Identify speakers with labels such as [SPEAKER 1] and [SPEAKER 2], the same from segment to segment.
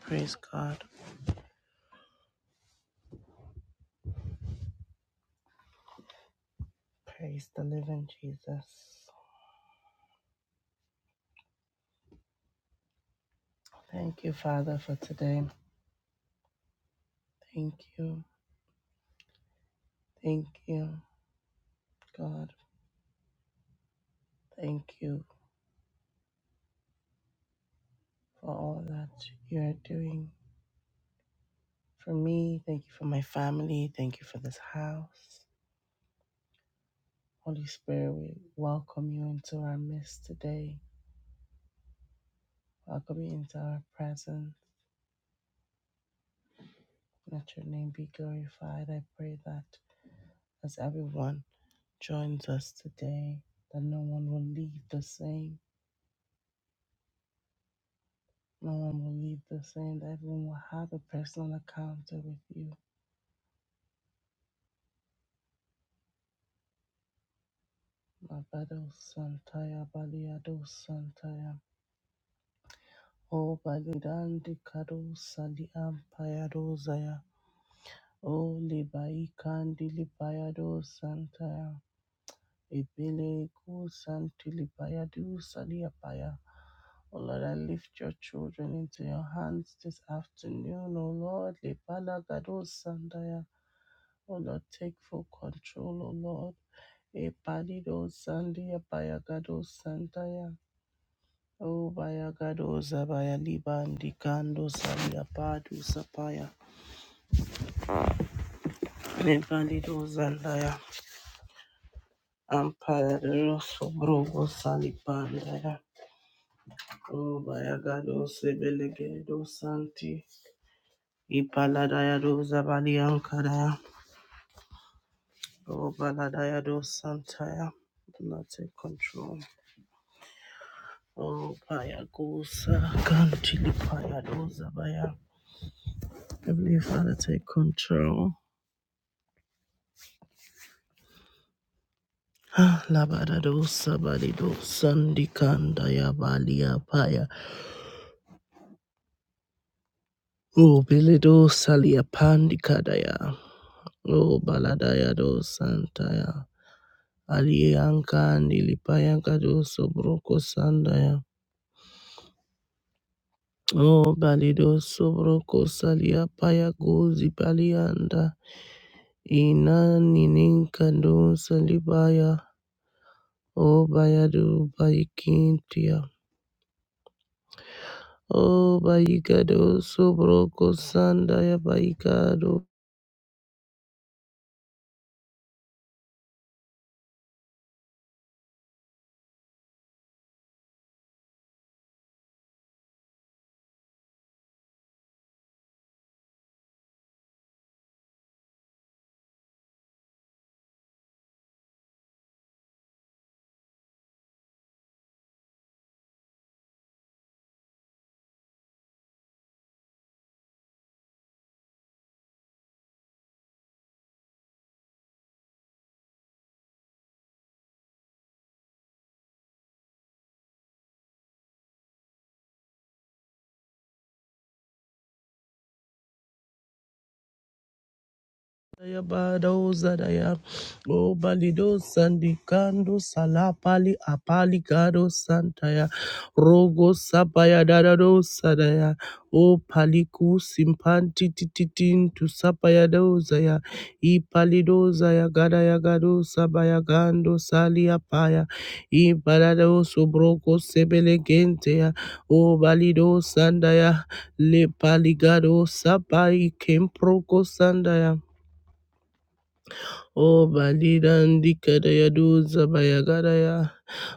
[SPEAKER 1] Praise God. Praise the living Jesus. Thank you, Father, for today. Thank you. Thank you, God. Thank you for all that you're doing for me. Thank you for my family. Thank you for this house. Holy Spirit, we welcome you into our midst today. Welcome you into our presence. Let your name be glorified. I pray that as everyone joins us today, that no one will leave the same No one will leave the same. Everyone will have a personal encounter with you. Mabado Santaya Baliado Santaya. O Balidandi Kado Sali Ampayado Zaya. O Libai Kandi Lipayado Santaya. Ebele ko santilipaya du saliapaya. Oh Lord, I lift your children into your hands this afternoon. Oh Lord, lepala gado sandaya. Oh Lord, take full control, oh Lord. Epalido sandia bayagado sandaya. Oh bayagado zabaya libandi kando salia padu sapaya. Epalido zandaya. Amparados sobrogo salipandaya. Oh, Bayagado Sebelegedo Santi, Ipaladayado Zabaliankadaya, Oh, Baladayado Santaya, do not take control. Oh, Payagosa, Kantili Payado Zabaya, Heavenly Father, take control. Ah, Labadado Sabadido Sandikandaya Balia Paya, Oh, Bilido Salia Pandikadaya, Oh, Baladayado Santaya. Alianka nilipayanka do sobroko sandaya. O balido sobroko salia paya gozi palianda. Ina nininka do salibaya. O bayado baikintia. O baigado sobroko sandaya baigado. Yabado Zadaya, O Balido Sandicando Salapali Apaligado Santaya, Rogo Sapaya Dadado Sadaya, O Paliku Simpanti Tititin to Sapaya Dozaya, E Palido Zaya Gadaya Gado Sabaya Gando Salia Paya, E Balado Sobroko Sebele Gentea, O Balido Sandaya, Le Paligado Sapai Kemproko Sandaya. O balidandikere yaduza bayagaraya.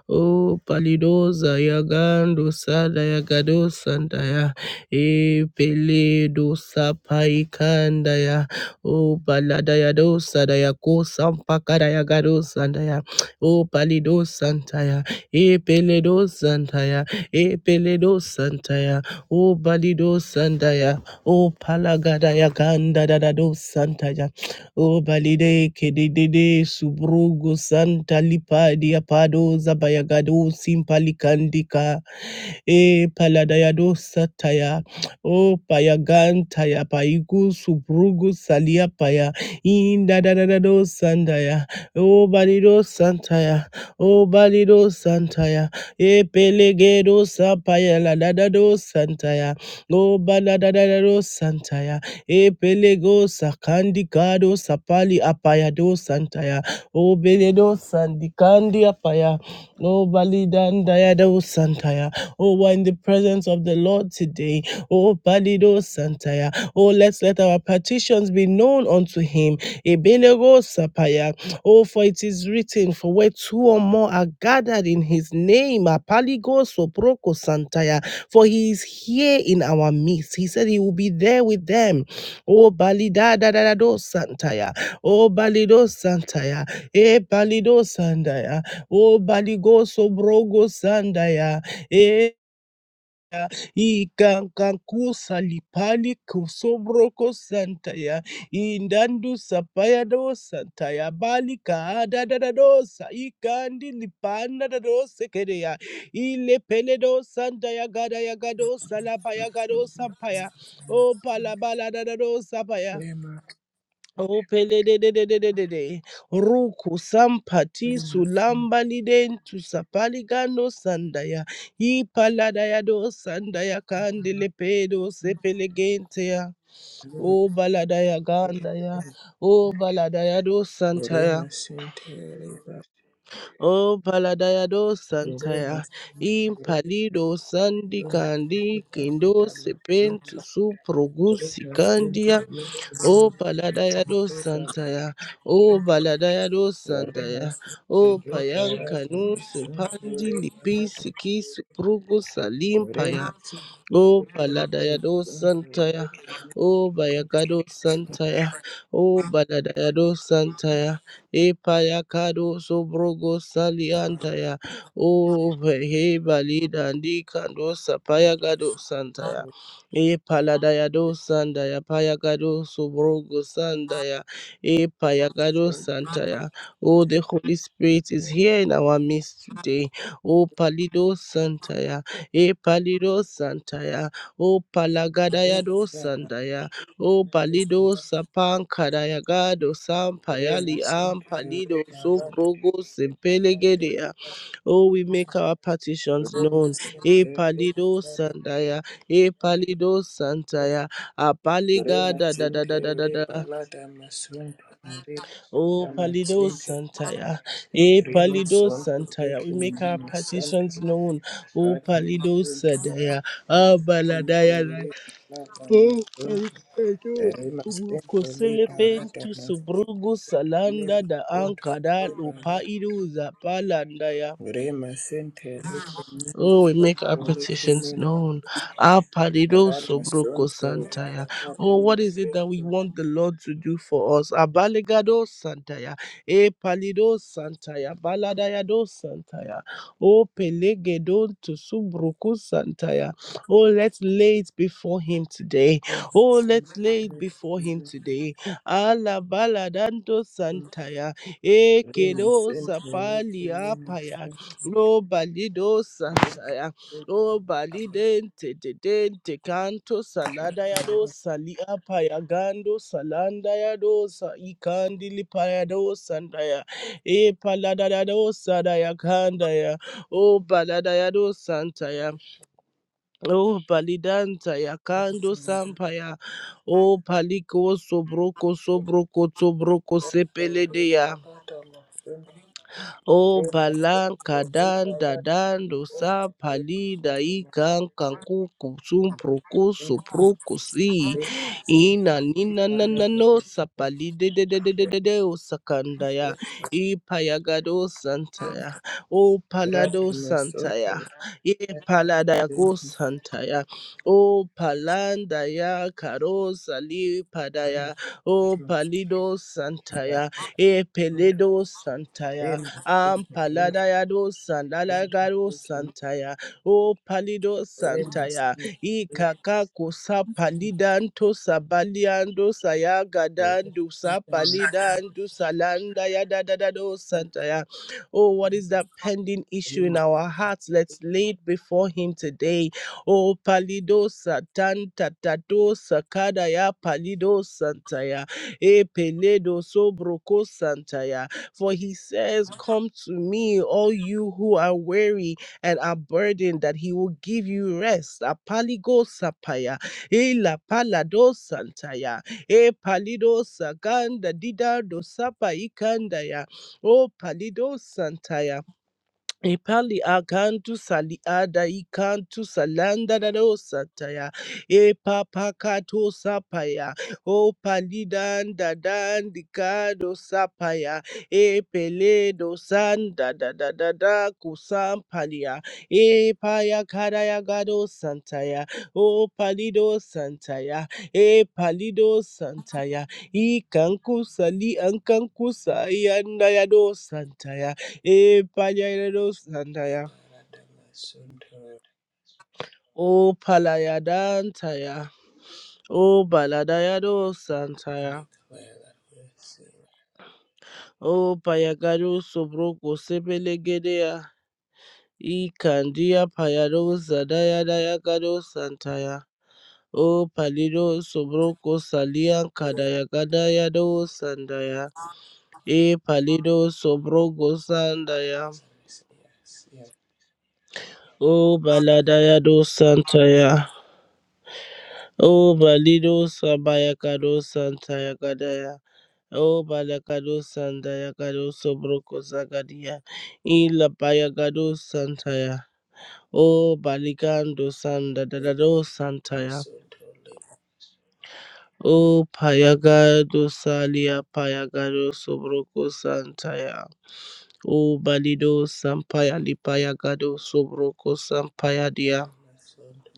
[SPEAKER 1] O palidoza yagando sada yagado sandaya. E peledo sapaikandaya. O balada yado sada yako sampakada yagado sandaya. O palido santaya. E peledo santaya. E peledo santaya. O balido sandaya. O palagada yaganda dadado santaya. O balide kedede subrugu santa lipa diapado zabayagado simpalikandika e paladayado sataya o payagantaya paigu subrugu salia paya inda da da da do sandaya o balido santaya o balido santaya e pelegedo sapaya la da da do santaya o bala da da da do santaya e pelego sakandikado sapali apaya do santaya o beledo sandikandi apaya o balidandaya do santaya Oh, we're in the presence of the Lord today. Oh, Balido Santaya. Oh, let's let our petitions be known unto him. Ebelego Sapaya. Oh, for it is written, for where two or more are gathered in his name, Apaligo Soproko Santaya. For he is here in our midst. He said he will be there with them. Oh, Balida da da da do Santaya. Oh, Balido Santaya. E Balido Sandaya. Oh, Baligo Sobrogo Sandaya. E ya ikankankusa lipali kusobroko santa ya indandu sapaya do santa ya bali kaada da da dosa ikandi lipanda da dosa kere ya ile pele do santa ya gada ya gado salapa ya gado sampaya o palabala da da dosa
[SPEAKER 2] Lema
[SPEAKER 1] Opelelelelelelele. Ruku sampati
[SPEAKER 2] Kalima Santa
[SPEAKER 1] sulamba lidentu sapaligando sandaya. Ipaladaya do sandaya kandele pedo sepelegentea. O
[SPEAKER 2] Lema
[SPEAKER 1] baladaya gandaya.
[SPEAKER 2] Sikere
[SPEAKER 1] O baladaya do
[SPEAKER 2] Lema
[SPEAKER 1] santaya.
[SPEAKER 2] Sintere Ba
[SPEAKER 1] O baladaya do
[SPEAKER 2] Lema
[SPEAKER 1] santaya.
[SPEAKER 2] Sintere
[SPEAKER 1] Impalido sandi
[SPEAKER 2] Suntere
[SPEAKER 1] kandi
[SPEAKER 2] Ba
[SPEAKER 1] kendo
[SPEAKER 2] Dama
[SPEAKER 1] sepentu
[SPEAKER 2] Sunta
[SPEAKER 1] suprogusi
[SPEAKER 2] Lema Sintere Lema
[SPEAKER 1] O Paladaya do
[SPEAKER 2] Suntere Ba
[SPEAKER 1] Santaya, O
[SPEAKER 2] Sunta
[SPEAKER 1] Baladaya do
[SPEAKER 2] Lema
[SPEAKER 1] Santaya,
[SPEAKER 2] Sintere
[SPEAKER 1] O
[SPEAKER 2] Ba Radama Suntere Ba
[SPEAKER 1] Payanka
[SPEAKER 2] Radu
[SPEAKER 1] no
[SPEAKER 2] Lema Sintere Ba Sunta Ba
[SPEAKER 1] Supandi
[SPEAKER 2] Suntere Ba Rada
[SPEAKER 1] Lipisi Kisu Prugu Salim O Baladaya do Santaya, O Bayakado Santaya, O Baladaya do Santaya, E Payakado Sobrogo Saliantaya, O Vehe Balida Ndikando Sapayagado Santaya, E Paladaya do Sandaya, Payagado Sobrogo Sandaya, E Payagado Santaya. Oh, the Holy Spirit is here in our midst today. Oh, Palido Santaya. E palido santaya, o palagadaya do sandaya, o palido sapan kadaya sampayali
[SPEAKER 2] Lema
[SPEAKER 1] am
[SPEAKER 2] Sintere
[SPEAKER 1] palido
[SPEAKER 2] Ba
[SPEAKER 1] so
[SPEAKER 2] Rada
[SPEAKER 1] progo simpelegedea. Oh, we make our petitions known. E
[SPEAKER 2] Remasente
[SPEAKER 1] palido
[SPEAKER 2] rebalada
[SPEAKER 1] sandaya, e palido santaya, a paligada da da
[SPEAKER 2] remasente
[SPEAKER 1] da da da da.
[SPEAKER 2] rebalada masonto
[SPEAKER 1] Oh,
[SPEAKER 2] rebalada
[SPEAKER 1] Palido
[SPEAKER 2] masente
[SPEAKER 1] Santaya. Eh, Palido
[SPEAKER 2] remasonto
[SPEAKER 1] Santaya. We make
[SPEAKER 2] rekemi
[SPEAKER 1] our
[SPEAKER 2] masanta
[SPEAKER 1] petitions known. Oh,
[SPEAKER 2] ada
[SPEAKER 1] Palido
[SPEAKER 2] masonto
[SPEAKER 1] Sadaya. Ah,
[SPEAKER 2] masonto
[SPEAKER 1] Baladaya.
[SPEAKER 2] rebalada
[SPEAKER 1] Oh,
[SPEAKER 2] masonto
[SPEAKER 1] Palido.
[SPEAKER 2] remasente
[SPEAKER 1] Koselepen
[SPEAKER 2] rebalada
[SPEAKER 1] to Subrugu Salanda da
[SPEAKER 2] masonto
[SPEAKER 1] Ankada
[SPEAKER 2] rebalada
[SPEAKER 1] Lopaidu Zapalandaya.
[SPEAKER 2] remasente rekemi
[SPEAKER 1] Oh, we make our
[SPEAKER 2] masonto rekemi
[SPEAKER 1] petitions known. Our parido sobroko
[SPEAKER 2] ramasonto
[SPEAKER 1] santaya.
[SPEAKER 2] rebalada
[SPEAKER 1] Oh, what is it that we
[SPEAKER 2] masonto
[SPEAKER 1] want the Lord to do for us? Abalegado santaya. E palido santaya. Baladayado santaya. Oh, pelegedon to subroku santaya. Oh, let's lay it before Him today. Oh, let's lay it before Him today. Ala baladando santaya. E kedo sapali apaya. O balido sataya, o balidente dente canto salada yado salia payagando salanda yado sa ikandili payado sandaya, e palada yado sadaya kandaya, o balada yado santaya. O palidanta ya kando sampaya, o paliko sobroko sobroko sobroko sepeledeya. O palan kadan dadan dosa pali daikan kanku kusum proko sopro kosi
[SPEAKER 2] Remus
[SPEAKER 1] ina nina nana no sapali de de de de de de de o sakandaya i payagado santaya o palado santaya e paladaya go santaya o palandaya karo sali padaya o palido santaya e peledo santaya Ampaladayado Sandalagaro Santaya, O Palido Santaya, Ikakaku Sapalidanto Sabaliando Sayagadandu Sapalidandu Salanda Yadadadado Santaya. Oh, what is that pending issue in our hearts? Let's lay it before Him today. Oh, Palido Satan Tatato sakada ya Palido Santaya, E Peledo Sobroco Santaya. For he says, Come to me, all you who are weary and are burdened, that he will give you rest. Apaligo sapaya, ila palado santaya, e palido saganda dida dosapa ikandaya, o palido santaya. Epali akantu saliada ikantu salanda dado sataya e papakato sapaya o palidan dadan dikado sapaya e peledo sanda da da da da kusam palia e paya karaya gado santaya o palido santaya e palido santaya i kanku sali ankanku sayanda yado santaya E panyaido santaya.
[SPEAKER 2] Liberata Masunto
[SPEAKER 1] O palayadantaya. O baladayado santaya.
[SPEAKER 2] declared that her sin
[SPEAKER 1] O payagado sobroko sepelegedea. E candia payado zadayadayagado santaya. O palido sobroko salian kadayagadayado sandaya. E palido sobroko sandaya.
[SPEAKER 2] was a yes. Yet
[SPEAKER 1] O baladayado
[SPEAKER 2] she
[SPEAKER 1] santaya. O balido sabayakado santaya Gadaya. O balakado sandaya kado sobroko zagadia. Ila bayagado santaya. O baligando sanda
[SPEAKER 2] believed
[SPEAKER 1] dadado santaya.
[SPEAKER 2] Masunto
[SPEAKER 1] O payagado salia payagado sobroko santaya. O balido sampaya lipayagado sobroko sampaya dia.
[SPEAKER 2] Liberata Masunto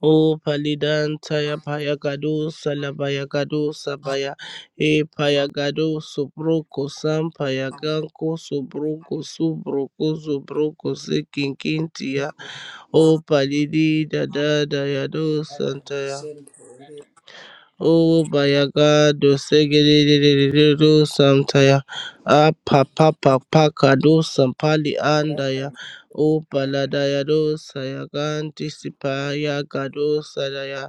[SPEAKER 1] Oh, paliand saya paya kadu, saya paya kadu, saya paya. Eh,
[SPEAKER 2] Liberata
[SPEAKER 1] paya kadu, subroko sam paya kangko, subroko, subroko, subroko sekinkinkia. Oh, paliida da da ya do santaya.
[SPEAKER 2] Masunto
[SPEAKER 1] Oh, paya kadu segede de de de de de sam taya. Ah, papa papa kadu
[SPEAKER 2] Liberata
[SPEAKER 1] sampaliandaya. Oh, pala da ya do saya kanti paya kadu saya.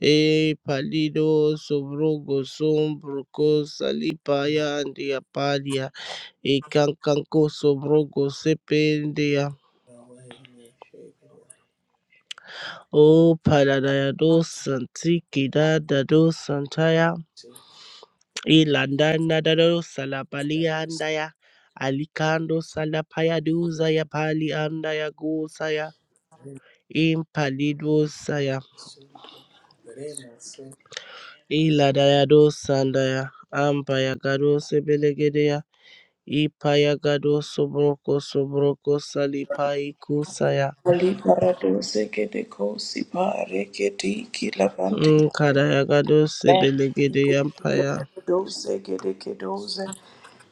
[SPEAKER 1] E palido sobrogo sombroco salipaya andia palia. E cancanco sobrogo sependia.
[SPEAKER 2] Masunto way in your shape and your
[SPEAKER 1] O paladaya dos santiki da da dos santaya.
[SPEAKER 2] shape.
[SPEAKER 1] E landana da dos
[SPEAKER 2] Liberata
[SPEAKER 1] salapalia
[SPEAKER 2] Masunto
[SPEAKER 1] andaya. Alicando salapaya dusa ya pali andaya gusaya.
[SPEAKER 2] Liberata
[SPEAKER 1] In palido saya.
[SPEAKER 2] Masunto Liberata Masunto Liberata
[SPEAKER 1] E ladaya dos sandaya. Ampaya gado sebelegedea. Ipayagado Sobroko Sobroko Salipai Kusaya
[SPEAKER 3] Ali paradose que de cosi pare que ti que lavante.
[SPEAKER 1] Nkadayagado Sebelegede Yampaya
[SPEAKER 3] Paradose que de que doze.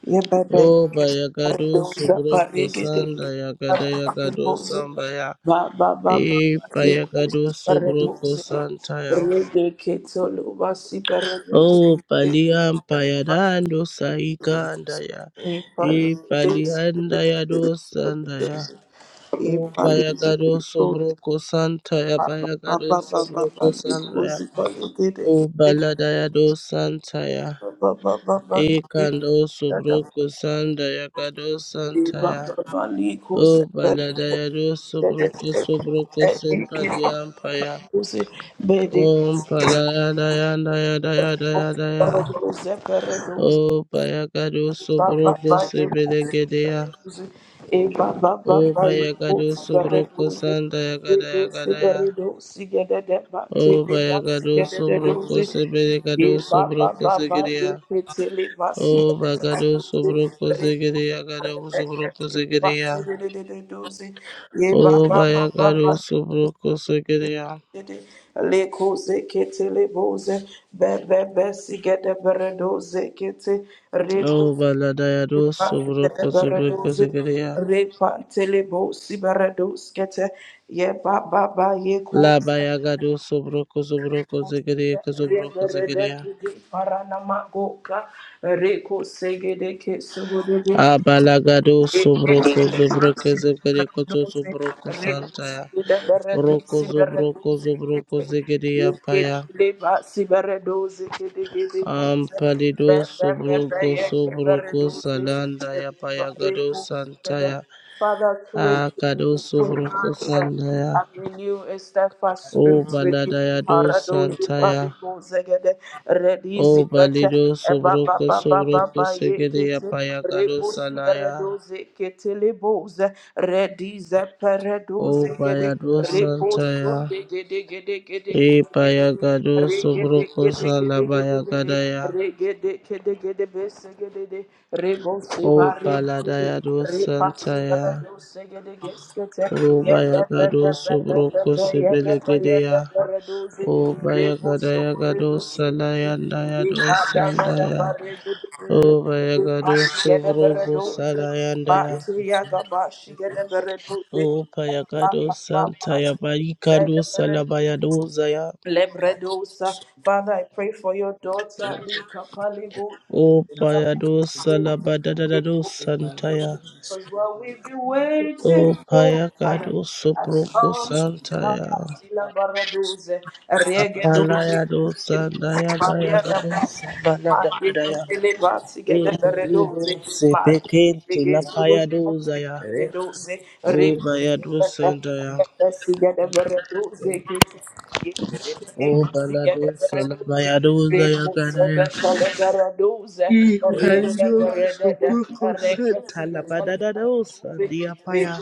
[SPEAKER 3] Ye bebe
[SPEAKER 1] O
[SPEAKER 3] que
[SPEAKER 1] Bayagado
[SPEAKER 3] paradose pare
[SPEAKER 1] Sobroko
[SPEAKER 3] que de que
[SPEAKER 1] Sanda Yagada Yagado
[SPEAKER 3] paradose.
[SPEAKER 1] Sambaya
[SPEAKER 3] Ba ba ba ba ba ye
[SPEAKER 1] Ipayagado
[SPEAKER 3] cosi
[SPEAKER 1] Sobroko
[SPEAKER 3] paradose.
[SPEAKER 1] Santaya
[SPEAKER 3] Re de que solo va si paradose.
[SPEAKER 1] O
[SPEAKER 3] E
[SPEAKER 1] Paliam Payadando Saikandaya
[SPEAKER 3] paradose.
[SPEAKER 1] Ipaliandayado Sandaya
[SPEAKER 3] E
[SPEAKER 1] O Bayagado
[SPEAKER 3] paradose.
[SPEAKER 1] Sobroko Santaya
[SPEAKER 3] Baba
[SPEAKER 1] Bayagado Sobroko Sandaya O Baladaya do Santaya. Ekando Subruku Sandaya Gado Santaya. O Baladaya do Subruku Subruku Simpaliampaya. Om Paladaya Daya Daya Daya Daya. daya. O Bayagado Subruku
[SPEAKER 2] Masunto
[SPEAKER 1] Sibilegedea.
[SPEAKER 3] E ba ba ba
[SPEAKER 1] O
[SPEAKER 3] ba ye ko
[SPEAKER 1] Bayagado
[SPEAKER 3] sigaredo
[SPEAKER 1] Subruku
[SPEAKER 3] ze
[SPEAKER 1] Sandaya
[SPEAKER 3] redo
[SPEAKER 1] Gadaya Gadaya.
[SPEAKER 3] sigaredo sigadada ba te
[SPEAKER 1] O
[SPEAKER 3] le ba
[SPEAKER 1] Bayagado
[SPEAKER 3] sigadada
[SPEAKER 1] Subruku
[SPEAKER 3] doze ye
[SPEAKER 1] Sibilegado
[SPEAKER 3] ba ba
[SPEAKER 1] Subruku
[SPEAKER 3] ba ba ye
[SPEAKER 1] Sigedea.
[SPEAKER 3] ke te le ba
[SPEAKER 1] O
[SPEAKER 3] sigadada
[SPEAKER 1] bagado
[SPEAKER 3] doze
[SPEAKER 1] sobroko
[SPEAKER 3] remo
[SPEAKER 1] segeria gado sobroko
[SPEAKER 3] sigaredo ba
[SPEAKER 1] segeria.
[SPEAKER 3] sigadada doze ye ba
[SPEAKER 1] O
[SPEAKER 3] ba ba ba ba
[SPEAKER 1] bayagado sobroko segeria.
[SPEAKER 3] Le cose che te le bose, be be be si che te peredose che te
[SPEAKER 1] O
[SPEAKER 3] redose
[SPEAKER 1] baladayado sobroko sobroko
[SPEAKER 3] Baradoze,
[SPEAKER 1] segeria.
[SPEAKER 3] repantele bosi barados kete, ye ba ba ba ye ko,
[SPEAKER 1] La bayagado sobroko sobroko segeria
[SPEAKER 3] re
[SPEAKER 1] sobroko
[SPEAKER 3] berede
[SPEAKER 1] segeria.
[SPEAKER 3] jude paranama goka, re ko segede ke
[SPEAKER 1] A balagado
[SPEAKER 3] Thank
[SPEAKER 1] sobroko sobroko segeria koto sobroko saltaya. Roko sobroko sobroko segeria paya. Ampalido Sobrogo Sobrogo Salanda ya Yapayagado
[SPEAKER 3] you.
[SPEAKER 1] Santaya
[SPEAKER 3] Father, create in me
[SPEAKER 1] Akado
[SPEAKER 3] a clean
[SPEAKER 1] Sobrogo
[SPEAKER 3] heart uh,
[SPEAKER 1] Sandaya
[SPEAKER 3] and renew a steadfast
[SPEAKER 1] O
[SPEAKER 3] spirit within me.
[SPEAKER 1] baladaya do
[SPEAKER 3] Haradozi
[SPEAKER 1] Santaya
[SPEAKER 3] parigo zegede redizi
[SPEAKER 1] O
[SPEAKER 3] kete
[SPEAKER 1] Balido
[SPEAKER 3] eba ba
[SPEAKER 1] Sobrogo
[SPEAKER 3] ba ba ba
[SPEAKER 1] Sobrogo
[SPEAKER 3] ba ye
[SPEAKER 1] Segede ya
[SPEAKER 3] kete
[SPEAKER 1] Yapayagado
[SPEAKER 3] rebusi
[SPEAKER 1] Salaya
[SPEAKER 3] redoze kete leboze redize peredoze
[SPEAKER 1] O
[SPEAKER 3] gede
[SPEAKER 1] Bayado
[SPEAKER 3] Reposo
[SPEAKER 1] Santaya
[SPEAKER 3] de gede gede gede gede
[SPEAKER 1] E
[SPEAKER 3] gede
[SPEAKER 1] Payagado
[SPEAKER 3] regede gede
[SPEAKER 1] Sobrogo
[SPEAKER 3] gede gede gede
[SPEAKER 1] Salabayagadaya
[SPEAKER 3] regede gede gede bese gede de rebose
[SPEAKER 1] O
[SPEAKER 3] bare gede
[SPEAKER 1] baladaya do
[SPEAKER 3] repasi bare
[SPEAKER 1] Santaya
[SPEAKER 3] dose gede geskete
[SPEAKER 1] O
[SPEAKER 3] ye de de de
[SPEAKER 1] Bayagado
[SPEAKER 3] de de de
[SPEAKER 1] Sobroko
[SPEAKER 3] de ye de de ye de
[SPEAKER 1] Sebelegedeya
[SPEAKER 3] bare dose
[SPEAKER 1] O Bayagada
[SPEAKER 3] reboso bare
[SPEAKER 1] Yagado
[SPEAKER 3] dose
[SPEAKER 1] Salayanda
[SPEAKER 3] ye
[SPEAKER 1] Yado
[SPEAKER 3] pada pada
[SPEAKER 1] Sandaya.
[SPEAKER 3] bare gede gede
[SPEAKER 1] O Bayagado
[SPEAKER 3] repasi gede bare
[SPEAKER 1] Sobrogo
[SPEAKER 3] dose
[SPEAKER 1] Salayandaya.
[SPEAKER 2] Liberata
[SPEAKER 3] Batu yaga bashi gede bare dose
[SPEAKER 1] O Payagado
[SPEAKER 3] Baba, Baba,
[SPEAKER 1] Santaya Barikando
[SPEAKER 3] Baba,
[SPEAKER 1] Salabayado Zaya.
[SPEAKER 3] Lebredosa. Father, I pray for your daughter, Lika Palego.
[SPEAKER 1] O Payado Salabadadado Santaya.
[SPEAKER 3] Because what we've been
[SPEAKER 1] O
[SPEAKER 3] waiting for, I am
[SPEAKER 1] Payagado
[SPEAKER 3] has
[SPEAKER 1] Sobrogo
[SPEAKER 3] come.
[SPEAKER 1] Santaya.
[SPEAKER 3] Papa, Sila Baradoze, Regedoze,
[SPEAKER 1] Apalayado Sandaya
[SPEAKER 3] Maria da
[SPEAKER 1] Bayagado
[SPEAKER 3] Ponte.
[SPEAKER 1] Sabaladadaya. E Pelido Sepekente la Lapayado Zaya. O
[SPEAKER 2] Masunto
[SPEAKER 1] Bayadu Sandaya,
[SPEAKER 2] Thank
[SPEAKER 1] O Baladu Salabayadu Zayagadaya, E Palido Supuku Santala Badadado Sandia Paya,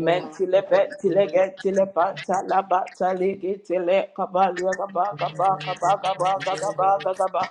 [SPEAKER 1] O Baladu
[SPEAKER 3] petile getile pata la bata legitile kabalua gaba gaba gaba gaba gaba gaba gaba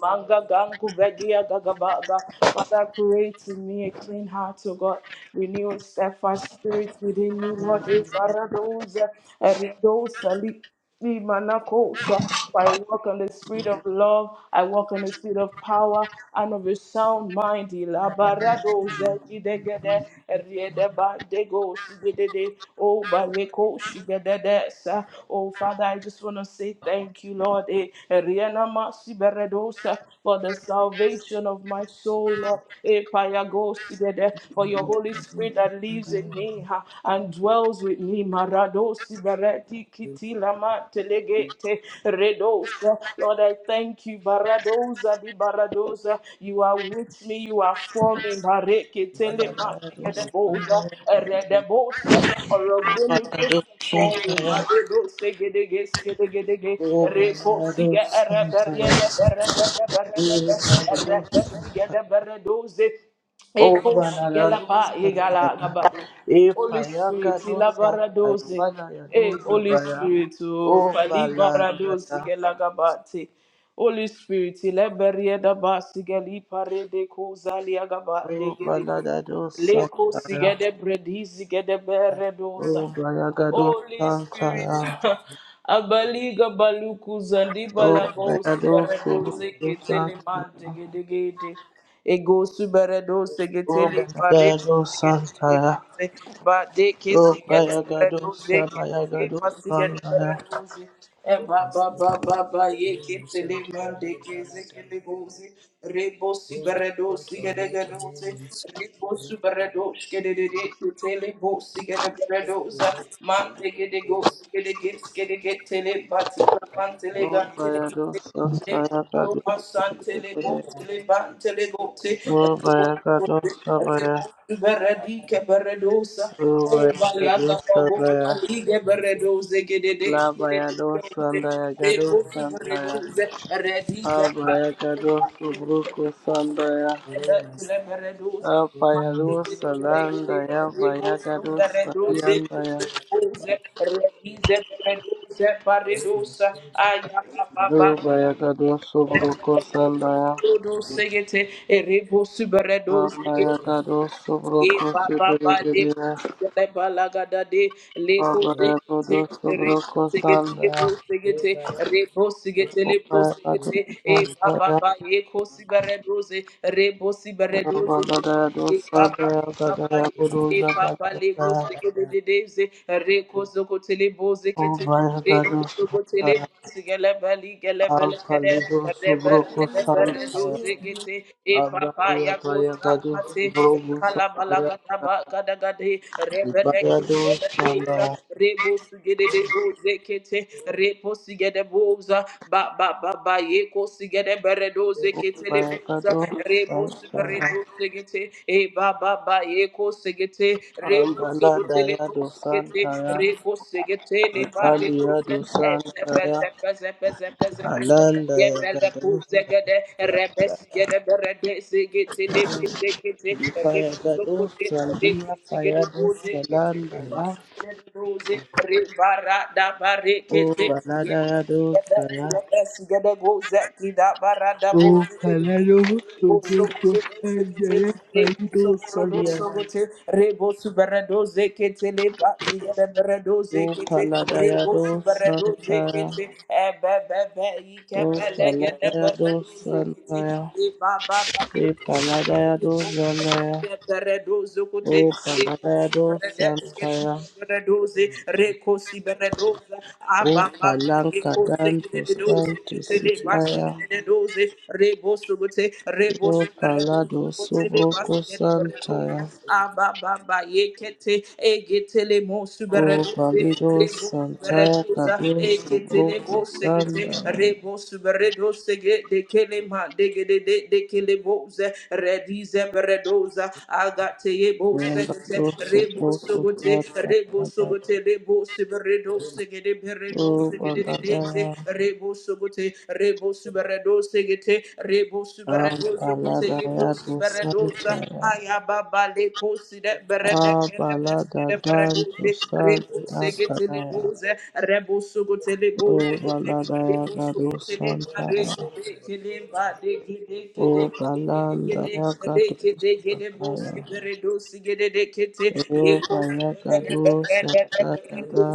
[SPEAKER 3] manga gangu bedia gaba create in me a clean heart, O God. Renew a steadfast spirit within me, Lord. Eparadosa, eridosa, li- li- Manakosha. I walk on the spirit of love. I walk on the spirit of power and of a sound mind. Ilabarado zegidegede, eriedeba dego sigedede, o baleko shigedede sa. Oh, Father, I just want to say thank you, Lord. Eh, erienama siberedo Kadosa, for the salvation of my soul, Lord. Epayagosigede, For your Holy Spirit that lives in me ha, and dwells with me. Maradosi bereti kiti lama telegete redosa. Lord, I thank you. Baradosa di baradosa. You are with me. You are for me. Mareke tele masigede
[SPEAKER 1] Salabayadu
[SPEAKER 3] Redebosa.
[SPEAKER 1] Sandaya,
[SPEAKER 3] erede bosa,
[SPEAKER 1] Baladu
[SPEAKER 3] Form
[SPEAKER 1] Santaya,
[SPEAKER 3] Madedo Segedege Segedege
[SPEAKER 1] O
[SPEAKER 3] Repo
[SPEAKER 1] Baladu
[SPEAKER 3] Siga Arabariada
[SPEAKER 1] Santaya,
[SPEAKER 3] Barada
[SPEAKER 1] E
[SPEAKER 3] Barada
[SPEAKER 1] Baladu
[SPEAKER 3] Arapa
[SPEAKER 1] Santaya.
[SPEAKER 3] Sigada Baradoze Eko Shigalapa
[SPEAKER 1] Ovaladosa
[SPEAKER 3] Egala
[SPEAKER 1] baya,
[SPEAKER 3] Gabade Holy Spirit
[SPEAKER 1] epayagadosa
[SPEAKER 3] Ilabaradoze Eh
[SPEAKER 1] kayabalagadosa
[SPEAKER 3] Holy
[SPEAKER 1] baya,
[SPEAKER 3] Spirit O Pali
[SPEAKER 1] ovalandaya,
[SPEAKER 3] Baradoze Gelagabate Holy Spirit Ilabariada Basigali Parede Kozali Agaba Degedege
[SPEAKER 1] ovaladadosa
[SPEAKER 3] Leko
[SPEAKER 1] baya,
[SPEAKER 3] sigede bredi sigede beredoza. Holy
[SPEAKER 1] ovalagadosa
[SPEAKER 3] Spirit.
[SPEAKER 1] baya,
[SPEAKER 3] Abaliga baluku zandiba lago sibarado
[SPEAKER 1] ovaladosa
[SPEAKER 3] seketele mantegedegede. Ego sibarado seketele
[SPEAKER 1] baya,
[SPEAKER 3] baredo
[SPEAKER 1] ovalagadosa baya,
[SPEAKER 3] seketele ba de
[SPEAKER 1] ovalagadosa
[SPEAKER 3] kesigede baredo
[SPEAKER 1] bayagadosa baya,
[SPEAKER 3] seketele
[SPEAKER 1] ovaladosa bayagadosa
[SPEAKER 3] masigede
[SPEAKER 1] baya,
[SPEAKER 3] baredo E ba ba ba ba ba ye ke tele mande ke ze ke le bozi re bo si beredo si ke de geroze re bo si beredo ke de de de tele bo si ke de beredo za mande ke de go si ke de ke ke de ke tele ba ti la man tele ga tele ke te- le so tele bo tele ba tele go te
[SPEAKER 1] ovalagadosa baya.
[SPEAKER 3] Beredike beredosa. O bayanda fago
[SPEAKER 1] Ubayadusandaya,
[SPEAKER 3] balige beredose gedede.
[SPEAKER 1] Labayadusandaya,
[SPEAKER 3] Lebos
[SPEAKER 1] Gadusantaya,
[SPEAKER 3] beredose redike
[SPEAKER 1] Abayagadusubrukosandaya,
[SPEAKER 3] beredose.
[SPEAKER 1] Abayadusalandaya, Bayagadusalandaya, Ubayagadusubrukosandaya,
[SPEAKER 3] Reduce, E ba ba ba le
[SPEAKER 1] Abayagadusubrukosibirigiriya,
[SPEAKER 3] kusi le ba la ga de le kusi te re sigete le bo
[SPEAKER 1] Abayagadusubrukosandaya,
[SPEAKER 3] sigete
[SPEAKER 2] you.
[SPEAKER 3] re bo
[SPEAKER 2] Rema
[SPEAKER 3] sigete le bo sigete e ba ba
[SPEAKER 1] Ubayagadusalandaya,
[SPEAKER 3] ba ye kusi bere doze re bo si bere doze e ba
[SPEAKER 1] Ubayagadusalandaya,
[SPEAKER 3] ba ba ba ba Ipapa lebo
[SPEAKER 1] Gadayaguduzakataya,
[SPEAKER 3] segededeze, reko zoko telebo
[SPEAKER 1] O
[SPEAKER 3] zekete, reko
[SPEAKER 1] Vairagadu
[SPEAKER 3] zoko telebo
[SPEAKER 1] Santa
[SPEAKER 3] segelebeli gelebelede,
[SPEAKER 1] Ampalido Subroco
[SPEAKER 3] reberedeberedo
[SPEAKER 1] Santa
[SPEAKER 3] zegete, ipapa
[SPEAKER 1] Abadia
[SPEAKER 3] yago
[SPEAKER 1] Payagadu
[SPEAKER 3] sakate,
[SPEAKER 1] Subroco Santa
[SPEAKER 3] kalabalagadabagadagade,
[SPEAKER 1] Ipayado
[SPEAKER 3] reberekilelebo sa,
[SPEAKER 1] Santa
[SPEAKER 3] rebo de bo zekete repo sigede boza ba ba ba ba yeko sigede beredo
[SPEAKER 1] O
[SPEAKER 3] zekete le boza
[SPEAKER 1] Vairagadu
[SPEAKER 3] rebo
[SPEAKER 1] Santa
[SPEAKER 3] sigredo segete e ba ba ba yeko segete rebo
[SPEAKER 1] Ambala
[SPEAKER 3] sogote le bo
[SPEAKER 1] Dayado
[SPEAKER 3] segete
[SPEAKER 1] Santa
[SPEAKER 3] reko segete le ba reko se
[SPEAKER 1] Ipaliado
[SPEAKER 3] e se pe se
[SPEAKER 1] Santa
[SPEAKER 3] pe se pe
[SPEAKER 1] Alanda
[SPEAKER 3] Ye Yebele
[SPEAKER 1] Yagadu
[SPEAKER 3] kuzegede, rebesgede, beredezegete, lebezekete,
[SPEAKER 1] Ipayagadu
[SPEAKER 3] rekuzokute,
[SPEAKER 1] Sandia
[SPEAKER 3] rekuzegede,
[SPEAKER 1] Payado
[SPEAKER 3] bozekete,
[SPEAKER 1] Salanda Ya
[SPEAKER 3] rebasgede, doze, rebarada,
[SPEAKER 1] O
[SPEAKER 3] barekete,
[SPEAKER 1] Balada
[SPEAKER 3] yebele,
[SPEAKER 1] Yado
[SPEAKER 3] lebesgede, bozekida, barada,
[SPEAKER 1] O
[SPEAKER 3] bozekede,
[SPEAKER 1] Paladino
[SPEAKER 3] Rebo
[SPEAKER 1] Sobrocontandaya Paido Salia, O Paladayado Santaya, O Paladayado Santaya, E Paladayado Zanaya,
[SPEAKER 3] Reberedozo kote,
[SPEAKER 1] O
[SPEAKER 3] rekosi
[SPEAKER 1] Paladayado
[SPEAKER 3] beredesketi,
[SPEAKER 1] Santaya,
[SPEAKER 3] reberedoze, rekosi beredoza, aba
[SPEAKER 1] O
[SPEAKER 3] baba, rekose
[SPEAKER 1] Palancadan
[SPEAKER 3] kededoze, ketele basi
[SPEAKER 1] Santisitaya,
[SPEAKER 3] kededoze, reboso kote,
[SPEAKER 1] O
[SPEAKER 3] reboso
[SPEAKER 1] Palado
[SPEAKER 3] beredozo kote, le basi
[SPEAKER 1] Sobroco
[SPEAKER 3] kedeberedoza,
[SPEAKER 1] Santaya,
[SPEAKER 3] aba baba, yekete, egetele mosu
[SPEAKER 1] O
[SPEAKER 3] beredoze,
[SPEAKER 1] Palido Santaya
[SPEAKER 3] Beredoza
[SPEAKER 1] Cadu
[SPEAKER 3] eketele bo
[SPEAKER 1] Sobroco
[SPEAKER 3] segete
[SPEAKER 1] Sandaya.
[SPEAKER 3] rebo subredo sege de kelema de gede de de kele bo ze redize beredoza agate ye bo
[SPEAKER 1] Nyumba
[SPEAKER 3] segete
[SPEAKER 1] kuhusu
[SPEAKER 3] rebo
[SPEAKER 1] buku
[SPEAKER 3] sugote
[SPEAKER 1] tata
[SPEAKER 3] rebo
[SPEAKER 1] dada
[SPEAKER 3] sugote rebo subredo segede beredo
[SPEAKER 1] kuba
[SPEAKER 3] sege de de
[SPEAKER 1] lada
[SPEAKER 3] de ze
[SPEAKER 1] ya
[SPEAKER 3] rebo sugote rebo subredo segete rebo subredo
[SPEAKER 1] ampa
[SPEAKER 3] sugote
[SPEAKER 1] lada
[SPEAKER 3] ye
[SPEAKER 1] ya
[SPEAKER 3] bosi beredosa
[SPEAKER 1] dusanta ya
[SPEAKER 3] ayababa le kosi de berede
[SPEAKER 1] aba
[SPEAKER 3] kere beske
[SPEAKER 1] lada
[SPEAKER 3] de
[SPEAKER 1] dan
[SPEAKER 3] beredose re
[SPEAKER 1] tusadi
[SPEAKER 3] kosi
[SPEAKER 1] akada
[SPEAKER 3] getele
[SPEAKER 1] ya
[SPEAKER 3] boze re bosu gotele boze
[SPEAKER 1] uba
[SPEAKER 3] gete
[SPEAKER 1] lada
[SPEAKER 3] re
[SPEAKER 1] ya
[SPEAKER 3] bosu
[SPEAKER 1] gadu
[SPEAKER 3] gotele
[SPEAKER 1] santa
[SPEAKER 3] bare
[SPEAKER 1] ya
[SPEAKER 3] gete kele bade gede gede
[SPEAKER 1] uba
[SPEAKER 3] gede
[SPEAKER 1] landa
[SPEAKER 3] gede
[SPEAKER 1] ya
[SPEAKER 3] re
[SPEAKER 1] gadu
[SPEAKER 3] gede gede bosi
[SPEAKER 1] santa
[SPEAKER 3] beredosi gede de kete
[SPEAKER 1] O
[SPEAKER 3] ye
[SPEAKER 1] uba
[SPEAKER 3] kosi
[SPEAKER 1] ya gadu santa ya da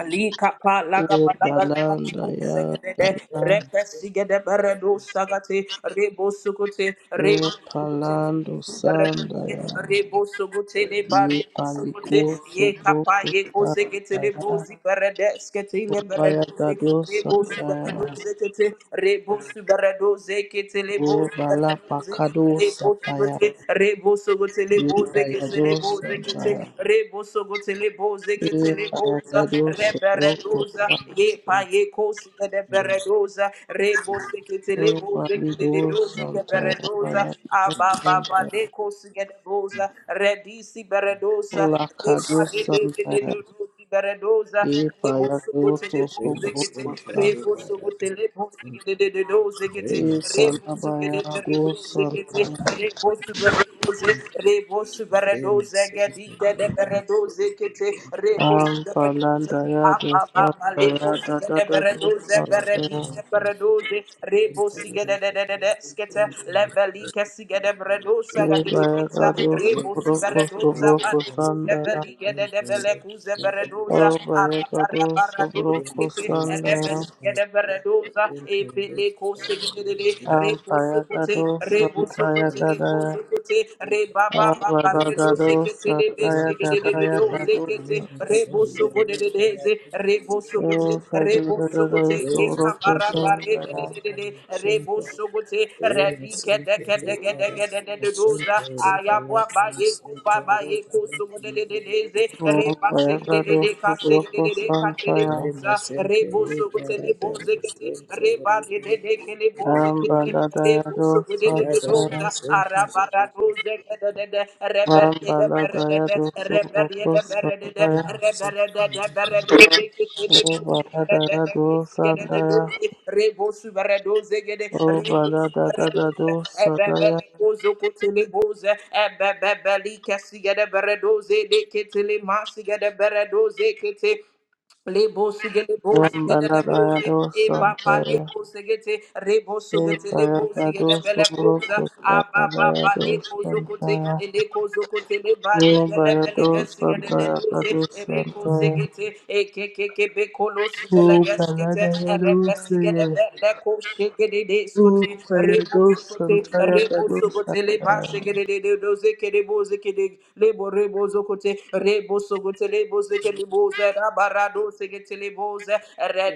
[SPEAKER 3] Lika pa laga ba
[SPEAKER 1] uba
[SPEAKER 3] laga laga
[SPEAKER 1] landa
[SPEAKER 3] laku
[SPEAKER 1] ya
[SPEAKER 3] segedede
[SPEAKER 1] gada
[SPEAKER 3] reke sigede beredu sagati ribu sukuti ribu
[SPEAKER 1] upa landu sanda ya
[SPEAKER 3] Reboso gotele
[SPEAKER 1] Ye
[SPEAKER 3] bareboso
[SPEAKER 1] paliko
[SPEAKER 3] gote ye kapa
[SPEAKER 1] soboko
[SPEAKER 3] ye kose getele
[SPEAKER 1] sataya
[SPEAKER 3] bozi beredes ketele
[SPEAKER 1] opaya
[SPEAKER 3] beredoze
[SPEAKER 1] gado
[SPEAKER 3] reboso
[SPEAKER 1] sataya
[SPEAKER 3] beredoze kete reboso beredoze ketele
[SPEAKER 1] o
[SPEAKER 3] bozi
[SPEAKER 1] bala
[SPEAKER 3] beredoze
[SPEAKER 1] pakado
[SPEAKER 3] reboso
[SPEAKER 1] sataya
[SPEAKER 3] gote reboso gotele
[SPEAKER 1] ye
[SPEAKER 3] boze
[SPEAKER 1] payado
[SPEAKER 3] ketele boze
[SPEAKER 1] sataya
[SPEAKER 3] kete reboso gotele boze
[SPEAKER 1] ye
[SPEAKER 3] ketele boza
[SPEAKER 1] payado soboko
[SPEAKER 3] reberedoza
[SPEAKER 1] sato
[SPEAKER 3] ye pa ye kose de beredoza Rebo sekete lebo zekete
[SPEAKER 1] palido
[SPEAKER 3] de dozi ke
[SPEAKER 1] sataya
[SPEAKER 3] beredoza.
[SPEAKER 1] paya
[SPEAKER 3] Ababa
[SPEAKER 1] sataya,
[SPEAKER 3] de kosige de boza. Redisi beredosa. Reba
[SPEAKER 1] lakado
[SPEAKER 3] de de de de
[SPEAKER 1] sataya
[SPEAKER 3] de dozi beredoza.
[SPEAKER 1] ye
[SPEAKER 3] Rebo
[SPEAKER 1] payado
[SPEAKER 3] sogote lebo
[SPEAKER 1] soboko
[SPEAKER 3] zekete.
[SPEAKER 1] sataya
[SPEAKER 3] Rebo sogote lebo sigede de de do zekete.
[SPEAKER 1] ye
[SPEAKER 3] Rebo
[SPEAKER 1] kalabaya
[SPEAKER 3] sigede de de do zekete.
[SPEAKER 1] do
[SPEAKER 3] Rebo suberedoze. Rebo suberedoze. Gedi de de beredoze kete. Reko
[SPEAKER 1] Ampalanda
[SPEAKER 3] suberedoza.
[SPEAKER 1] ya dosanta
[SPEAKER 3] Rebo
[SPEAKER 1] ya da da da dosanta ya libaya ga dosu
[SPEAKER 2] Thank
[SPEAKER 1] broko su broko sanda ya obaya ga dosu broko sanda ya ampaya ga
[SPEAKER 3] Rebusukute,
[SPEAKER 1] dosanta ya ga da ya
[SPEAKER 3] Rebusukute, Rebaba
[SPEAKER 1] abada da da
[SPEAKER 3] Redo seketele
[SPEAKER 1] dosanta ya ga da
[SPEAKER 3] besekete
[SPEAKER 1] ya ga
[SPEAKER 3] ozekete rebo sogo de deze rebo sogo te
[SPEAKER 1] dosu ka da
[SPEAKER 3] rebo
[SPEAKER 1] da da
[SPEAKER 3] sogo te
[SPEAKER 1] dosu broko
[SPEAKER 3] ekabara bare
[SPEAKER 1] sanda
[SPEAKER 3] de
[SPEAKER 1] ya
[SPEAKER 3] de de de rebo sogo te redi kede kede kede kede de de doza ayabwa ba eko ba ba eko sogo de de de deze reba
[SPEAKER 1] obaya ga
[SPEAKER 3] sekete de de
[SPEAKER 1] dosu
[SPEAKER 3] ka sekete
[SPEAKER 1] broko
[SPEAKER 3] de de ka
[SPEAKER 1] santa
[SPEAKER 3] tele
[SPEAKER 1] ya
[SPEAKER 3] boza rebo sogo te le boze kete reba de de de le boze
[SPEAKER 2] you.
[SPEAKER 3] kete
[SPEAKER 1] Ambalada
[SPEAKER 3] le
[SPEAKER 1] ya
[SPEAKER 3] boso gode de de
[SPEAKER 2] Rada
[SPEAKER 1] dosanta ya
[SPEAKER 2] masente
[SPEAKER 3] ara bara doze kede de de reberie de bere de
[SPEAKER 1] Rambaladaya
[SPEAKER 3] de
[SPEAKER 1] dosu
[SPEAKER 3] reberie
[SPEAKER 1] roko
[SPEAKER 3] de bere de de
[SPEAKER 1] sandaya.
[SPEAKER 3] rebere
[SPEAKER 2] masente
[SPEAKER 3] de de bere doze kete le boso bere de
[SPEAKER 1] Obaladaya
[SPEAKER 3] de kesi gede de
[SPEAKER 1] dosandaya.
[SPEAKER 3] re boso bere re boso bere
[SPEAKER 1] Obaladadada
[SPEAKER 3] doze ebebe
[SPEAKER 1] dosadaya.
[SPEAKER 3] le bozo kote boze ebebe li kesi gede bere doze kete le kete Lebo sugele bo zigede le bo
[SPEAKER 1] Rambaladaya
[SPEAKER 3] zi e papa
[SPEAKER 1] dosandaya.
[SPEAKER 3] lebo segete rebo sugete lebo
[SPEAKER 1] Ebaya
[SPEAKER 3] zigede
[SPEAKER 1] dosu
[SPEAKER 3] bele
[SPEAKER 1] roko
[SPEAKER 3] koza ababa
[SPEAKER 1] sandaya
[SPEAKER 3] ba leko zokote
[SPEAKER 1] dosandaya.
[SPEAKER 3] eleko zokote le bali gele
[SPEAKER 1] Obaya
[SPEAKER 3] bele gesigede de
[SPEAKER 1] dosandaya
[SPEAKER 3] doze ereko
[SPEAKER 1] kadosandaya.
[SPEAKER 3] segete e keke ke bekolo sugele geskete
[SPEAKER 1] Obaladaya
[SPEAKER 3] erebe sigede
[SPEAKER 1] dosaya.
[SPEAKER 3] bele ko shegede de skote
[SPEAKER 1] Obaya
[SPEAKER 3] rebo sokote
[SPEAKER 1] dosandaya
[SPEAKER 3] rebo sokote le
[SPEAKER 1] kadosandaya.
[SPEAKER 3] lebo rebo zokote rebo sogote lebo zeke lebo ze rabarado segete lebo ze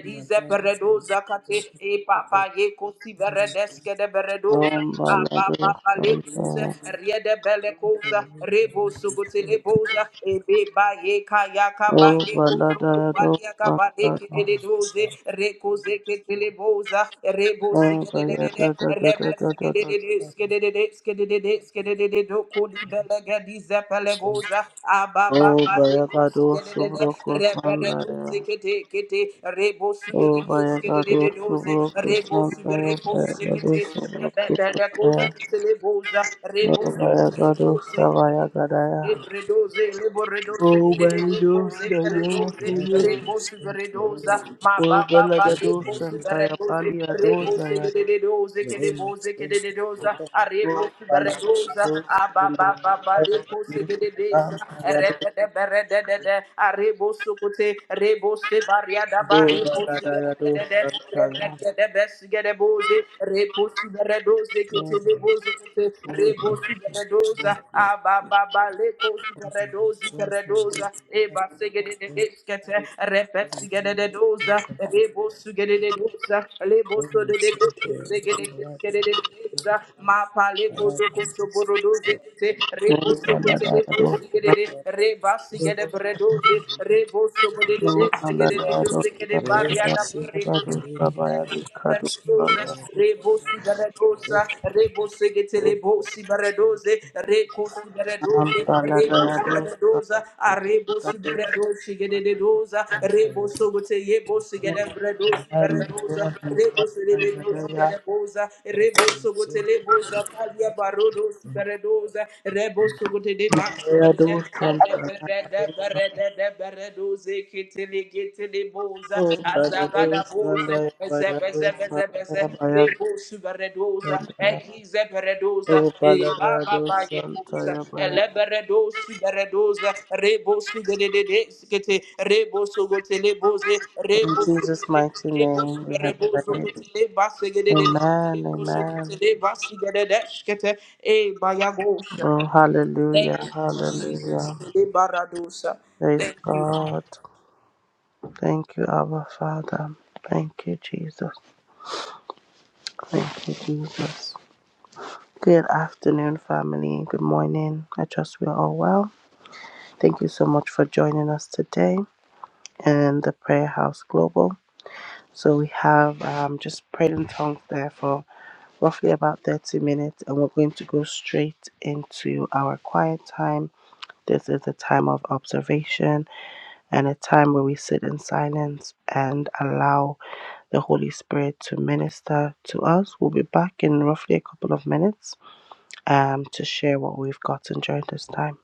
[SPEAKER 2] mapande magara
[SPEAKER 3] peredo zakate e papa ye kosi beredeske de beredoza a papa lebo
[SPEAKER 1] Rambaladosandaya.
[SPEAKER 3] Kose, Riede Bele Kosa, Rebo Sugote Lebosa, Ebe Baye Kayaka
[SPEAKER 1] Oh,
[SPEAKER 3] Baye Koso
[SPEAKER 1] Baladado,
[SPEAKER 3] Kubalia Kabale Kide
[SPEAKER 1] Bandada,
[SPEAKER 3] de Doze, Rekoze Ketele Boza, Rebo
[SPEAKER 1] Oh,
[SPEAKER 3] Sigedede, Rebe
[SPEAKER 1] Bayadadadadadadada,
[SPEAKER 3] Sigedede, Skedede, Skedede, Skedede, Doko Libelega Diza Pelegoza, Ababa
[SPEAKER 1] Oh,
[SPEAKER 3] Baleko
[SPEAKER 1] Bayagado,
[SPEAKER 3] Sigedede,
[SPEAKER 1] Subroko,
[SPEAKER 3] Rebe Doze
[SPEAKER 1] Sandaya,
[SPEAKER 3] Kete Kete, Rebo
[SPEAKER 1] Oh,
[SPEAKER 3] Sugedede,
[SPEAKER 1] Bayagado,
[SPEAKER 3] Skedede Doze,
[SPEAKER 1] Subroko,
[SPEAKER 3] Rebo
[SPEAKER 1] Sandaya,
[SPEAKER 3] Subereko
[SPEAKER 1] Bayagado,
[SPEAKER 3] Sikete,
[SPEAKER 1] Subroko,
[SPEAKER 3] Bebe Koze
[SPEAKER 1] Sandaya,
[SPEAKER 3] Ketele Boza, Rebo
[SPEAKER 1] Oh,
[SPEAKER 3] Sugedede
[SPEAKER 1] Bayagado,
[SPEAKER 3] Boze,
[SPEAKER 1] Savayagadaya,
[SPEAKER 3] Ebredoze, leboredose,
[SPEAKER 1] Oh, Belido,
[SPEAKER 3] dedelekoze, feledoze,
[SPEAKER 1] Sayakadu,
[SPEAKER 3] rebose, veredoza, ma ba
[SPEAKER 1] Oh,
[SPEAKER 3] ba ba,
[SPEAKER 1] Beladado,
[SPEAKER 3] lekose,
[SPEAKER 1] Santaya,
[SPEAKER 3] veredoze,
[SPEAKER 2] kama
[SPEAKER 3] rebose,
[SPEAKER 1] Paliadozaya,
[SPEAKER 3] dededoze, kedeboze, kededoza,
[SPEAKER 1] Oh,
[SPEAKER 3] arebose, veredoza,
[SPEAKER 1] Baladado,
[SPEAKER 3] aba ba ba ba, lekose, dededesa,
[SPEAKER 1] Sandaya,
[SPEAKER 3] eredede, beredede, arebose, kote, rebose, variada,
[SPEAKER 1] Oh,
[SPEAKER 2] Thank
[SPEAKER 3] barebose,
[SPEAKER 1] Baladayado
[SPEAKER 3] dededede,
[SPEAKER 1] Santaya.
[SPEAKER 3] rebedede, besigedeboze, repose, veredoze, Reketelebozokete, Rebosiberedoza, Abababalekoziberedozi, Peredoza, Ebasegededeskete, Repesigededoza, Rebosugededeza,
[SPEAKER 2] you.
[SPEAKER 3] Lebosodededesegededeskedededeza,
[SPEAKER 2] Uh,
[SPEAKER 3] Mapalekozokosoborodozekete,
[SPEAKER 1] o Baladayado
[SPEAKER 3] Rebosokotelebosigedede,
[SPEAKER 1] Santos.
[SPEAKER 3] Rebasigedeberedoze,
[SPEAKER 1] Oh, Baladayado
[SPEAKER 3] Rebosobodededesegedededozekede,
[SPEAKER 1] Santaya.
[SPEAKER 3] Bariada,
[SPEAKER 1] Baladayado Sabayado Kado
[SPEAKER 3] Baradoza,
[SPEAKER 1] Santa.
[SPEAKER 3] Rebosi Baradosa, Rebose Getelebosi Baradoze, Recosi
[SPEAKER 1] Oh,
[SPEAKER 3] Baradoze, Rebosi
[SPEAKER 1] Baladayado
[SPEAKER 3] Baradoza,
[SPEAKER 1] Santaya.
[SPEAKER 3] Arebosi Baradosi Gededoza, Reboso Goteyebosi Gedebradosi Baradoza,
[SPEAKER 1] Baladayado Santaya. Baladayado Santaya. Oh,
[SPEAKER 3] Rebosi
[SPEAKER 1] Baladayado
[SPEAKER 3] Gededosi
[SPEAKER 1] Santaya.
[SPEAKER 3] Gedebosa, Reboso Gotelebosa, Pavia Barodosi Baradoza, Reboso Gotebasi
[SPEAKER 1] Baladayado Santaya.
[SPEAKER 3] Gedebosa, Thank
[SPEAKER 1] Baladayado Santaya. o Baladayado Santaya. In Jesus' mighty name we have prayed. Amen. Amen. Oh,
[SPEAKER 3] you.
[SPEAKER 1] hallelujah. Hallelujah. Praise
[SPEAKER 3] Thank you.
[SPEAKER 1] God. Thank you, our Father. Thank you, Jesus. Thank you, Jesus. Good afternoon, family. Good morning. I trust we are all well. Thank you so much for joining us today in the Prayer House Global. So we have um, just prayed in tongues there for. roughly about 30 minutes, and we're going to go straight into our quiet time. This is a time of observation and a time where we sit in silence and allow the Holy Spirit to minister to us. We'll be back in roughly a couple of minutes um, to share what we've gotten during this time.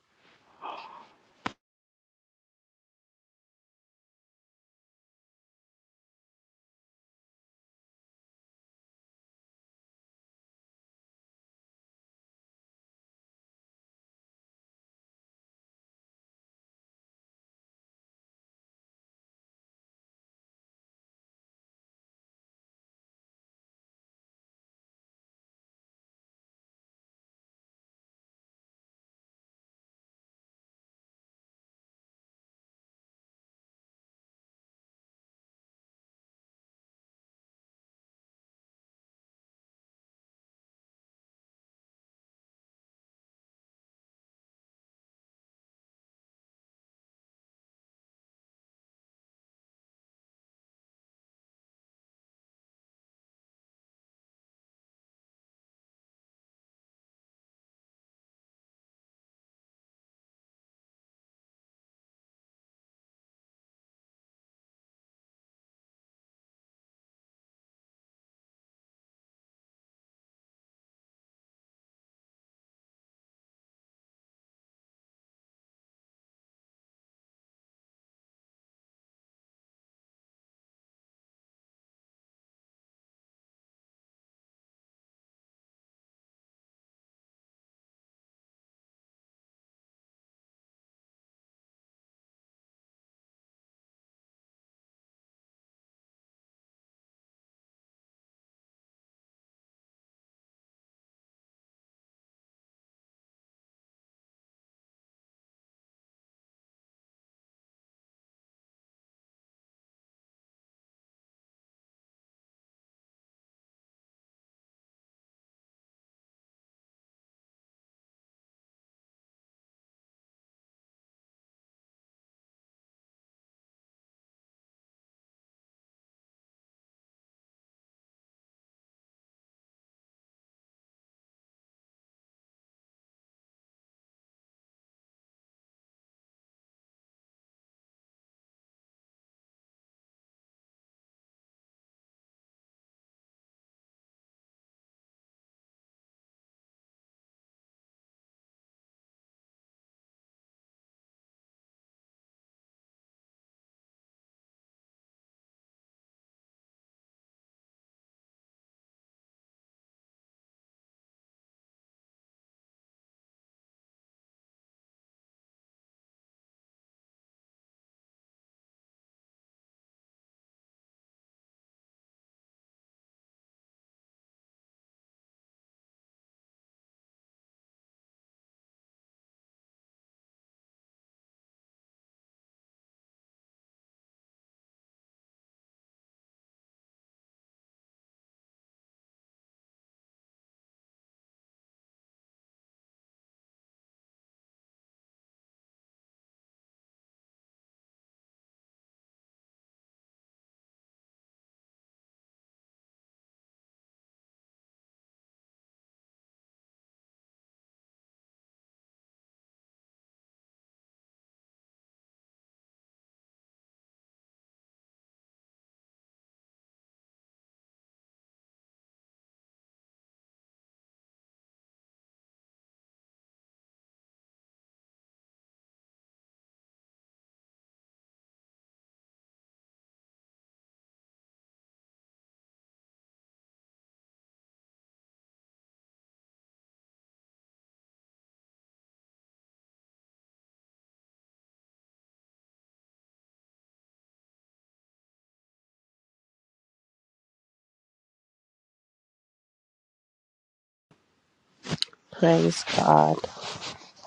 [SPEAKER 1] Praise God.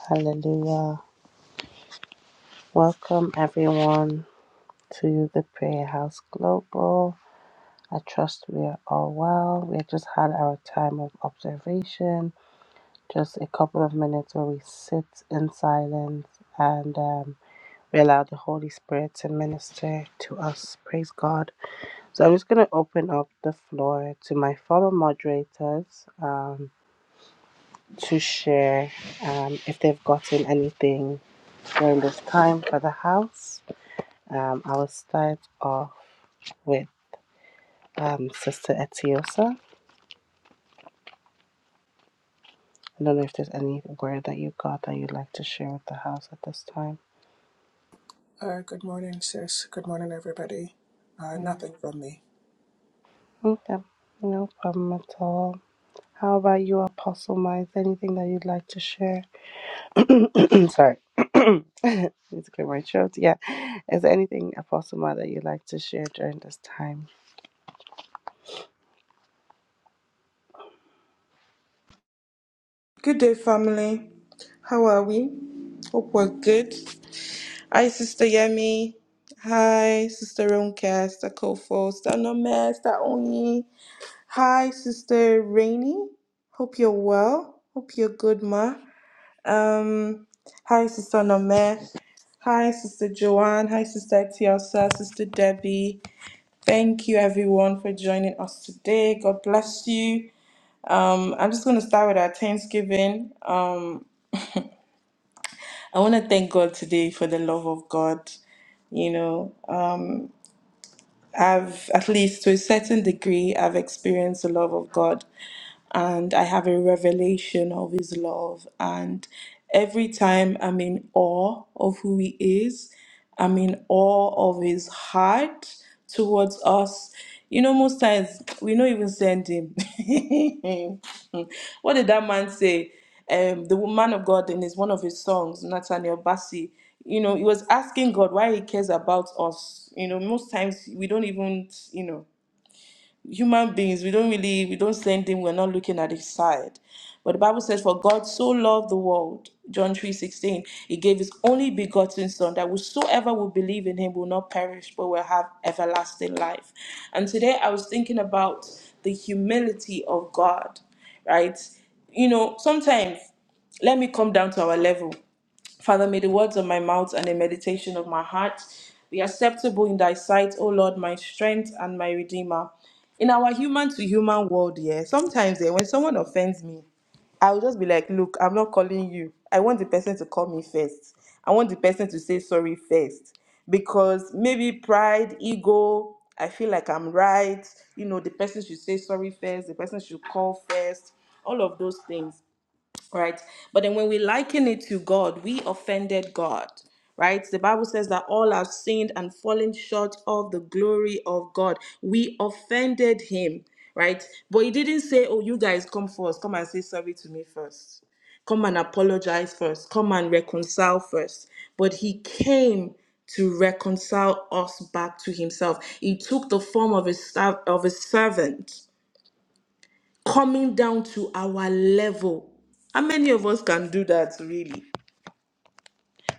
[SPEAKER 1] Hallelujah. Welcome, everyone, to the Prayer House Global. I trust we are all well. We just had our time of observation, just a couple of minutes where we sit in silence and um, we allow the Holy Spirit to minister to us. Praise God. So I'm just going to open up the floor to my fellow moderators um, to share um, if they've gotten anything during this time for the house. Um, I will start off with um, Sister Etiosa. I don't know if there's any word that you got that you'd like to share with the house at this time.
[SPEAKER 2] good morning, sis. Good morning, everybody. Uh,
[SPEAKER 1] Mm.
[SPEAKER 2] nothing from me.
[SPEAKER 1] Okay, no problem at all. How about you, Apostle Mike? Anything that you'd like to share? Sorry. Need to clear my throat. Yeah. Is there anything, Apostle Mike, that you'd like to share during this time?
[SPEAKER 3] Good day, family. How are we? Hope we're good. Hi, Sister Yemi. Hi, Sister Ronka, Sister Kofo, Sister Nome, Sister Oni. Hi, Sister Rainy. Hope you're well. Hope you're good, ma. Um, hi, Sister Nome. Hi, Sister Joanne. Hi, Sister Tiosa, Sister Debbie. Thank you, everyone, for joining us today. God bless you. Um, I'm just going to start with our Thanksgiving. Um, I want to thank God today for the love of God. You know, uh, I've, at least to a certain degree, I've experienced the love of God and I have a revelation of His love. And every time I'm in awe of who He is, I'm in awe of His heart towards us. You know, most times we don't even send Him. what did that man say? um, the man of God in his one of his songs, Nathaniel Bassey, you know, he was asking God why he cares about us. You know, most times we don't even, you know human beings, we don't really, we don't say anything, we're not looking at his side. But the Bible says, For God so loved the world, John three sixteen, he gave his only begotten Son, that whosoever will believe in him will not perish, but will have everlasting life. And today I was thinking about the humility of God, right? You know, sometimes let me come down to our level. Father, may the words of my mouth and the meditation of my heart be acceptable in thy sight, O Lord, my strength and my redeemer. In our human to human world, yeah, sometimes yeah, when someone offends me, I'll just be like, look, I'm not calling you. I want the person to call me first. I want the person to say sorry first. Because maybe pride, ego, I feel like I'm right. You know, the person should say sorry first, the person should call first, all of those things right? But then when we liken it to God, we offended God, right? The Bible says that all have sinned and fallen short of the glory of God. We offended Him, right? But He didn't say, Oh, you guys come first, come and say sorry to me first, come and apologize first, come and reconcile first. But He came to reconcile us back to himself. He took the form of a, serv- of a servant coming down to our level. How many of us can do that really?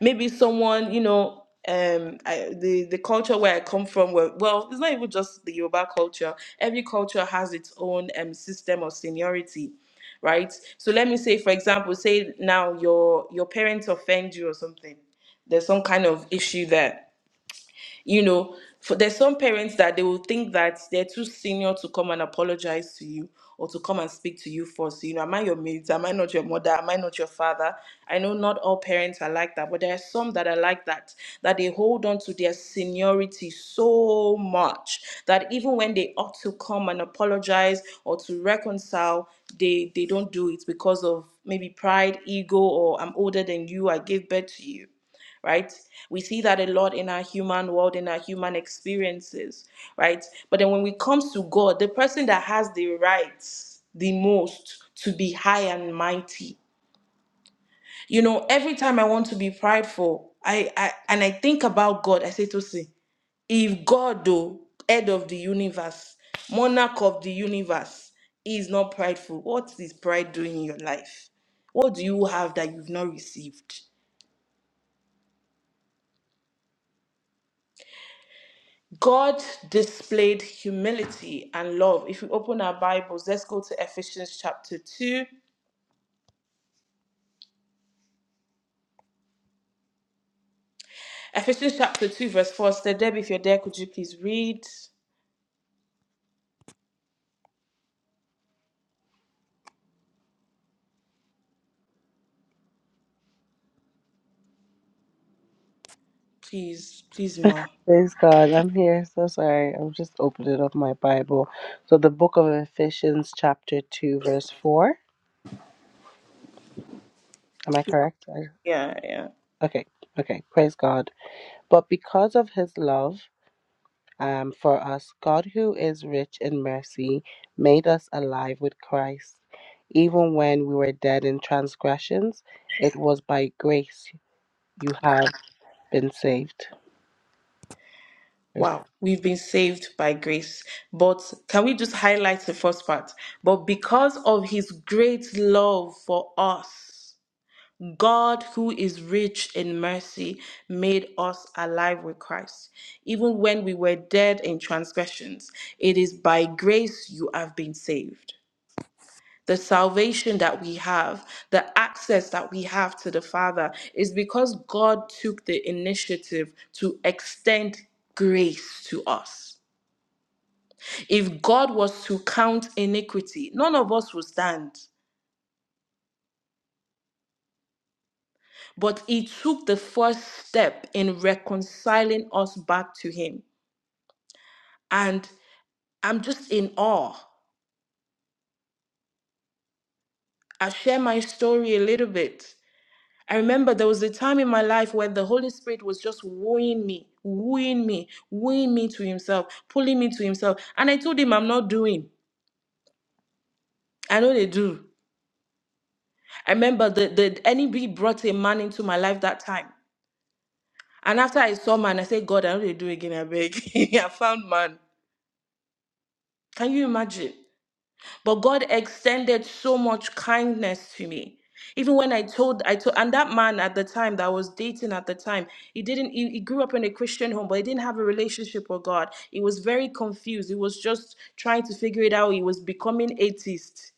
[SPEAKER 3] Maybe someone, you know, um I, the the culture where I come from where well, it's not even just the Yoruba culture. Every culture has its own um system of seniority, right? So let me say for example, say now your your parents offend you or something. There's some kind of issue there you know for, there's some parents that they will think that they're too senior to come and apologize to you or to come and speak to you first you know am i your mate am i not your mother am i not your father i know not all parents are like that but there are some that are like that that they hold on to their seniority so much that even when they ought to come and apologize or to reconcile they they don't do it because of maybe pride ego or i'm older than you i gave birth to you right? We see that a lot in our human world, in our human experiences, right? But then when it comes to God, the person that has the rights the most to be high and mighty, you know, every time I want to be prideful, I, I and I think about God, I say to see, if God, though, head of the universe, monarch of the universe, is not prideful, what is pride doing in your life? What do you have that you've not received? God displayed humility and love. If we open our Bibles, let's go to Ephesians chapter 2. Ephesians chapter 2, verse 4. Sister Deb, if you're there, could you please read? Please, please, Ma.
[SPEAKER 1] Praise God. I'm here. So sorry. I'm just opening up my Bible. So the book of Ephesians, chapter 2, verse 4. Am I correct? I,
[SPEAKER 3] Yeah, yeah.
[SPEAKER 1] okay. Okay. Praise God. But because of his love, um, for us, God, who is rich in mercy, made us alive with Christ. Even when we were dead in transgressions, it was by grace you have been saved. Praise God.
[SPEAKER 3] Wow. We've been saved by grace. But can we just highlight the first part? But because of his great love for us. God, who is rich in mercy, made us alive with Christ, even when we were dead in transgressions. It is by grace you have been saved. The salvation that we have, the access that we have to the Father, is because God took the initiative to extend grace to us. If God was to count iniquity, none of us would stand. But he took the first step in reconciling us back to him. And I'm just in awe. I share my story a little bit. I remember there was a time in my life where the Holy Spirit was just wooing me, wooing me, wooing me to himself, pulling me to himself. And I told him I'm not doing. I know they do. I remember the, the NEB brought a man into my life that time. And after I saw man, I said, God, I know they do again, I beg. I found man. Can you imagine? But God extended so much kindness to me. Even when I told, I told, and that man at the time that I was dating at the time, he didn't, he, he grew up in a Christian home, but he didn't have a relationship with God. He was very confused. He was just trying to figure it out. He was becoming atheist,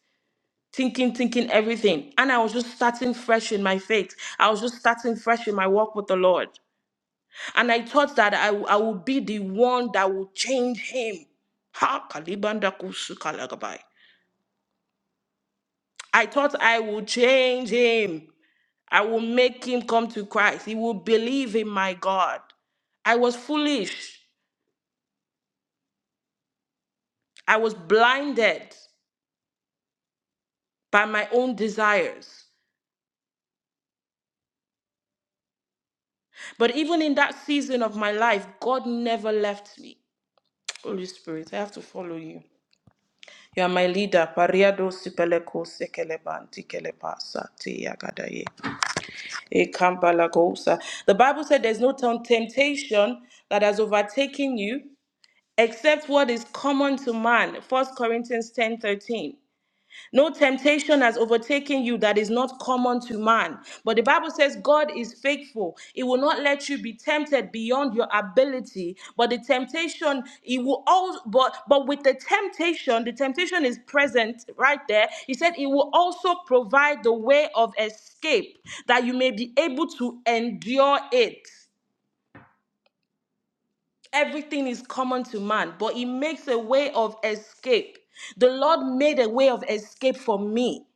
[SPEAKER 3] thinking, thinking everything. And I was just starting fresh in my faith. I was just starting fresh in my walk with the Lord. And I thought that I, I would be the one that would change him. Ha, kalibanda kusu kalagabai. I thought I would change him. I will make him come to Christ. He will believe in my God. I was foolish. I was blinded by my own desires. But even in that season of my life, God never left me. Holy Spirit, I have to follow you. You are my leader. Pariado sipeleko sekeleban tikelebasa tiyagadaye. Ekambalagosa. The Bible said there's no tem- temptation that has overtaken you except what is common to man First corinthians ten thirteen. no temptation has overtaken you that is not common to man but the bible says god is faithful he will not let you be tempted beyond your ability but the temptation he will also but but with the temptation the temptation is present right there he said he will also provide the way of escape that you may be able to endure it Everything is common to man, but he makes a way of escape. The Lord made a way of escape for me.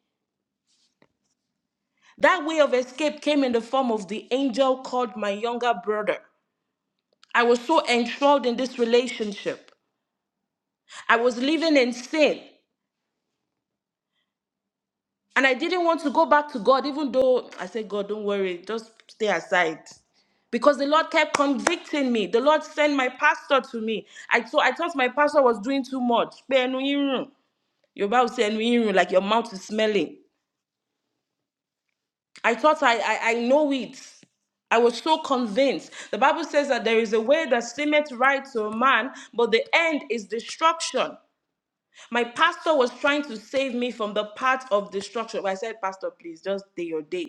[SPEAKER 3] That way of escape came in the form of the angel called my younger brother. I was so enthralled in this relationship. I was living in sin and I didn't want to go back to God, even though I said, God, don't worry, just stay aside. Because the Lord kept convicting me. The Lord sent my pastor to me. I, so I thought my pastor was doing too much. Pé ẹnu yín rùn. Your mouth Bible said, like your mouth is smelling. I thought I, I, I know it. I was so convinced. The Bible says that there is a way that seemeth right to a man, but the end is destruction. My pastor was trying to save me from the path of destruction. But I said, Pastor, please, just day your day.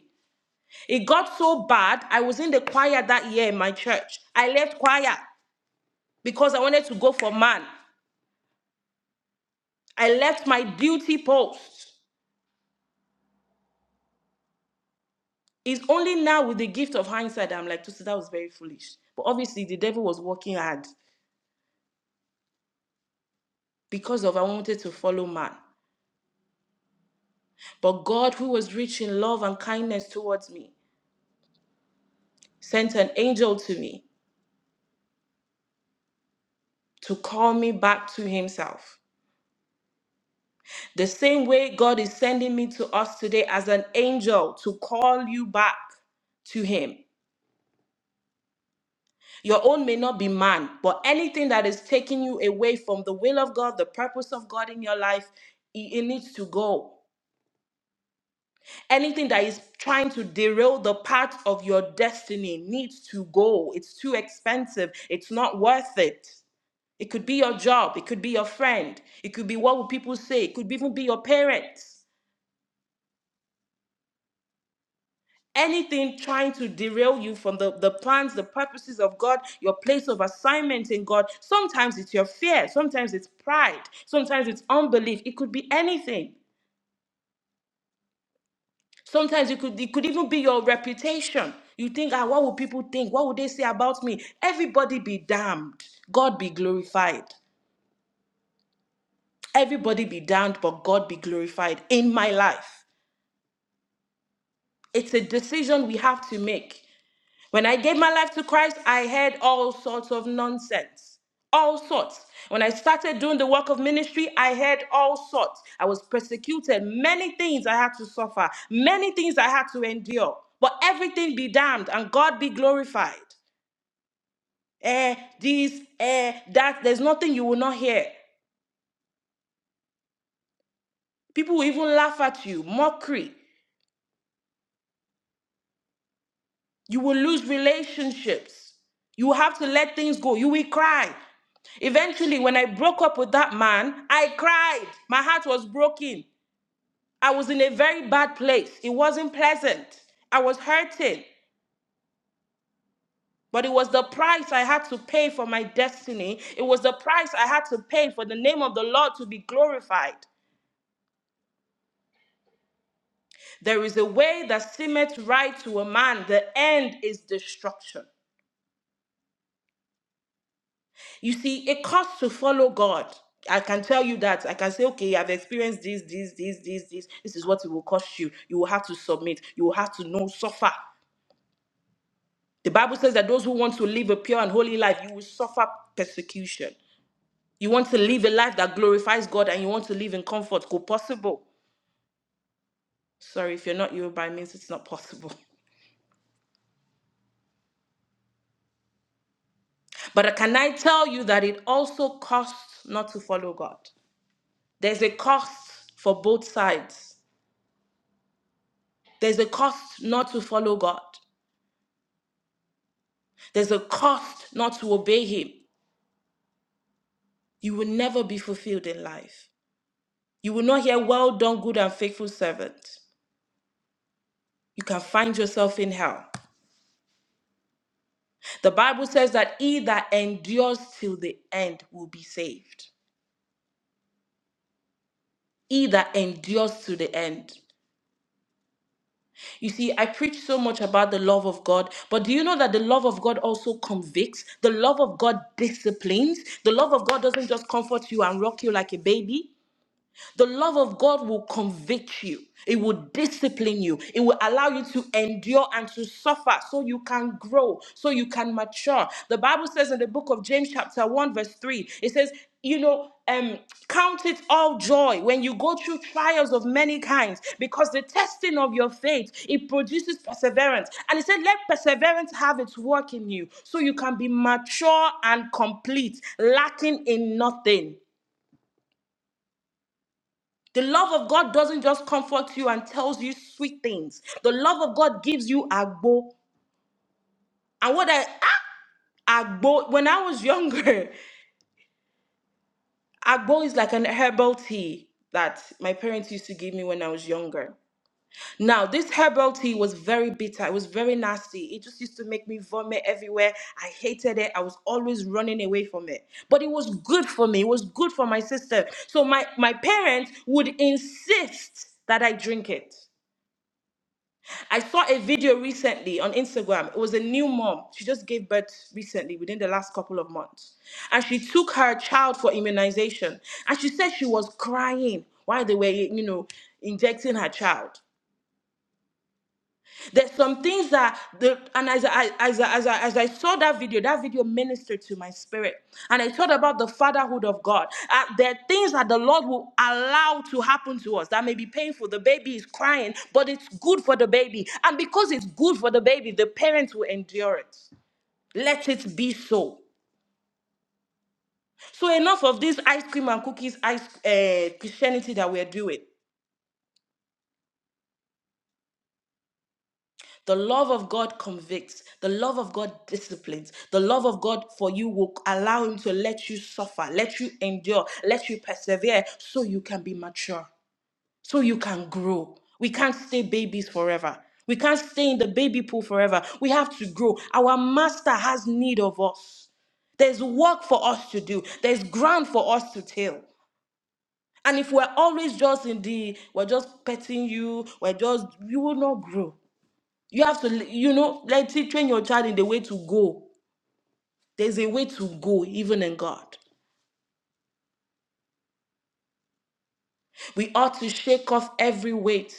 [SPEAKER 3] It got so bad, I was in the choir that year in my church. I left choir because I wanted to go for man. I left my duty post. It's only now with the gift of hindsight that I'm like, Tosi, that was very foolish. But obviously, the devil was working hard because of I wanted to follow man. But God, who was rich in love and kindness towards me, sent an angel to me to call me back to himself. The same way God is sending me to us today as an angel to call you back to him. Your own may not be man, but anything that is taking you away from the will of God, the purpose of God in your life, it, it needs to go. anything that is trying to derail the path of your destiny needs to go. It's too expensive. It's not worth it. It could be your job. It could be your friend. It could be what will people say. It could even be your parents. Anything trying to derail you from the, the plans, the purposes of God, your place of assignment in God. Sometimes it's your fear. Sometimes it's pride. Sometimes it's unbelief. It could be anything. Sometimes it could it could even be your reputation. You think, ah, what will people think? What will they say about me? Everybody be damned. God be glorified. Everybody be damned, but God be glorified in my life. It's a decision we have to make. When I gave my life to Christ, I heard all sorts of nonsense. All sorts. When I started doing the work of ministry, I heard all sorts. I was persecuted. Many things I had to suffer. Many things I had to endure. But everything be damned and God be glorified. Eh, this, eh, that. There's nothing you will not hear. People will even laugh at you. Mockery. You will lose relationships. You have to let things go. You will cry. Eventually, when I broke up with that man, I cried. My heart was broken. I was in a very bad place. It wasn't pleasant. I was hurting. But it was the price I had to pay for my destiny. It was the price I had to pay for the name of the Lord to be glorified. There is a way that seemeth right to a man, the end is destruction. You see, it costs to follow God. I can tell you that. I can say, okay, I've experienced this, this, this, this, this. This is what it will cost you. You will have to submit. You will have to know, suffer. The Bible says that those who want to live a pure and holy life, you will suffer persecution. You want to live a life that glorifies God and you want to live in comfort. Go possible. Sorry, if you're not Yoruba, it means it's not possible. But can I tell you that it also costs not to follow God? There's a cost for both sides. There's a cost not to follow God. There's a cost not to obey Him. You will never be fulfilled in life. You will not hear, Well done, good and faithful servant. You can find yourself in hell. The Bible says that he that endures till the end will be saved. He that endures to the end. You see, I preach so much about the love of God, but do you know that the love of God also convicts? The love of God disciplines. The love of God doesn't just comfort you and rock you like a baby. The love of God will convict you. It will discipline you. It will allow you to endure and to suffer so you can grow, so you can mature. The Bible says in the book of James, chapter 1, verse 3, it says, you know, um, count it all joy when you go through trials of many kinds, because the testing of your faith it produces perseverance. And it said, Let perseverance have its work in you, so you can be mature and complete, lacking in nothing. The love of God doesn't just comfort you and tells you sweet things. The love of God gives you agbo. And what I ah, agbo when I was younger, agbo is like an herbal tea that my parents used to give me when I was younger. Now, this herbal tea was very bitter. It was very nasty. It just used to make me vomit everywhere. I hated it. I was always running away from it. But it was good for me. It was good for my sister. So my, my parents would insist that I drink it. I saw a video recently on Instagram. It was a new mom. She just gave birth recently, within the last couple of months. And she took her child for immunization. And she said she was crying while they were, you know, injecting her child. There's some things that the and as I as I, as I as I saw that video, that video ministered to my spirit, and I thought about the fatherhood of God. Uh, there are things that the Lord will allow to happen to us that may be painful. The baby is crying, but it's good for the baby, and because it's good for the baby, the parents will endure it. Let it be so. So enough of this ice cream and cookies, ice uh, Christianity that we're doing. The love of God convicts. The love of God disciplines. The love of God for you will allow Him to let you suffer, let you endure, let you persevere so you can be mature, so you can grow. We can't stay babies forever. We can't stay in the baby pool forever. We have to grow. Our Master has need of us. There's work for us to do. There's ground for us to till. And if we're always just in the, we're just petting you, we're just, you will not grow. You have to, you know, like see, train your child in the way to go. There's a way to go, even in God. We ought to shake off every weight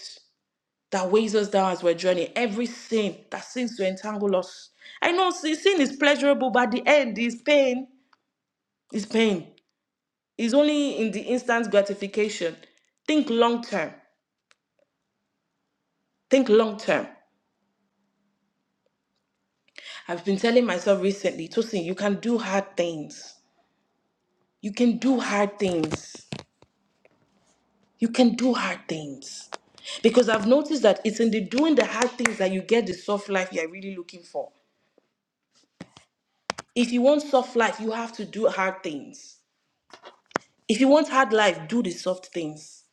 [SPEAKER 3] that weighs us down as we're journeying, every sin that seems to entangle us. I know sin sin is pleasurable, but at the end is pain. Is pain. It's only in the instant gratification. Think long term. Think long term. I've been telling myself recently, Tosin, you can do hard things. You can do hard things. You can do hard things. Because I've noticed that it's in the doing the hard things that you get the soft life you're really looking for. If you want soft life, you have to do hard things. If you want hard life, do the soft things.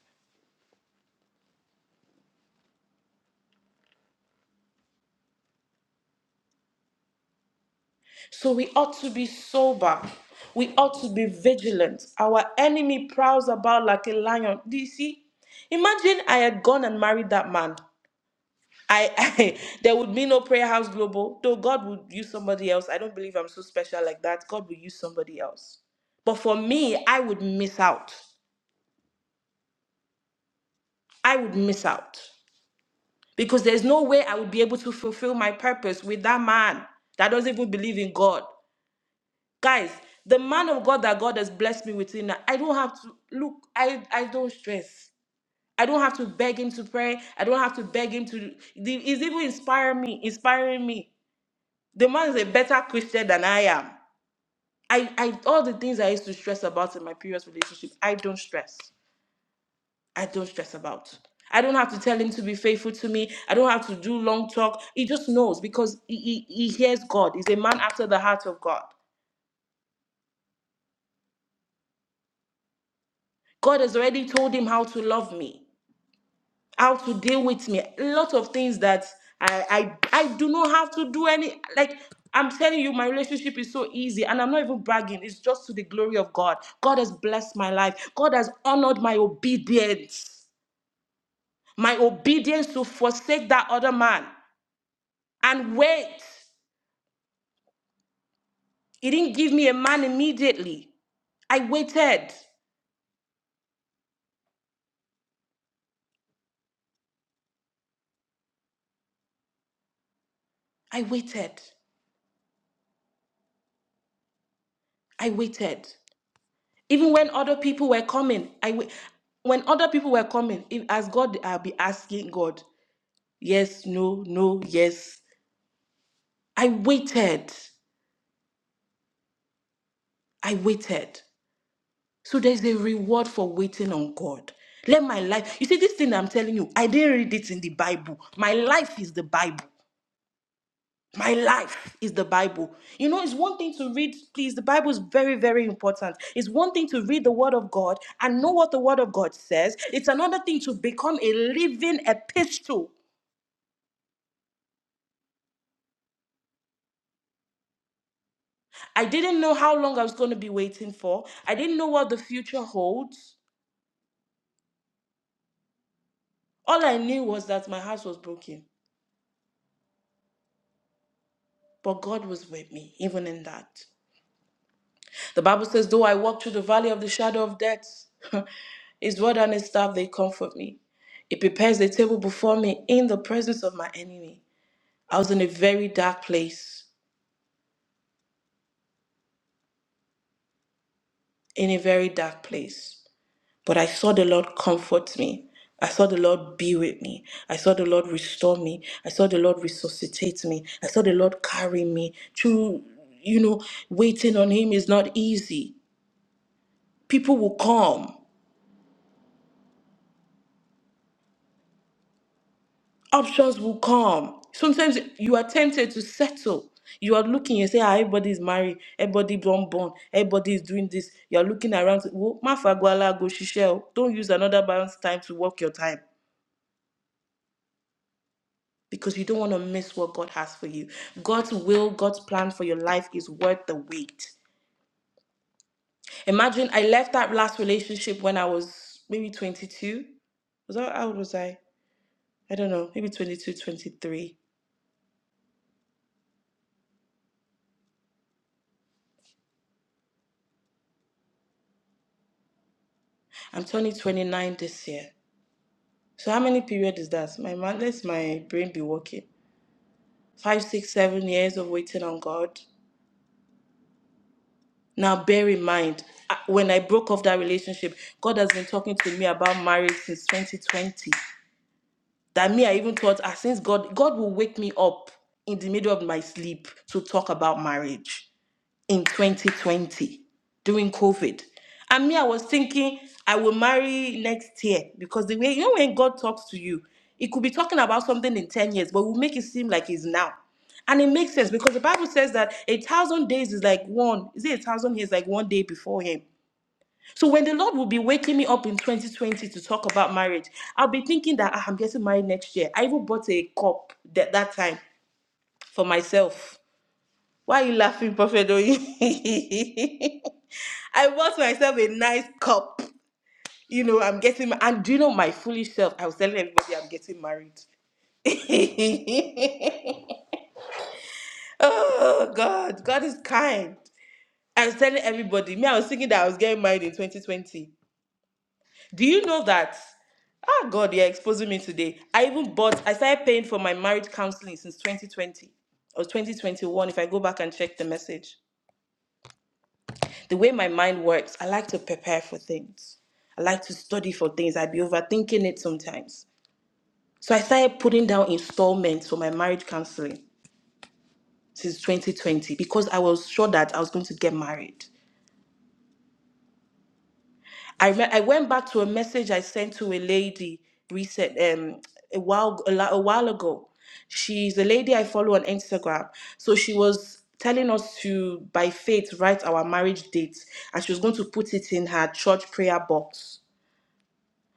[SPEAKER 3] So we ought to be sober. We ought to be vigilant. Our enemy prowls about like a lion. Do you see? Imagine I had gone and married that man. I, I there would be no prayer house global though god would use somebody else i don't believe i'm so special like that god will use somebody else but for me i would miss out i would miss out because there's no way i would be able to fulfill my purpose with that man that doesn't even believe in god guys the man of god that god has blessed me with in i don't have to look i i don't stress I don't have to beg him to pray. I don't have to beg him to. He's even inspire me, inspiring me. The man is a better Christian than I am. I, I all the things I used to stress about in my previous relationship, I don't stress. I don't stress about. I don't have to tell him to be faithful to me. I don't have to do long talk. He just knows because he, he, he hears God. He's a man after the heart of God. God has already told him how to love me. how to deal with me. A lot of things that I I I do not have to do any like I'm telling you, my relationship is so easy, and I'm not even bragging. It's just to the glory of God. God has blessed my life. God has honored my obedience, my obedience to forsake that other man and wait. He didn't give me a man immediately. I waited. I waited. I waited. Even when other people were coming, I w- when other people were coming, if, as God, I'll be asking God, yes, no, no, yes. I waited. I waited. So there's a reward for waiting on God. Let my life, you see, this thing I'm telling you, I didn't read it in the Bible. My life is the Bible. My life is the Bible. You know, it's one thing to read, please. The Bible is very, very important. It's one thing to read the Word of God and know what the Word of God says, it's another thing to become a living epistle. I didn't know how long I was going to be waiting for, I didn't know what the future holds. All I knew was that my house was broken, but God was with me, even in that. The Bible says, Though I walk through the valley of the shadow of death, his rod and his staff, they comfort me. He prepares a table before me in the presence of my enemy. I was in a very dark place, in a very dark place. But I saw the Lord comfort me. I saw the Lord be with me. I saw the Lord restore me. I saw the Lord resuscitate me. I saw the Lord carry me through, you know, waiting on Him is not easy. People will come. options will come. Sometimes you are tempted to settle. You are looking, you say, ah, everybody's married, everybody born born, everybody is doing this. You are looking around, "Wo- ma fagwala go shishe o." don't use another man's time to work your time because you don't want to miss what God has for you. God's will, God's plan for your life is worth the wait. Imagine I left that last relationship when I was maybe 22. Was that how old was I? I don't know, maybe 22, 23. I'm turning 29 this year. So how many period is that? My man, let my brain be working. Five, six, seven years of waiting on God. Now bear in mind, I- when I broke off that relationship, God has been talking to me about marriage since 2020. That me, I even thought, ah, since God, God will wake me up in the middle of my sleep to talk about marriage. in 2020 during COVID. And me, I was thinking I will marry next year because the way, you know, when God talks to you, it could be talking about something in 10 years, but will make it seem like it's now. And it makes sense because the Bible says that a thousand days is like one, is it a thousand years like one day before Him? So when the Lord will be waking me up in 2020 to talk about marriage, I'll be thinking that "Ah, I'm getting married next year. I even bought a cup that, that time for myself why are you laughing, Prophet? Oyin? I bought myself a nice cup. You know, I'm getting ma- and do you know my foolish self? I was telling everybody I'm getting married. oh God, God is kind. I was telling everybody. Me, I was thinking that I was getting married in 2020. Do you know that? Ah God, you're exposing me today. I even bought, I started paying for my marriage counseling since 2020 or 2021, if I go back and check the message. the way my mind works, I like to prepare for things. I like to study for things. I'd be overthinking it sometimes. So I started putting down installments for my marriage counseling since 2020 because I was sure that I was going to get married. I re- I went back to a message I sent to a lady recent um a while a, la- a while ago. She's a lady I follow on Instagram. So she was telling us to by faith write our marriage date and she was going to put it in her church prayer box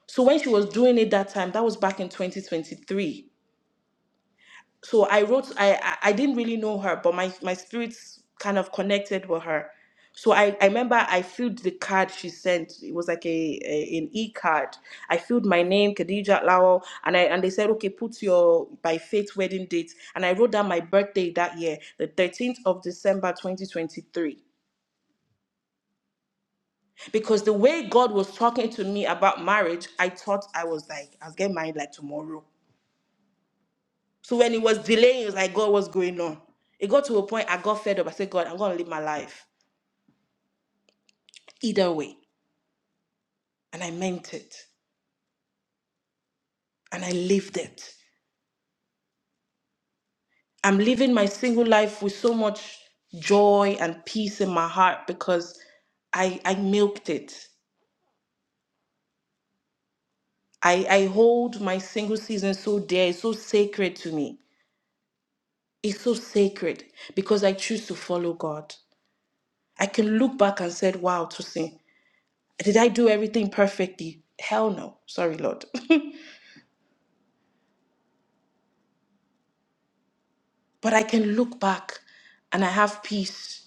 [SPEAKER 3] so when she was doing it that time that was back in 2023 so i wrote i i I didn't really know her but my my spirits kind of connected with her so i i remember i filled the card she sent it was like a, a an e-card i filled my name khadija lawal and i and they said okay put your by faith wedding date and i wrote down my birthday that year the 13th of december 2023 because the way god was talking to me about marriage i thought i was like i'll get married like tomorrow So when it was delaying, it was like, God, what's going on? It got to a point I got fed up. I said, God, I'm going to live my life either way. And I meant it. And I lived it. I'm living my single life with so much joy and peace in my heart because I, I milked it. I, I hold my single season so dear. It's so sacred to me. It's so sacred because I choose to follow God. I can look back and said, wow, to Tosin, did I do everything perfectly? Hell no. Sorry, Lord. But I can look back and I have peace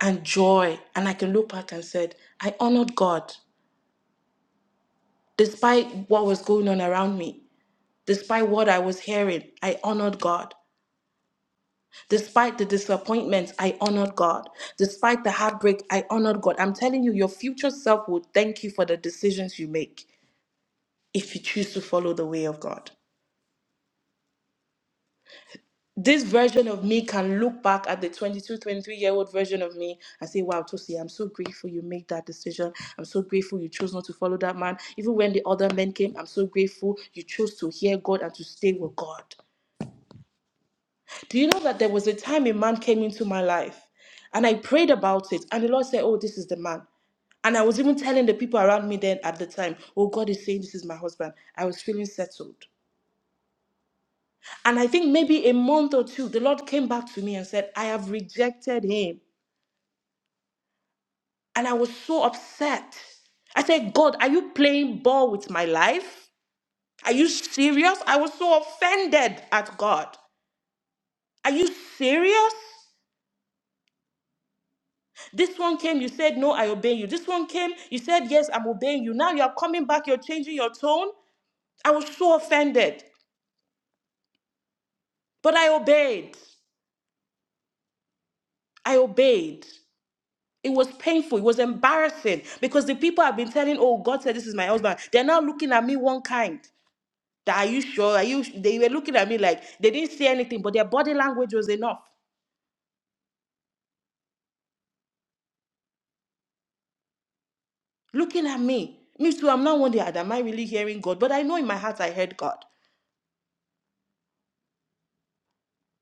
[SPEAKER 3] and joy. And I can look back and said, I honored God. Despite what was going on around me, despite what I was hearing, I honored God. Despite the disappointments, I honored God. Despite the heartbreak, I honored God. I'm telling you, your future self will thank you for the decisions you make if you choose to follow the way of God. this version of me can look back at the 22, 23 year old version of me and say wow tosi i'm so grateful you made that decision i'm so grateful you chose not to follow that man even when the other men came i'm so grateful you chose to hear god and to stay with god do you know that there was a time a man came into my life and i prayed about it and the lord said oh this is the man and i was even telling the people around me then at the time oh god is saying this is my husband i was feeling settled And I think maybe a month or two, the Lord came back to me and said, I have rejected him. And I was so upset. I said, God, are you playing ball with my life? Are you serious? I was so offended at God. Are you serious? This one came, you said, No, I obey you. This one came, you said, Yes, I'm obeying you. Now you're coming back, you're changing your tone. I was so offended, but I obeyed. I obeyed. It was painful. It was embarrassing because the people have been telling, "Oh, God said this is my husband." They're now looking at me one kind. That are you sure? Are you? su-" They were looking at me like they didn't say anything, but their body language was enough. Looking at me, me too. I'm not wondering, "Ah, am I really hearing God? But I know in my heart I heard God.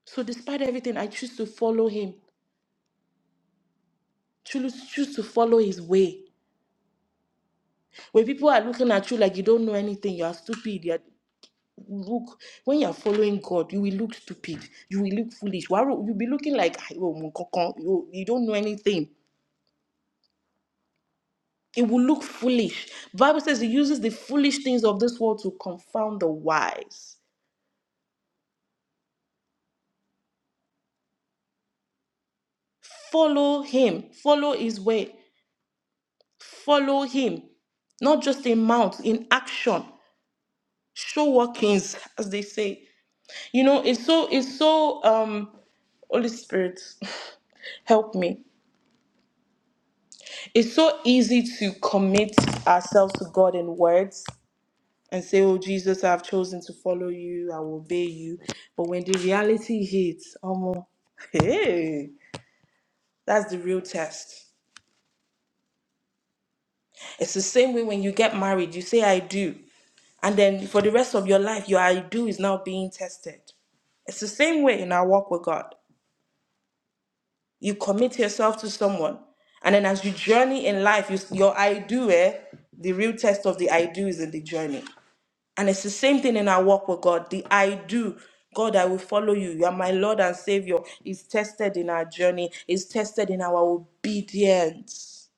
[SPEAKER 3] So despite everything, I choose to follow Him. Choose choose to follow His way. When people are looking at you like you don't know anything, you are stupid. you are, look when you are following God, you will look stupid, you will look foolish. Wàá rò- You'll be looking like "Ah, ìwọ mọ nǹkan kan, you you don't know anything. It will look foolish. Bible says he uses the foolish things of this world to confound the wise. Follow him, follow his way, follow him not just in mouth, in action. Show workings, as they say. You know, it's so it's so um Holy Spirit, help me. it's so easy to commit ourselves to God in words and say, Oh, Jesus, I've chosen to follow you, I will obey you. But when the reality hits, almost, hey, that's the real test. It's the same way when you get married, you say, I do. And then for the rest of your life, your I do is now being tested. It's the same way in our walk with God. You commit yourself to someone, and then as you journey in life, you, your I do, eh, the real test of the I do is in the journey. And it's the same thing in our walk with God. The I do. God, I will follow you. You are my Lord and Savior. Is tested in our journey. Is tested in our obedience.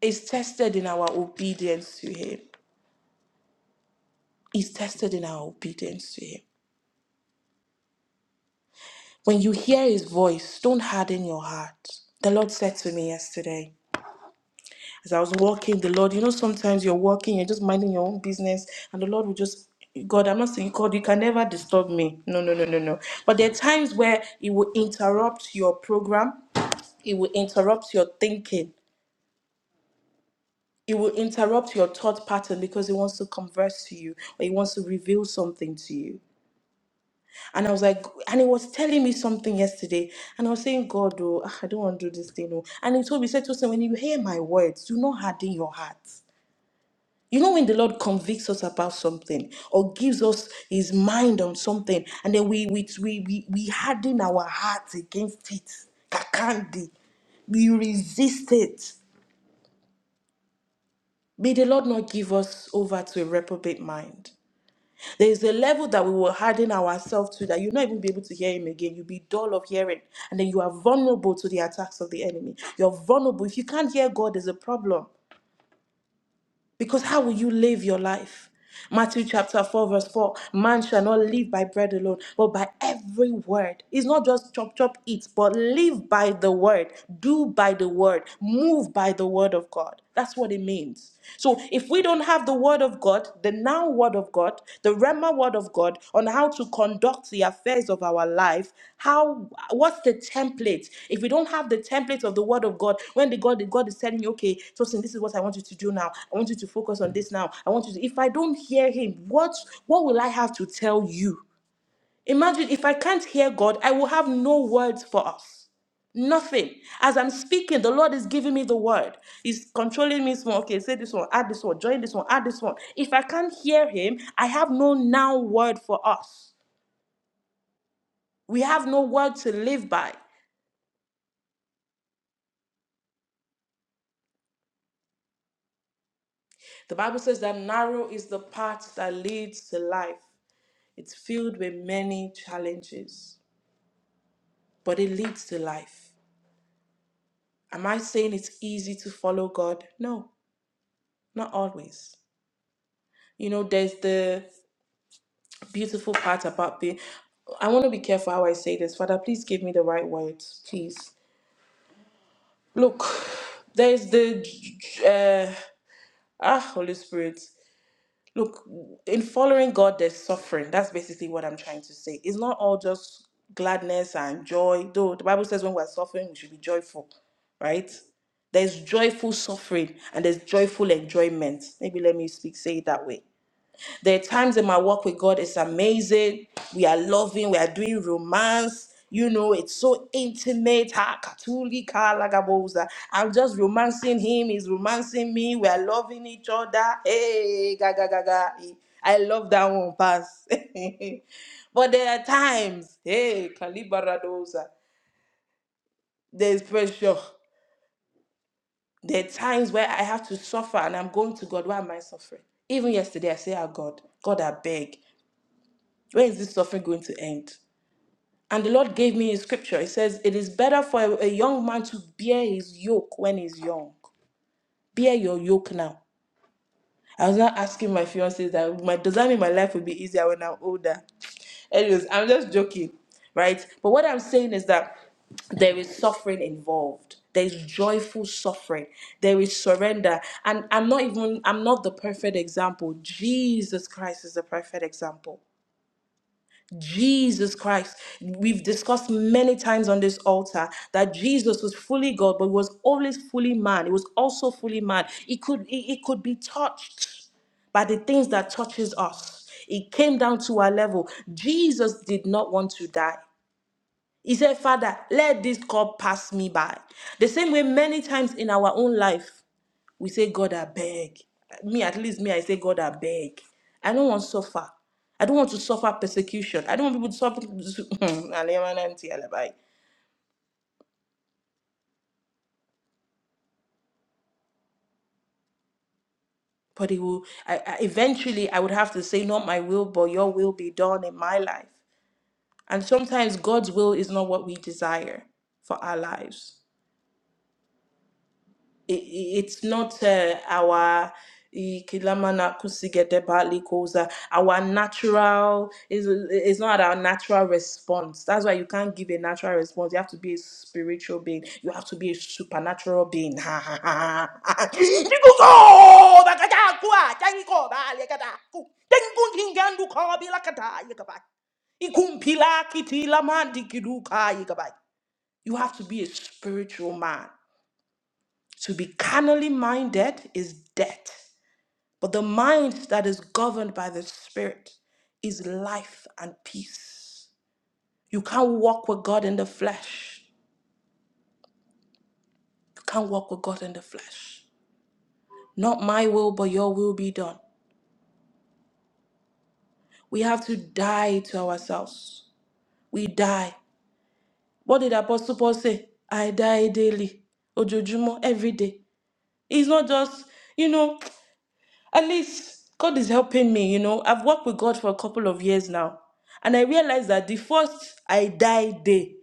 [SPEAKER 3] Is tested in our obedience to Him. Is tested in our obedience to Him. When you hear His voice, don't harden your heart. The Lord said to me yesterday. As I was walking, the Lord, you know, sometimes you're walking, you're just minding your own business, and the Lord will just, God, I'm not saying, God, you can never disturb me. No, no, no, no, no. But there are times where it will interrupt your program, it will interrupt your thinking. It will interrupt your thought pattern because it wants to converse to you or it wants to reveal something to you. And I was like, and it was telling me something yesterday. And I was saying, God, oh, ah, I don't want to do this thing. Oh. And he told me, he said to us, when you hear my words, do not harden your heart. You know, when the Lord convicts us about something or gives us his mind on something, and then we we we we, we harden our hearts against it. Kakandi. We resist it. May the Lord not give us over to a reprobate mind. There is a level that we will harden ourselves to that you'll not even be able to hear him again. You'll be dull of hearing. And then you are vulnerable to the attacks of the enemy. You're vulnerable. If you can't hear God, there's a problem. Because how will you live your life? Matthew chapter 4, verse 4 Man shall not live by bread alone, but by every word. It's not just chop, chop, eat, but live by the word, do by the word, move by the word of God. That's what it means. So if we don't have the word of God, then now what? word of God, the Rema word of God on how to conduct the affairs of our life. How what's the template? If we don't have the template of the word of God, when the God the God is telling you, okay, Tosin, this is what I want you to do now. I want you to focus on this now. I want you to if I don't hear him, what what will I have to tell you? Imagine if I can't hear God, I will have no words for us. Nothing. As I'm speaking, the Lord is giving me the word. He's controlling me. Small. Okay, say this one, add this one, join this one, add this one. If I can't hear Him, I have no now word for us. We have no word to live by. The Bible says that narrow is the path that leads to life. It's filled with many challenges, but it leads to life. Am I saying it's easy to follow God? No, not always. You know, there's the beautiful part about the. I want to be careful how I say this. Father, please give me the right words, please. Look, there's the. Uh, ah, Holy Spirit. Look, in following God, there's suffering. That's basically what I'm trying to say. It's not all just gladness and joy, though the Bible says when we're suffering, we should be joyful, right? There's joyful suffering and there's joyful enjoyment. Maybe let me speak, say it that way There are times in my walk with God is amazing. We are loving, we are doing romance. You know, it's so intimate. Ha, katuli, ka, lagaboza. I'm just romancing him, he's romancing me. We are loving each other. Hey, ga, ga, ga, ga. I love that one, pass. but there are times, hey, kalibaradoza. There's pressure. There are times where I have to suffer and I'm going to God, why am I suffering? Even yesterday, I say, Ah, God, God, I beg. Where is this suffering going to end? And the Lord gave me a scripture. It says, It is better for a, a young man to bear his yoke when he's young. Bear your yoke now. I was not asking my fiance that my, does that mean my life will be easier when I'm older? Anyways, I'm just joking, right? But what I'm saying is that there is suffering involved there is joyful suffering there is surrender and i'm not even i'm not the perfect example jesus christ is the perfect example Jesus Christ. We've discussed many times on this altar that Jesus was fully God, but was always fully man. He was also fully man. He could he, he could be touched by the things that touches us. It came down to our level. Jesus did not want to die. He said, Father, let this cup pass me by. The same way, many times in our own life, we say, God, I beg. Me, at least me, I say, God, I beg. I don't want to suffer. I don't want to suffer persecution. I don't want people to suffer. But it will, I, I, eventually, I would have to say, not my will, but your will be done in my life. And sometimes God's will is not what we desire for our lives. i- i- it's not uh, our i- kilamana kusigete partly cause uh, our natural is it's not our natural response that's why you can't give a natural response you have to be a spiritual being you have to be a supernatural being Because, oh, bakata, kwa, tango, ba, yakabai. Ikumpila, kitila, mandi, yakabai. you have to be a spiritual man to be carnally minded is death, but the mind that is governed by the Spirit is life and peace. You can't walk with God in the flesh. You can't walk with God in the flesh. Not my will, but your will be done. We have to die to ourselves. We die. What did Apostle Paul say? I die daily, ojoojúmọ́, every day. It's not just, you know. At least God is helping me, you know. I've worked with God for a couple of years now. And I realized that the first I die day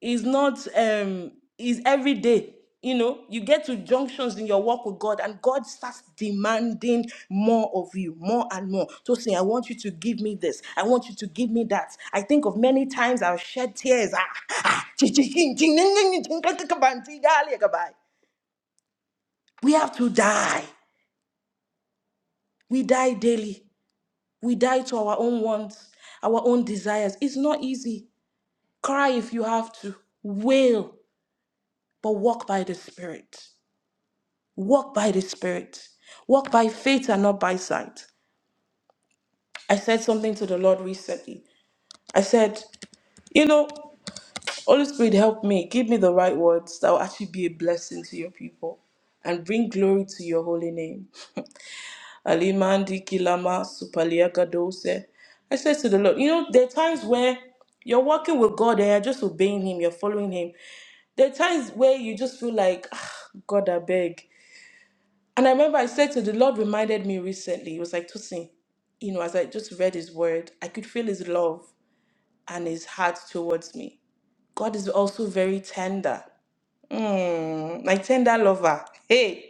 [SPEAKER 3] is not um is every day. You know, you get to junctions in your walk with God, and God starts demanding more of you, more and more. So saying, I want you to give me this, I want you to give me that. I think of many times I've shed tears. Ah, ah, chi- chi- chin- chin- nin- nin- nin- chin- kan- kan- kan- ban- ti- dali- ka- bai. We have to die. We die daily. We die to our own wants, our own desires. It's not easy. Cry if you have to, wail, but walk by the Spirit. Walk by the Spirit. Walk by faith and not by sight. I said something to the Lord recently. I said, You know, Holy Spirit, help me. Give me the right words that will actually be a blessing to your people and bring glory to your holy name. Alimandi kilama supaliaka dose. I said to the Lord, you know, there are times where you're walking with God and you're just obeying Him, you're following Him. There are times where you just feel like, ah, God, I beg. And I remember I said to the Lord, reminded me recently, He was like, Tosin, you know, as I just read His word, I could feel His love and His heart towards me. God is also very tender, mm, like tender lover. Hey.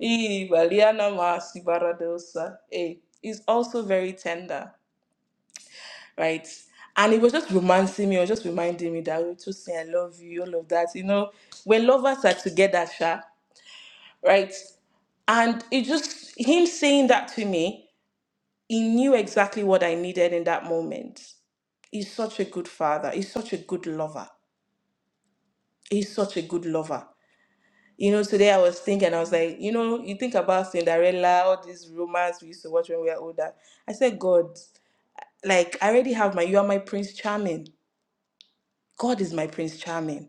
[SPEAKER 3] Eh, Valiana Masi Baradosa. Eh, is also very tender, right? And it was just romancing me, or just reminding me that we two say I love you, all of that. You know, when lovers are together, Sha, right? And it just him saying that to me, he knew exactly what I needed in that moment. He's such a good father. He's such a good lover. He's such a good lover. You know, today I was thinking, I was like, you know, you think about Cinderella, all these romance we used to watch when we were older. I said, God, like, I already have my, you are my Prince Charming. God is my Prince Charming.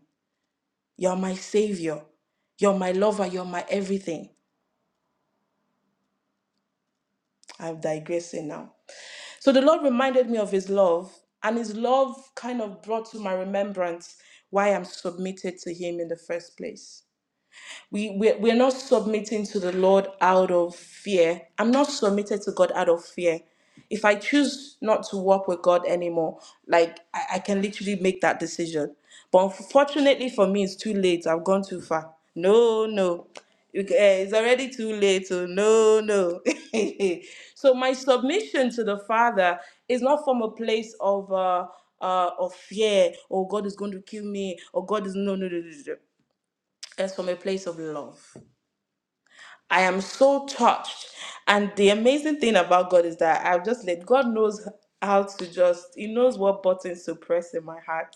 [SPEAKER 3] You're my savior. You're my lover. You're my everything. I'm digressing now. So the Lord reminded me of his love, and his love kind of brought to my remembrance why I'm submitted to him in the first place. we we we're not submitting to the lord out of fear i'm not submitted to god out of fear if i choose not to walk with god anymore like i, I can literally make that decision but unfortunately for me it's too late i've gone too far no no It- eh, it's already too late so no no so my submission to the father is not from a place of uh, uh of fear or god is going to kill me or god is no no no no, no. it's from a place of love I am so touched. And the amazing thing about God is that I've just let God knows how to just, He knows what buttons to press in my heart,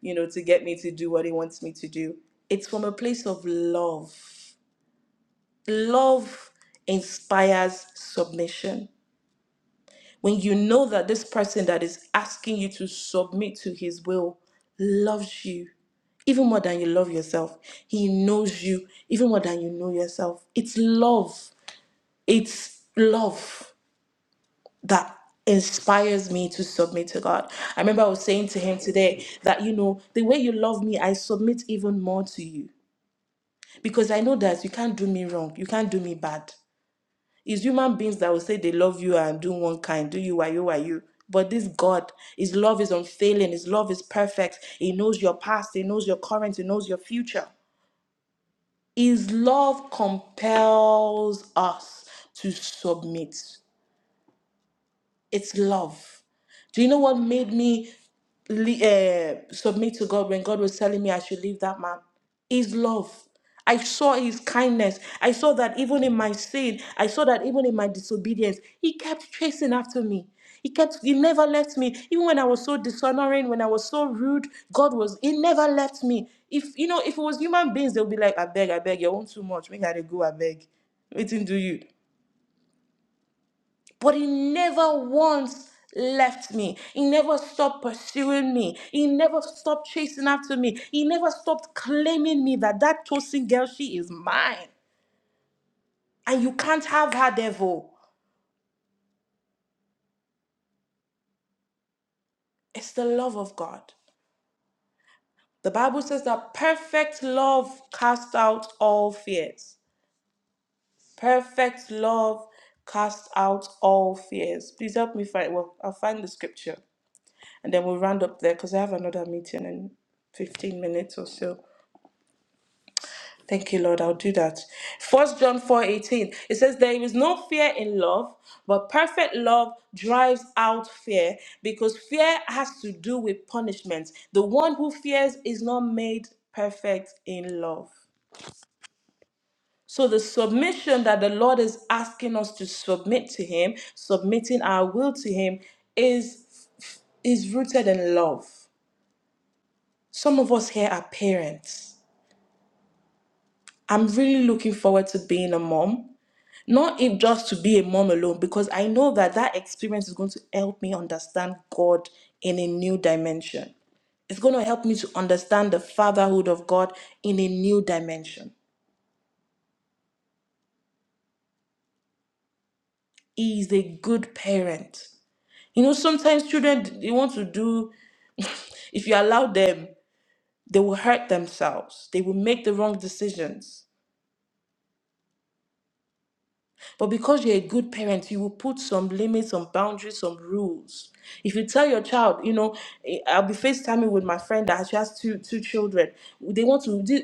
[SPEAKER 3] you know, to get me to do what He wants me to do. It's from a place of love. Love inspires submission. When you know that this person that is asking you to submit to His will loves you, even more than you love yourself. He knows you even more than you know yourself. It's love it's love that inspires me to submit to God. I remember I was saying to him today that, you know, the way you love me, I submit even more to you because I know that you can't do me wrong, you can't do me bad. It's human beings that will say they love you and do one kind, do you, why you, why you. But this God, His love is unfailing, His love is perfect. He knows your past, He knows your current, He knows your future. His love compels us to submit. It's love. Do you know what made me uh, submit to God when God was telling me I should leave that man? His love. I saw his kindness. I saw that even in my sin, I saw that even in my disobedience, he kept chasing after me. He kept, he never left me. Even when I was so dishonoring, when I was so rude, God was, he never left me. If, you know, if it was human beings, they'll be like, I beg, I beg, you want too much. Make I dey go, I beg. Waiting do you. But he never once left me. He never stopped pursuing me. He never stopped chasing after me. He never stopped claiming me that that Tosin girl, she is mine. And you can't have her, devil. It's the love of God. The Bible says that perfect love casts out all fears. Perfect love casts out all fears. Please help me find, well, I'll find the scripture and then we'll round up there because I have another meeting in 15 minutes or so. Thank you, Lord. I'll do that. First John 4 18. It says, There is no fear in love, but perfect love drives out fear because fear has to do with punishment. The one who fears is not made perfect in love. So the submission that the Lord is asking us to submit to Him, submitting our will to Him, is is rooted in love. Some of us here are parents. I'm really looking forward to being a mom. not if just to be a mom alone because i know that that experience is going to help me understand god in a new dimension it's going to help me to understand the fatherhood of god in a new dimension he is a good parent you know sometimes children they want to do if you allow them they will hurt themselves they will make the wrong decisions But because you're a good parent, you will put some limits, some boundaries, some rules. If you tell your child, you know, eh, I'll be FaceTiming with my friend that she has two two children. They want to this,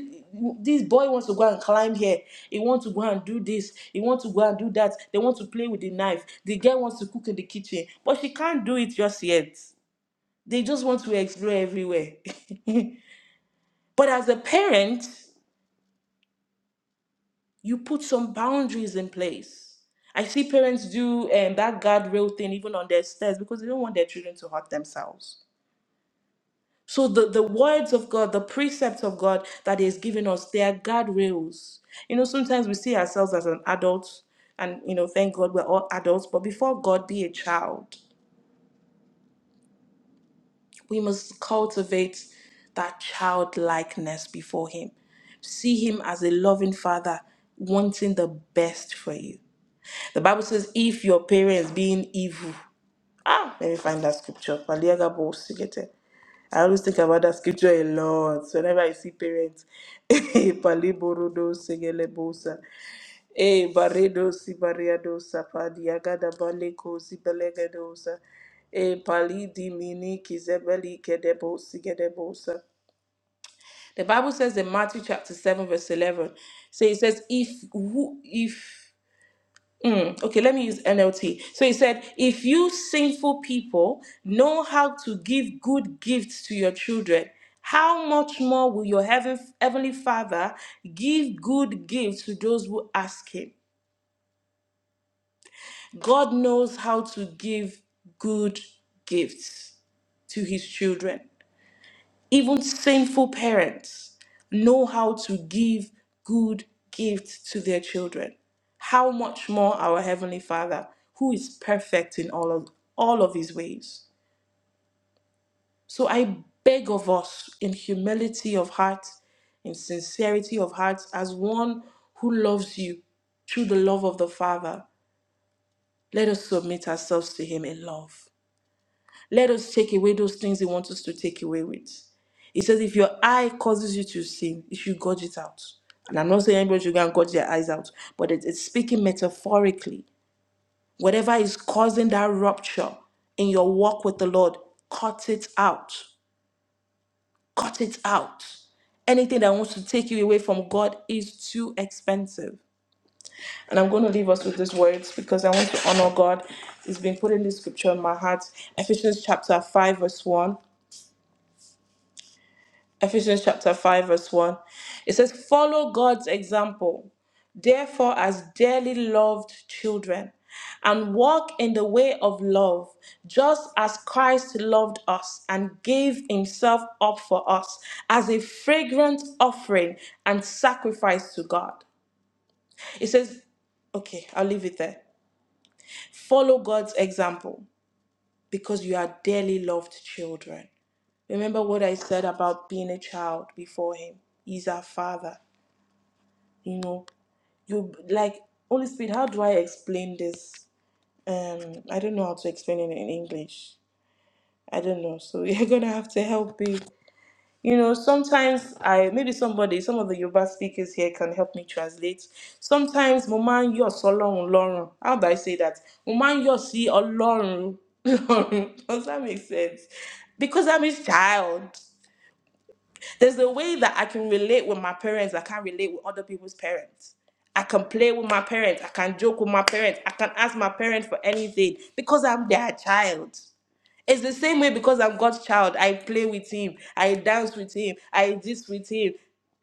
[SPEAKER 3] this boy wants to go and climb here. He wants to go and do this. He wants to go and do that. They want to play with the knife. The girl wants to cook in the kitchen, but she can't do it just yet. They just want to explore everywhere. but as a parent, you put some boundaries in place. I see parents do um, that guardrail thing even on their stairs because they don't want their children to hurt themselves. So the, the words of God, the precepts of God that He has given us, they are guardrails. You know, sometimes we see ourselves as an adult, and you know, thank God we're all adults, but before God be a child, we must cultivate that childlikeness before Him. See Him as a loving Father wanting the best for you The Bible says, if your parents being evil. Ah, let me find that scripture. Paliaga bo sigete. I always think about that scripture a lot. so Whenever I see parents, Eh, paliborodo sigele bosa. Eh, baredo si bariado sapa da baleko si belegedosa. Eh, pali di mini kizebeli kedebo sigedebosa. The Bible says in Matthew chapter 7, verse 11, so it says, if who if Mm, okay, let me use NLT. So he said, If you sinful people know how to give good gifts to your children, how much more will your heaven, heavenly Father give good gifts to those who ask him? God knows how to give good gifts to his children. Even sinful parents know how to give good gifts to their children. How much more our Heavenly Father, who is perfect in all of, all of his ways. So I beg of us in humility of heart, in sincerity of heart, as one who loves you through the love of the Father, let us submit ourselves to him in love. Let us take away those things He wants us to take away with. He says, if your eye causes you to sin, you should gouge it out. And I'm not saying anybody should go and gouge their eyes out, but it- it's speaking metaphorically. Whatever is causing that rupture in your walk with the Lord, cut it out. Cut it out. Anything that wants to take you away from God is too expensive. And I'm going to leave us with these words because I want to honor God. He's been putting this scripture in my heart. Ephesians chapter 5, verse 1. Ephesians chapter 5, verse 1. It says, Follow God's example, therefore, as dearly loved children, and walk in the way of love, just as Christ loved us and gave himself up for us as a fragrant offering and sacrifice to God. It says, Okay, I'll leave it there. Follow God's example because you are dearly loved children. Remember what I said about being a child before Him. He's our Father. You know, you like Holy Spirit. How do I explain this? Um, I don't know how to explain it in English. I don't know. So you're gonna have to help me. You know, sometimes I maybe somebody, some of the Yoruba speakers here can help me translate. Sometimes mo máa ń yọ̀ sọ́lọ́run lọ́rùn. How do I say that? Mo máa ń yọ̀ sí Ọlọ́run lọ́rùn. Does that make sense? Because I'm his child. There's a way that I can relate with my parents. I can't relate with other people's parents. I can play with my parents. I can joke with my parents. I can ask my parents for anything because I'm their child. It's the same way because I'm God's child. I play with Him. I dance with Him. I this with Him.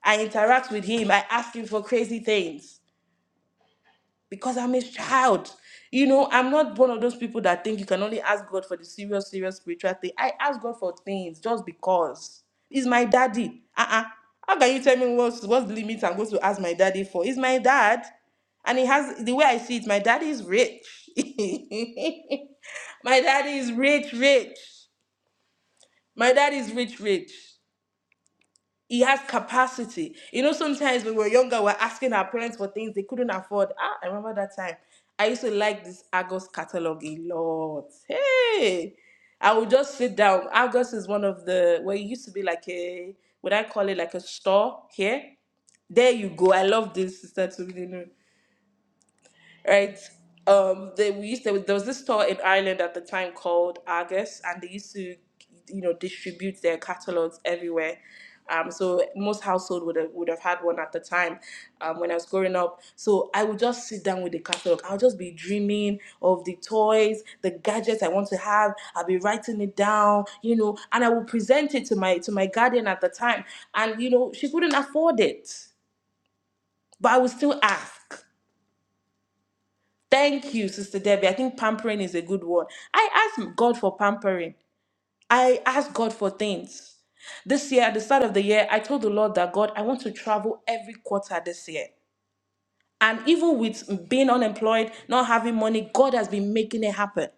[SPEAKER 3] I interact with Him. I ask Him for crazy things because I'm His child. You know, I'm not one of those people that think you can only ask God for the serious, serious spiritual thing. I ask God for things just because He's my daddy. Uh uh How can you tell me what's what's the limit I'm going to ask my daddy for? He's my dad. And he has the way I see it, my daddy is rich. my daddy is rich, rich. My dad is rich, rich. He has capacity. You know, sometimes when we were younger, we're asking our parents for things they couldn't afford. Ah, I remember that time. I used to like this Argos catalog a lot. Hey, I would just sit down. Argos is one of the where it used to be like a what I call it like a store here. There you go. I love this sister. Tumi right? Um, they we used to, there was this store in Ireland at the time called Argus, and they used to, you know, distribute their catalogs everywhere. Um, so most household would have would have had one at the time, um, when I was growing up. So I would just sit down with the catalog. I'll just be dreaming of the toys, the gadgets I want to have. I'll be writing it down, you know, and I would present it to my to my guardian at the time, and you know, she couldn't afford it, but I would still ask. Thank you, Sister Debbie. I think pampering is a good word. I ask God for pampering. I ask God for things. This year, at the start of the year, I told the Lord that God, I want to travel every quarter this year. And even with being unemployed, not having money, God has been making it happen.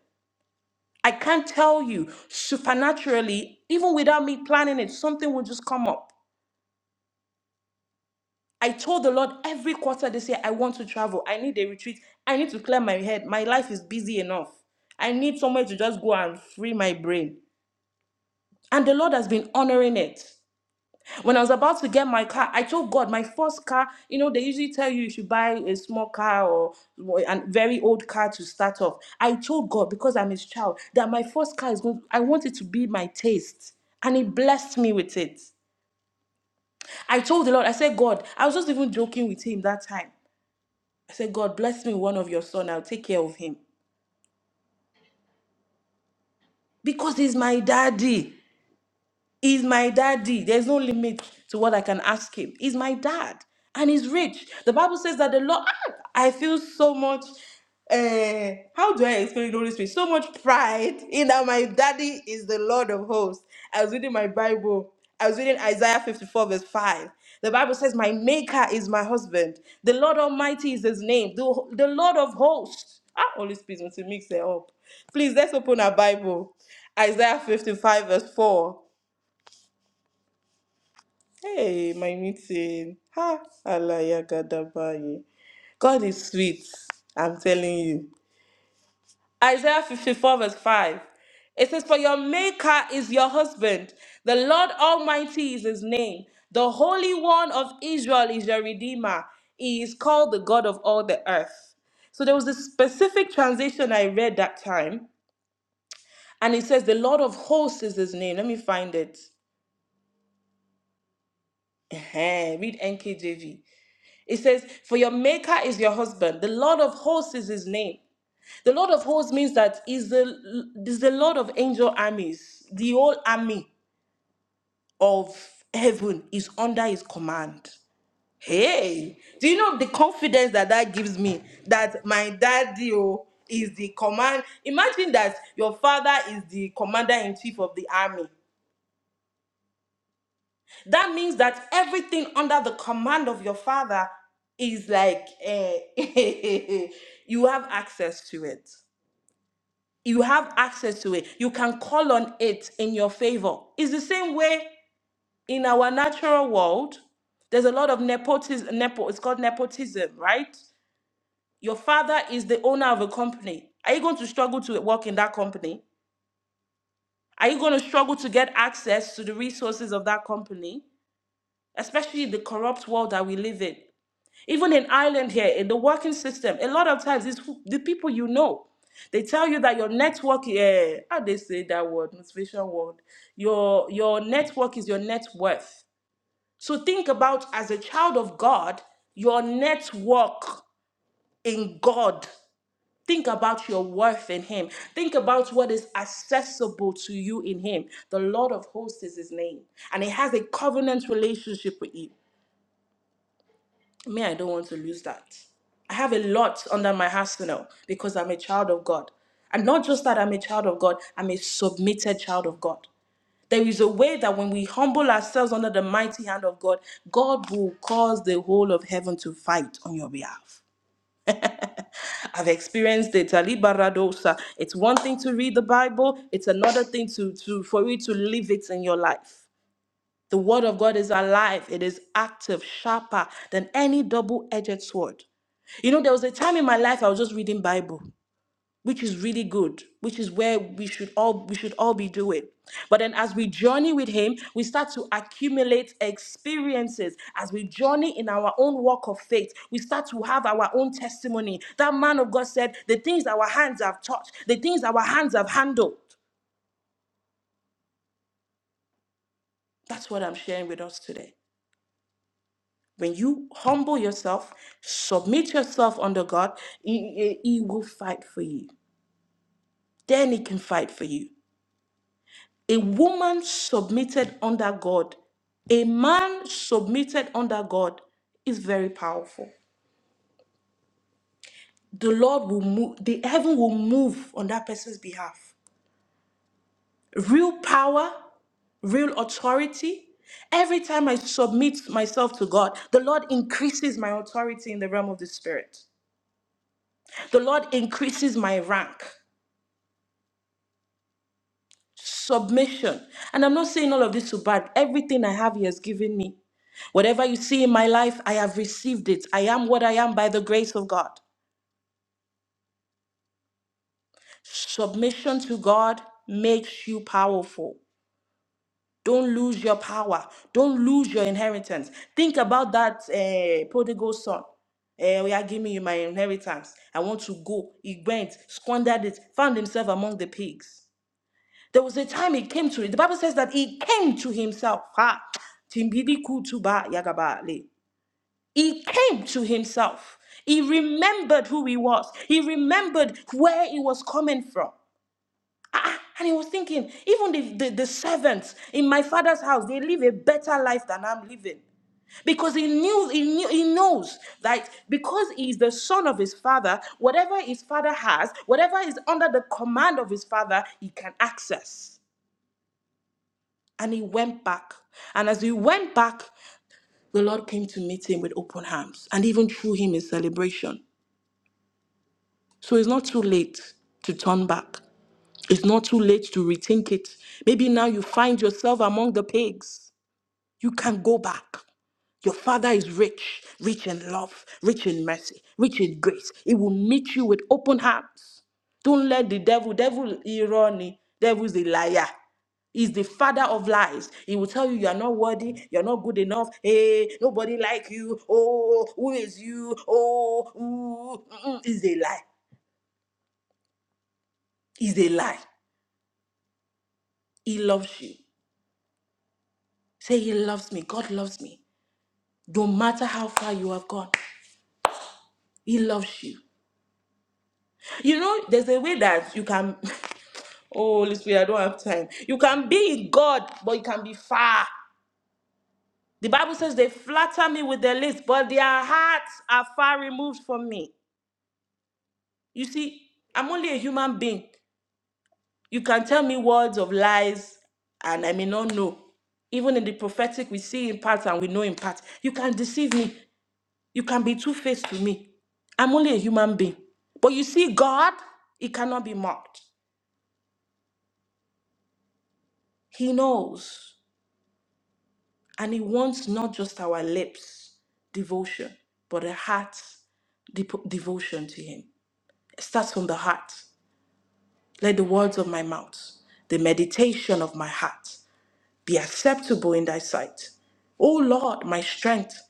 [SPEAKER 3] I can't tell you supernaturally, even without me planning it, something will just come up. I told the Lord every quarter this year, I want to travel. I need a retreat. I need to clear my head. My life is busy enough. I need somewhere to just go and free my brain. And the Lord has been honoring it. When I was about to get my car, I told God, my first car, you know, they usually tell you you should buy a small car or a very old car to start off. I told God, because I'm his child, that my first car is going, I want it to be my taste. And he blessed me with it. I told the Lord, I said, God, I was just even joking with him that time. I said, God, bless me with one of your son. I'll take care of him. Because he's my daddy. He's my daddy. There's no limit to what I can ask him. He's my dad and he's rich. The Bible says that the Lord, Ah, I feel so much, uh, how do I explain the Holy Spirit? So much pride in that my daddy is the Lord of hosts. I was reading my Bible, I was reading Isaiah 54, verse 5. The Bible says, My maker is my husband. The Lord Almighty is his name. The, the Lord of hosts. Ah, Holy Spirit, want to mix it up. Please, let's open our Bible. Isaiah 55, verse 4. Hey, my meeting. Ha, Alaya Gadabaye. God is sweet. I'm telling you. Isaiah 54, verse 5. It says, For your maker is your husband, the Lord Almighty is his name, the Holy One of Israel is your Redeemer. He is called the God of all the earth. So there was a specific translation I read that time, and it says, The Lord of hosts is his name. Let me find it. Ehen, Read NKJV. It says, For your maker is your husband, the Lord of hosts is his name. The Lord of hosts means that is the is the Lord of angel armies. The whole army of heaven is under his command. Hey, do you know the confidence that that gives me that my daddy oh, is the command? Imagine that your father is the commander in chief of the army That means that everything under the command of your father is like eh, you have access to it. You have access to it. You can call on it in your favor. It's the same way in our natural world. There's a lot of nepotism. Nepo, it's called nepotism, right? Your father is the owner of a company. Are you going to struggle to work in that company? Are you going to struggle to get access to the resources of that company, especially the corrupt world that we live in? Even in Ireland here, in the working system, a lot of times it's who- the people you know. They tell you that your network, yeah, how they say that word, motivation word. Your your network is your net worth. So think about as a child of God, your network in God. Think about your worth in Him. Think about what is accessible to you in Him. The Lord of hosts is His name, and He has a covenant relationship with you. Me, I don't want to lose that. I have a lot under my arsenal because I'm a child of God. And not just that I'm a child of God, I'm a submitted child of God. There is a way that when we humble ourselves under the mighty hand of God, God will cause the whole of heaven to fight on your behalf. I've experienced it. Ali Baradosa. It's one thing to read the Bible, it's another thing to, to for you to live it in your life. The word of God is alive, it is active, sharper than any double edged sword. You know, there was a time in my life I was just reading Bible, which is really good, which is where we should all we should all be doing. But then as we journey with him, we start to accumulate experiences. As we journey in our own walk of faith, we start to have our own testimony. That man of God said, the things our hands have touched, the things our hands have handled. That's what I'm sharing with us today. When you humble yourself, submit yourself under God, He, he- he will fight for you. Then He can fight for you. A woman submitted under God, a man submitted under God is very powerful. The Lord will move, the heaven will move on that person's behalf. Real power, real authority. Every time I submit myself to God, the Lord increases my authority in the realm of the Spirit. The Lord increases my rank. submission. And I'm not saying all of this to bad. Everything I have, He has given me. Whatever you see in my life, I have received it. I am what I am by the grace of God. Submission to God makes you powerful. Don't lose your power. Don't lose your inheritance. Think about that eh, prodigal son. Eh, we are giving you my inheritance. I want to go. He went, squandered it, found himself among the pigs. There was a time he came to it. The Bible says that he came to himself. Ha. Timbili kutuba yagabale. He came to himself. He remembered who he was. He remembered where he was coming from. Ah, and he was thinking, even the, the, the servants in my father's house, they live a better life than I'm living. Because he knew, he knew, he knows that because he is the son of his father, whatever his father has, whatever is under the command of his father, he can access. and he went back. And as he went back, the Lord came to meet him with open arms and even threw him a celebration. So it's not too late to turn back. It's not too late to rethink it. Maybe now you find yourself among the pigs. You can go back. Your Father is rich, rich in love, rich in mercy, rich in grace. He will meet you with open arms. Don't let the devil, devil irony, devil's a liar. He's the father of lies. He will tell you you are not worthy, you're not good enough. Hey, nobody like you. Oh, who is you? Oh, ooh. Mm-mm. It's a lie. It's a lie. He loves you. Say he loves me. God loves me. No matter how far you have gone, he loves you. You know, there's a way that you can. Oh, Holy Spirit, I don't have time. You can be in God, but you can be far. The Bible says they flatter me with their lips, but their hearts are far removed from me. You see, I'm only a human being. You can tell me words of lies, and I may not know. Even in the prophetic, we see in parts and we know in parts. You can deceive me. You can be two faced to me. I'm only a human being. But you see, God, He cannot be mocked. He knows. And He wants not just our lips devotion, but a heart dep- devotion to Him. It starts from the heart. Let the words of my mouth, the meditation of my heart, be acceptable in Thy sight. O Lord, my strength,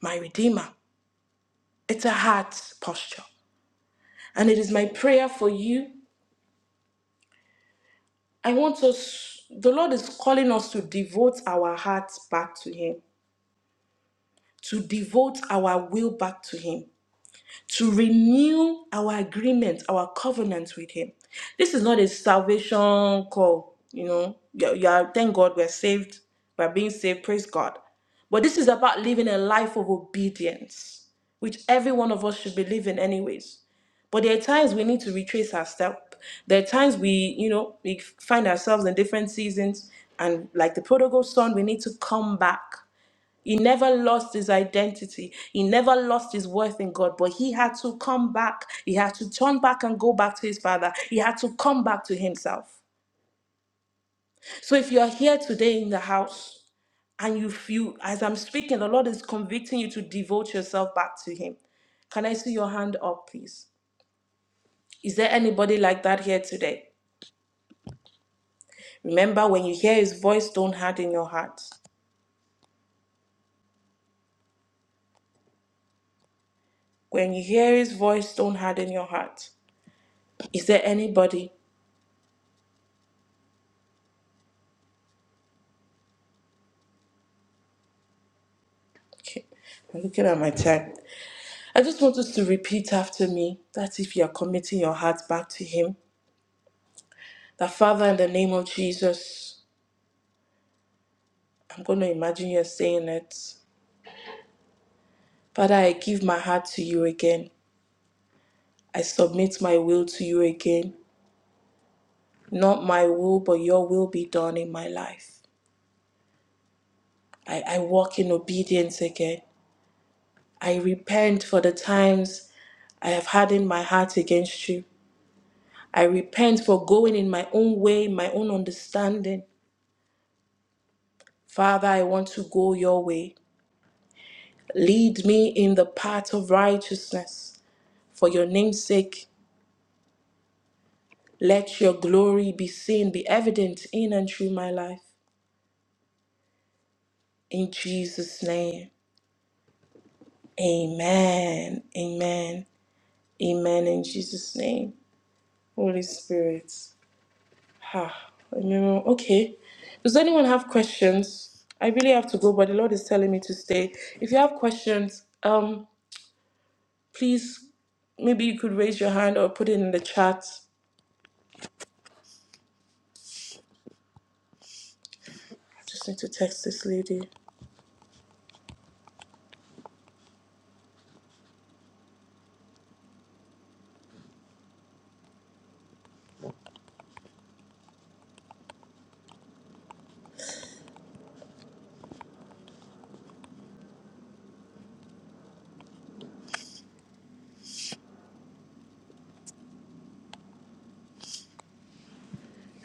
[SPEAKER 3] my Redeemer. It's a heart posture. And it is my prayer for you. I want us, the Lord is calling us to devote our hearts back to Him, to devote our will back to Him, to renew our agreement, our covenant with Him. This is not a salvation call, you know. Yeah, yeah, thank God we're saved, we're being saved, praise God. But this is about living a life of obedience, which every one of us should be living, anyways. But there are times we need to retrace our step. There are times we, you know, we find ourselves in different seasons, and like the prodigal son, we need to come back. He never lost his identity. He never lost his worth in God, but he had to come back. He had to turn back and go back to his father. He had to come back to himself. So if you're here today in the house and you feel, as I'm speaking, the Lord is convicting you to devote yourself back to him. Can I see your hand up, please? Is there anybody like that here today? Remember, when you hear his voice, don't harden your heart. When you hear his voice, don't harden your heart. Is there anybody? Okay, I'm looking at my time. I just want us to repeat after me that if you are committing your heart back to Him, that Father, in the name of Jesus, I'm going to imagine you're saying it. Father, I give my heart to you again. I submit my will to you again. Not my will, but your will be done in my life. I, I walk in obedience again. I repent for the times I have had in my heart against you. I repent for going in my own way, my own understanding. Father, I want to go your way. Lead me in the path of righteousness. For your name's sake, let your glory be seen, be evident in and through my life. In Jesus' name. Amen. Amen. Amen. In Jesus' name. Holy Spirit. Ah, I know. Okay. Does anyone have questions? I really have to go, but the Lord is telling me to stay. If you have questions, um, please, maybe you could raise your hand or put it in the chat. I just need to text this lady.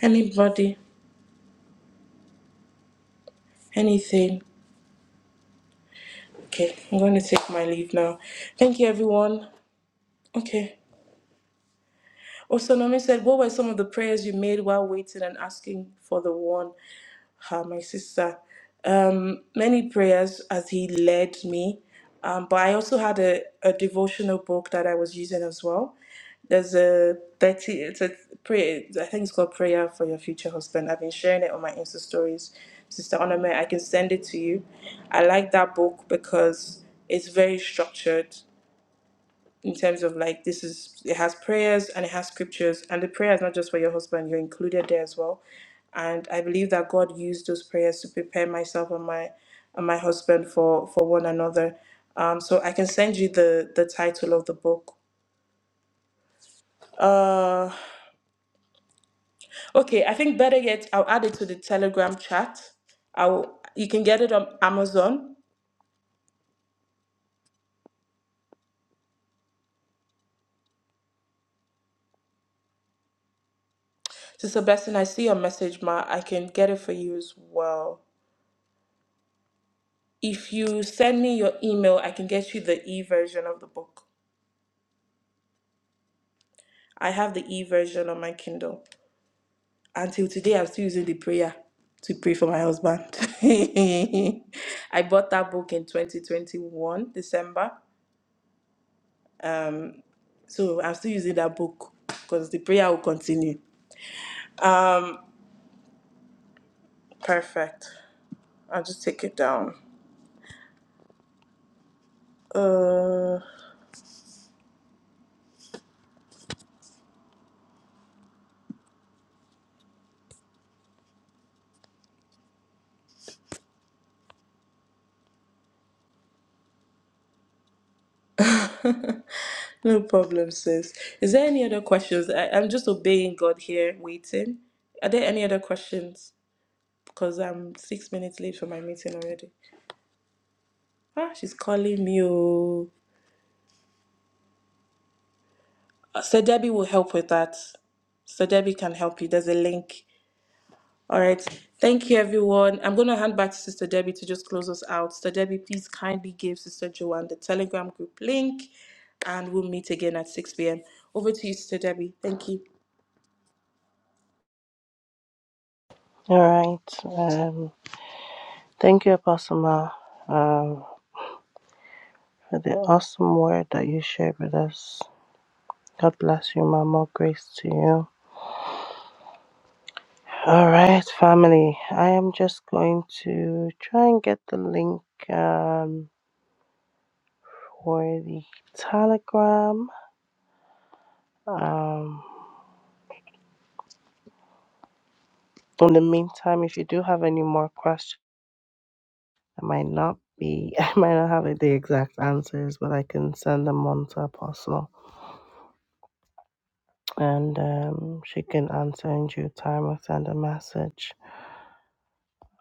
[SPEAKER 3] Anybody? Anything? Okay, I'm going to take my leave now. Thank you, everyone. Okay. Osanome said, What were some of the prayers you made while waiting and asking for the one? uh, my sister. Um, many prayers as he led me. Um, but I also had a, a devotional book that I was using as well. There's a 30, it's a prayer, I think it's called Prayer for Your Future Husband. I've been sharing it on my Insta stories. Sister Onome, I can send it to you. I like that book because it's very structured in terms of like this is it has prayers and it has scriptures and the prayer is not just for your husband you're included there as well and i believe that god used those prayers to prepare myself and my and my husband for for one another um so i can send you the the title of the book uh okay i think better yet i'll add it to the telegram chat i'll you can get it on amazon sister blessing i see your message ma i can get it for you as well If you send me your email, I can get you the e version of the book. I have the e version on my Kindle. Until today, I'm still using the prayer to pray for my husband. I bought that book in 2021, December. So I'm still using that book because the prayer will continue. Perfect. I'll just take it down. Uh, no problem, sis. Is there any other questions? I, I'm just obeying God here, waiting. Are there any other questions? because I'm six minutes late for my meeting already. Ah, she's calling me. Oh, Uh, Sir Debbie will help with that. Sir Debbie can help you. There's a link. All right. Thank you, everyone. I'm going to hand back to Sister Debbie to just close us out. Sister Debbie, please kindly give Sister Joanne the Telegram group link, and we'll meet again at 6 p.m. Over to you, Sister Debbie. Thank you.
[SPEAKER 1] All right. Um, thank you, Apostle Ma, um, for the awesome word that you shared with us. God bless you, Ma. More grace to you. All right, family. I am just going to try and get the link um, for the Telegram. Um, in the meantime, if you do have any more questions, I might not be, I might not have the exact answers, but I can send them on to Apostle, and um, she can answer in due time or send a message.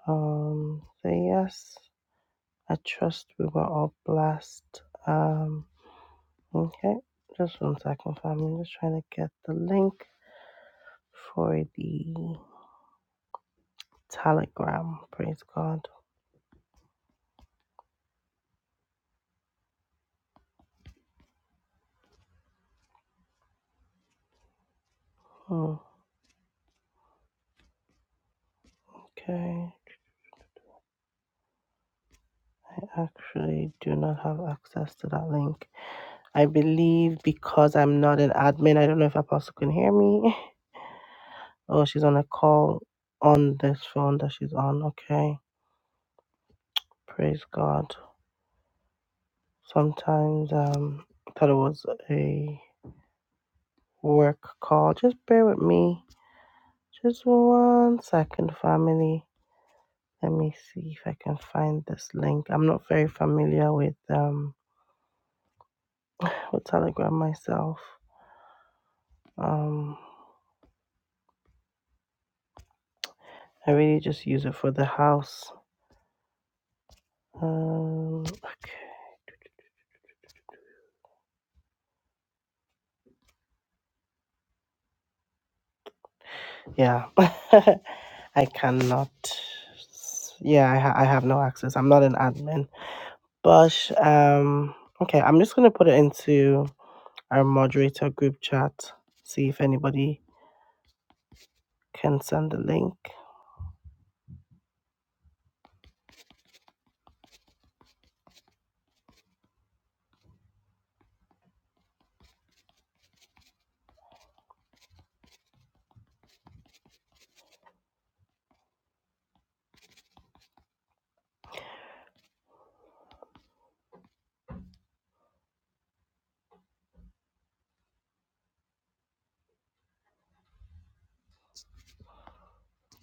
[SPEAKER 1] Um, so yes, I trust we were all blessed. Um, okay, just one second, family. Just trying to get the link for the Telegram. Praise God. Hmm, okay. actually do not have access to that link. I believe because I'm not an admin, I don't know if Apostle can hear me. Oh, she's on a call on this phone that she's on. Okay. Praise God. Sometimes um thought it was a work call. Just bear with me. Just one second, family. Let me see if I can find this link. I'm not very familiar with um with Telegram myself. Um I really just use it for the house Uh, yeah, I cannot. Yeah, I, ha- I have no access. I'm not an admin. But um, okay, I'm just gonna put it into our moderator group chat. See if anybody can send the link.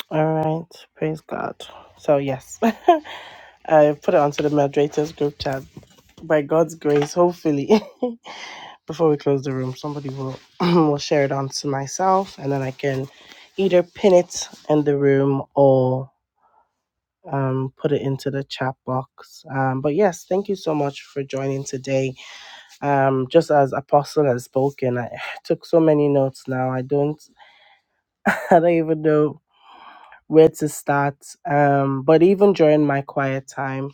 [SPEAKER 1] All right, praise God. So yes, I put it onto the moderators group chat by God's grace. Hopefully, before we close the room, somebody will will share it on to myself, and then I can either pin it in the room or um, put it into the chat box. Um, but yes, thank you so much for joining today. Um, just as Apostle has spoken, I took so many notes now. I don't, I don't even know where to start. Um, but even during my quiet time,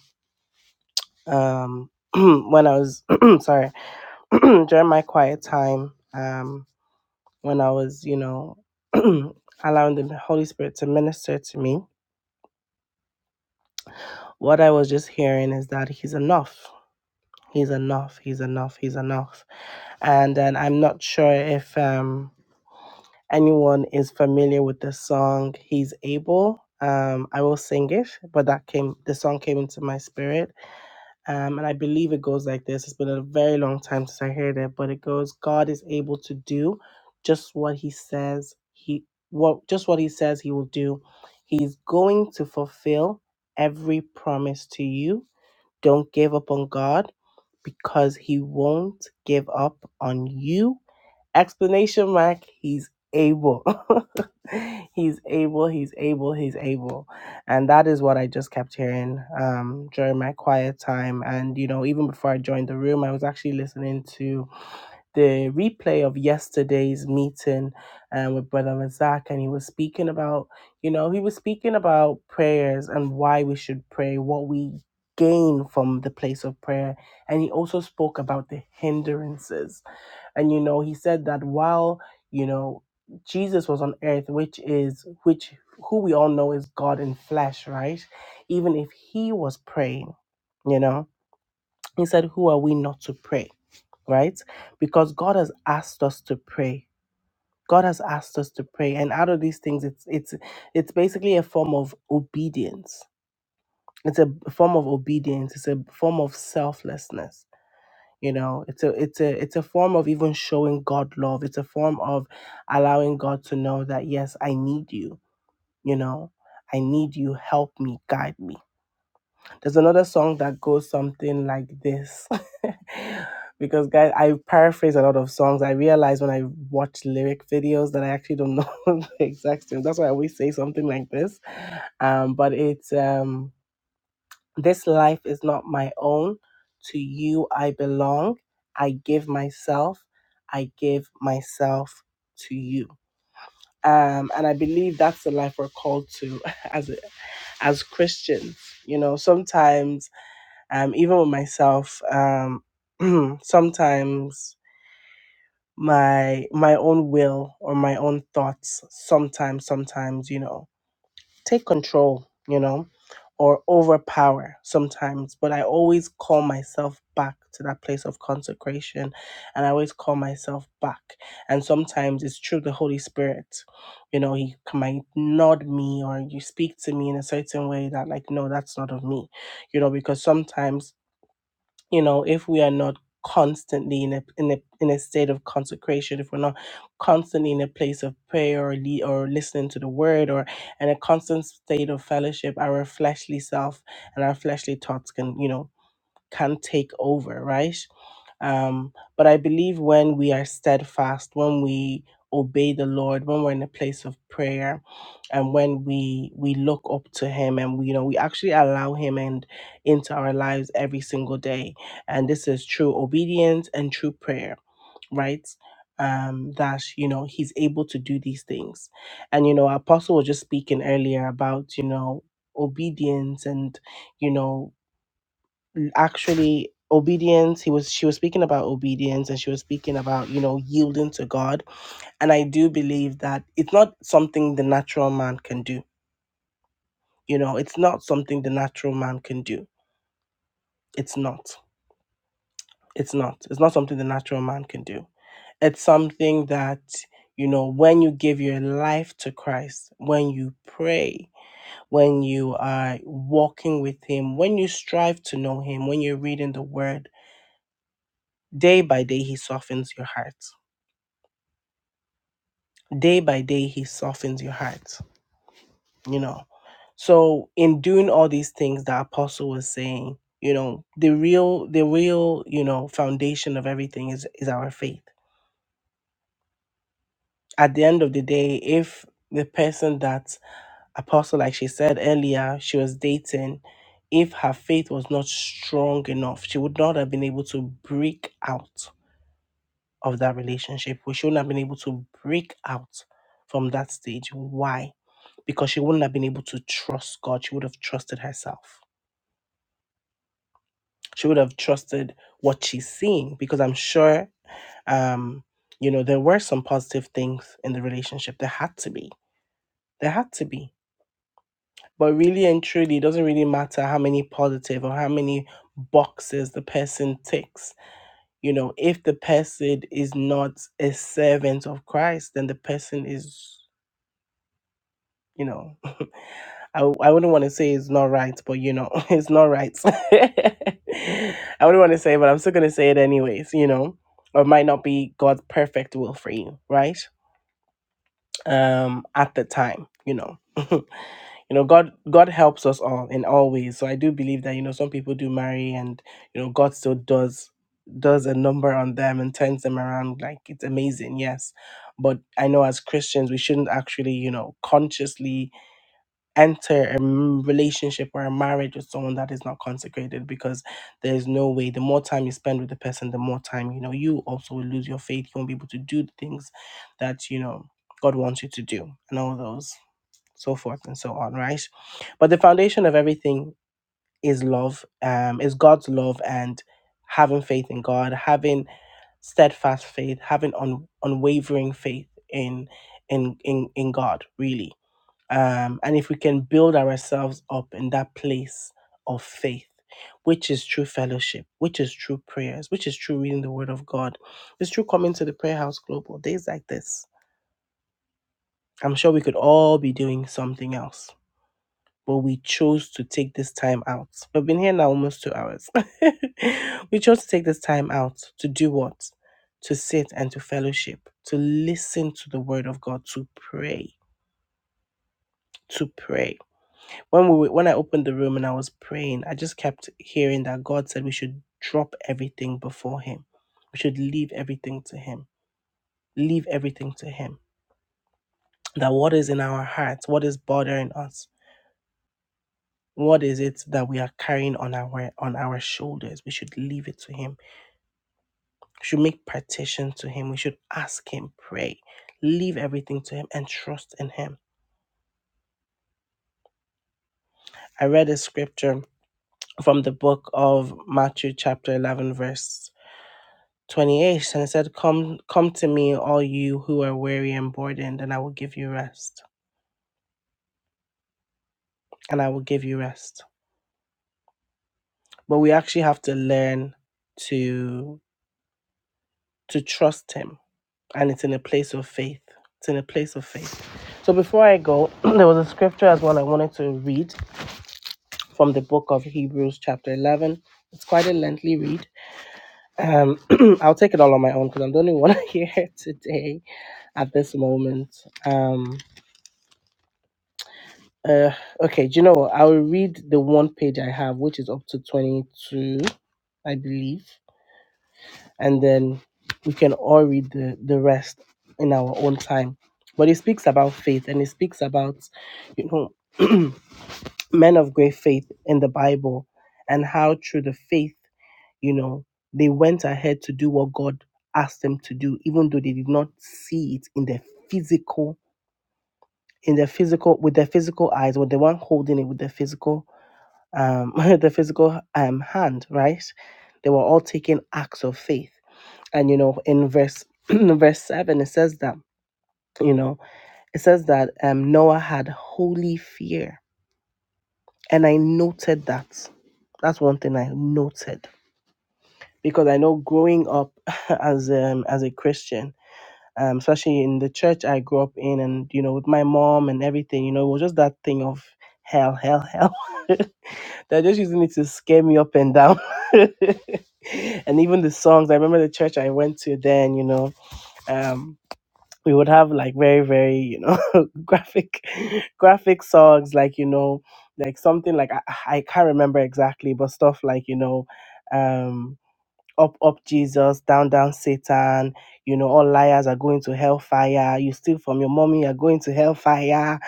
[SPEAKER 1] um, when I was sorry, during my quiet time. Um, when I was, you know, allowing the Holy Spirit to minister to me, what I was just hearing is that He's enough. He's enough. He's enough. He's enough. And then I'm not sure if um, anyone is familiar with the song He's Able. Um, I will sing it, but that came the song came into my spirit Um, and I believe it goes like this. It's been a very long time since I heard it, but it goes, God is able to do just what he says he what just what he says he will do. He's going to fulfill every promise to you don't give up on God because He won't give up on you. Explanation mark, He's able. he's able, He's able, He's able. And that is what I just kept hearing um, during my quiet time. And, you know, even before I joined the room, I was actually listening to the replay of yesterday's meeting um, with Brother Razak, and he was speaking about, you know, he was speaking about prayers and why we should pray, what we gain from the place of prayer. And he also spoke about the hindrances. And, you know, he said that while, you know, Jesus was on earth, which is, which, who we all know is God in flesh, right? Even if he was praying, you know he said, Who are we not to pray? Right? Because God has asked us to pray. God has asked us to pray. And out of these things, it's it's it's basically a form of obedience. It's a form of obedience. It's a form of selflessness. You know, it's a it's a it's a form of even showing God love. It's a form of allowing God to know that yes, I need you, you know. I need you, help me, guide me There's another song that goes something like this. because guys, I paraphrase a lot of songs. I realize when I watch lyric videos that I actually don't know the exact same. That's why I always say something like this. Um, but it's um, this life is not my own. To you I belong. I give myself. I give myself to you. Um, and I believe that's the life we're called to as as Christians. You know, sometimes um, even with myself, um, sometimes my my own will or my own thoughts sometimes sometimes you know take control you know or overpower sometimes but i always call myself back to that place of consecration and i always call myself back and sometimes it's through the holy spirit you know he c- might nod me or you speak to me in a certain way that like no that's not of me you know because sometimes you know if we are not constantly in a in a in a state of consecration if we're not constantly in a place of prayer or le- or listening to the word or in a constant state of fellowship our fleshly self and our fleshly thoughts can you know can take over, right? Um, but I believe when we are steadfast, when we obey the Lord, when we're in a place of prayer, and when we we look up to Him, and we, you know we actually allow Him and into our lives every single day, and this is true obedience and true prayer, right? Um, that you know He's able to do these things, and you know Apostle was just speaking earlier about you know obedience and you know actually obedience he was she was speaking about obedience and she was speaking about you know yielding to god and i do believe that it's not something the natural man can do you know it's not something the natural man can do it's not it's not it's not something the natural man can do it's something that you know when you give your life to christ when you pray when you are walking with him when you strive to know him when you're reading the word day by day he softens your heart day by day he softens your heart you know so in doing all these things the apostle was saying you know the real the real you know foundation of everything is is our faith at the end of the day if the person that apostle like she said earlier she was dating if her faith was not strong enough she would not have been able to break out of that relationship. We shouldn't have been able to break out from that stage. Why? Because she wouldn't have been able to trust God. She would have trusted herself. She would have trusted what she's seeing because I'm sure, um, you know, there were some positive things in the relationship. There had to be. There had to be. But really and truly, it doesn't really matter how many positive or how many boxes the person ticks you know if the person is not a servant of christ then the person is you know, I, I wouldn't want to say it's not right, but you know, it's not right. I wouldn't want to say, it, but I'm still going to say it anyways, you know, or it might not be God's perfect will for you, right? Um, at the time, you know, you know, God, God helps us all in all ways. So I do believe that, you know, some people do marry and, you know, God still does, does a number on them and turns them around. Like it's amazing. Yes. But I know as Christians, we shouldn't actually, you know, consciously, enter a m- relationship or a marriage with someone that is not consecrated because there's no way the more time you spend with the person the more time you know you also will lose your faith you won't be able to do the things that you know god wants you to do and all those so forth and so on right but the foundation of everything is love um is god's love and having faith in god having steadfast faith having un- unwavering faith in in in in god really um, and if we can build ourselves up in that place of faith, which is true fellowship, which is true prayers, which is true reading the Word of God, it's true coming to the Prayer House Global days like this. I'm sure we could all be doing something else, but we chose to take this time out. We've been here now almost two hours. we chose to take this time out to do what? To sit and to fellowship, to listen to the Word of God, to pray, to pray. when we were- when I opened the room and I was praying, I just kept hearing that God said we should drop everything before Him. We should leave everything to Him. Leave everything to Him. That what is in our hearts, what is bothering us, what is it that we are carrying on our on our shoulders, we should leave it to Him. We should make petition to Him. We should ask Him, pray, leave everything to Him, and trust in Him. I read a scripture from the book of Matthew, chapter eleven, verse. Twenty eighth, and it said come come to me all you who are weary and burdened and i will give you rest and i will give you rest but we actually have to learn to to trust him and it's in a place of faith it's in a place of faith so before i go there was a scripture as well i wanted to read from the book of hebrews chapter 11 it's quite a lengthy read um i'll take it all on my own because i'm the only one here today at this moment Um." Uh, okay, do you know what? I will read the one page I have, which is up to 22, I believe, and then we can all read the, the rest in our own time. But it speaks about faith and it speaks about, you know, men of great faith in the Bible and how through the faith, you know, they went ahead to do what God asked them to do, even though they did not see it in their physical, in their physical, with their physical eyes, with the one holding it with their physical um, the physical um, hand, right? They were all taking acts of faith. And, you know, in verse, verse 7, it says that, you know, it says that um, Noah had holy fear. And I noted that. That's one thing I noted. Because I know growing up as, um, as a Christian, um, especially in the church I grew up in and, you know, with my mom and everything, you know, it was just that thing of hell, hell, hell. They're just using it to scare me up and down. and even the songs, I remember the church I went to then, you know, um, we would have like very, very, you know, graphic, graphic songs, like, you know, like something like I, I can't remember exactly, but stuff like, you know, um up up jesus down down satan you know all liars are going to hellfire you steal from your mommy you're going to hellfire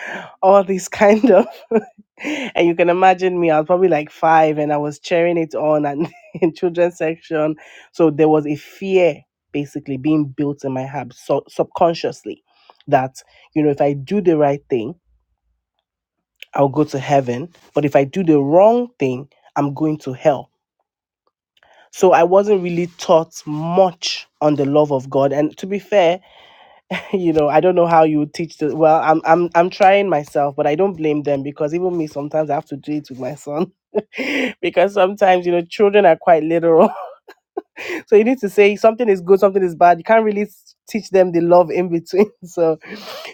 [SPEAKER 1] all this kind of and you can imagine me i was probably like five and i was cheering it on and in children's section so there was a fear basically being built in my heart so, subconsciously that you know if i do the right thing i'll go to heaven but if i do the wrong thing i'm going to hell so I wasn't really taught much on the love of God. And to be fair, you know, I don't know how you would teach the well, I'm I'm I'm trying myself, but I don't blame them because even me sometimes I have to do it with my son. because sometimes, you know, children are quite literal so you need to say something is good, something is bad. You can't really s- teach them the love in between. So,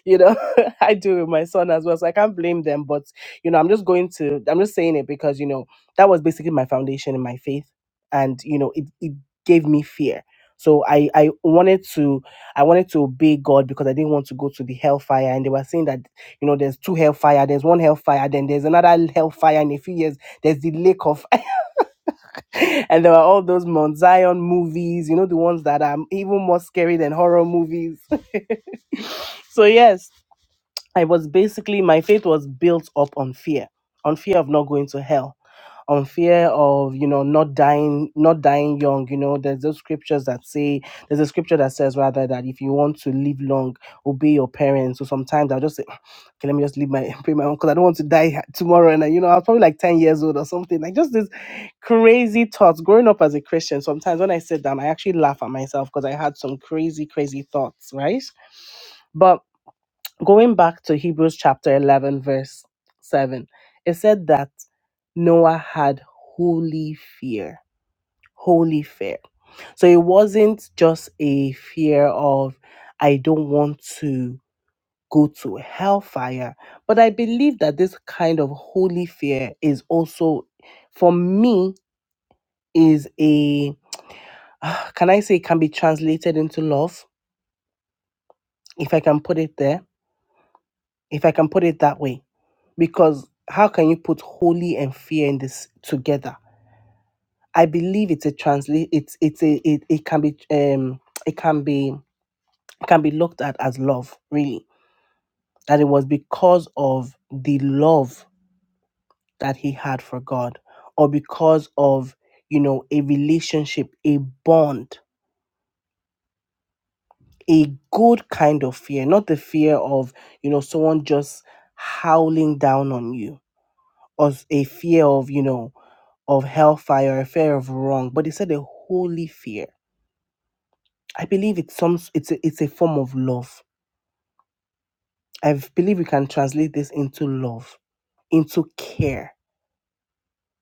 [SPEAKER 1] you know, I do with my son as well. So I can't blame them. But, you know, I'm just going to, I'm just saying it because, you know, that was basically my foundation in my faith. And, you know, it, it gave me fear. So I, I wanted to I wanted to obey God because I didn't want to go to the hellfire and they were saying that you know there's two hellfire there's one hellfire then there's another hellfire in a few years there's the lake of and there were all those Mount Zion movies, you know, the ones that are even more scary than horror movies. so yes, I was basically, my faith was built up on fear, on fear of not going to hell, on fear of, you know, not dying, not dying young. You know, there's those scriptures that say, there's a scripture that says rather that if you want to live long, obey your parents. So sometimes I'll just say, okay, let me just leave my, pay my own, because I don't want to die tomorrow. And, I- you know, I was probably like 10 years old or something, like just this crazy thoughts. Growing up as a Christian, sometimes when I sit down, I actually laugh at myself because I had some crazy, crazy thoughts, right? But Going back to Hebrews chapter 11, verse 7, it said that Noah had holy fear. Holy fear. So it wasn't just a fear of, I don't want to go to hellfire. But I believe that this kind of holy fear is also, for me, is a, can I say, it can be translated into love, if I can put it there, if I can put it that way because how can you put holy and fear in this together i believe it's a translate it's it's a it, it can be um it can be it can be looked at as love really that it was because of the love that he had for god or because of you know a relationship a bond a good kind of fear not the fear of you know someone just howling down on you or s- a fear of you know of hellfire, a fear of wrong, but they said a holy fear. I believe it's some it's a, it's a form of love. I believe we can translate this into love, into care,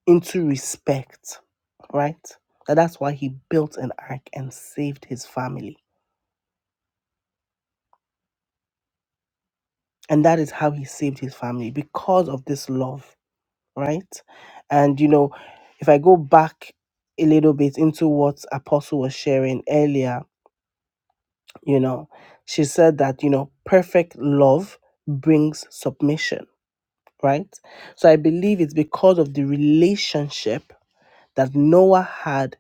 [SPEAKER 1] into respect, right? That that's why he built an ark and saved his family. And that is how he saved his family because of this love, right? And you know, if I go back a little bit into what Apostle was sharing earlier, you know she said that you know perfect love brings submission right so i believe it's because of the relationship that noah had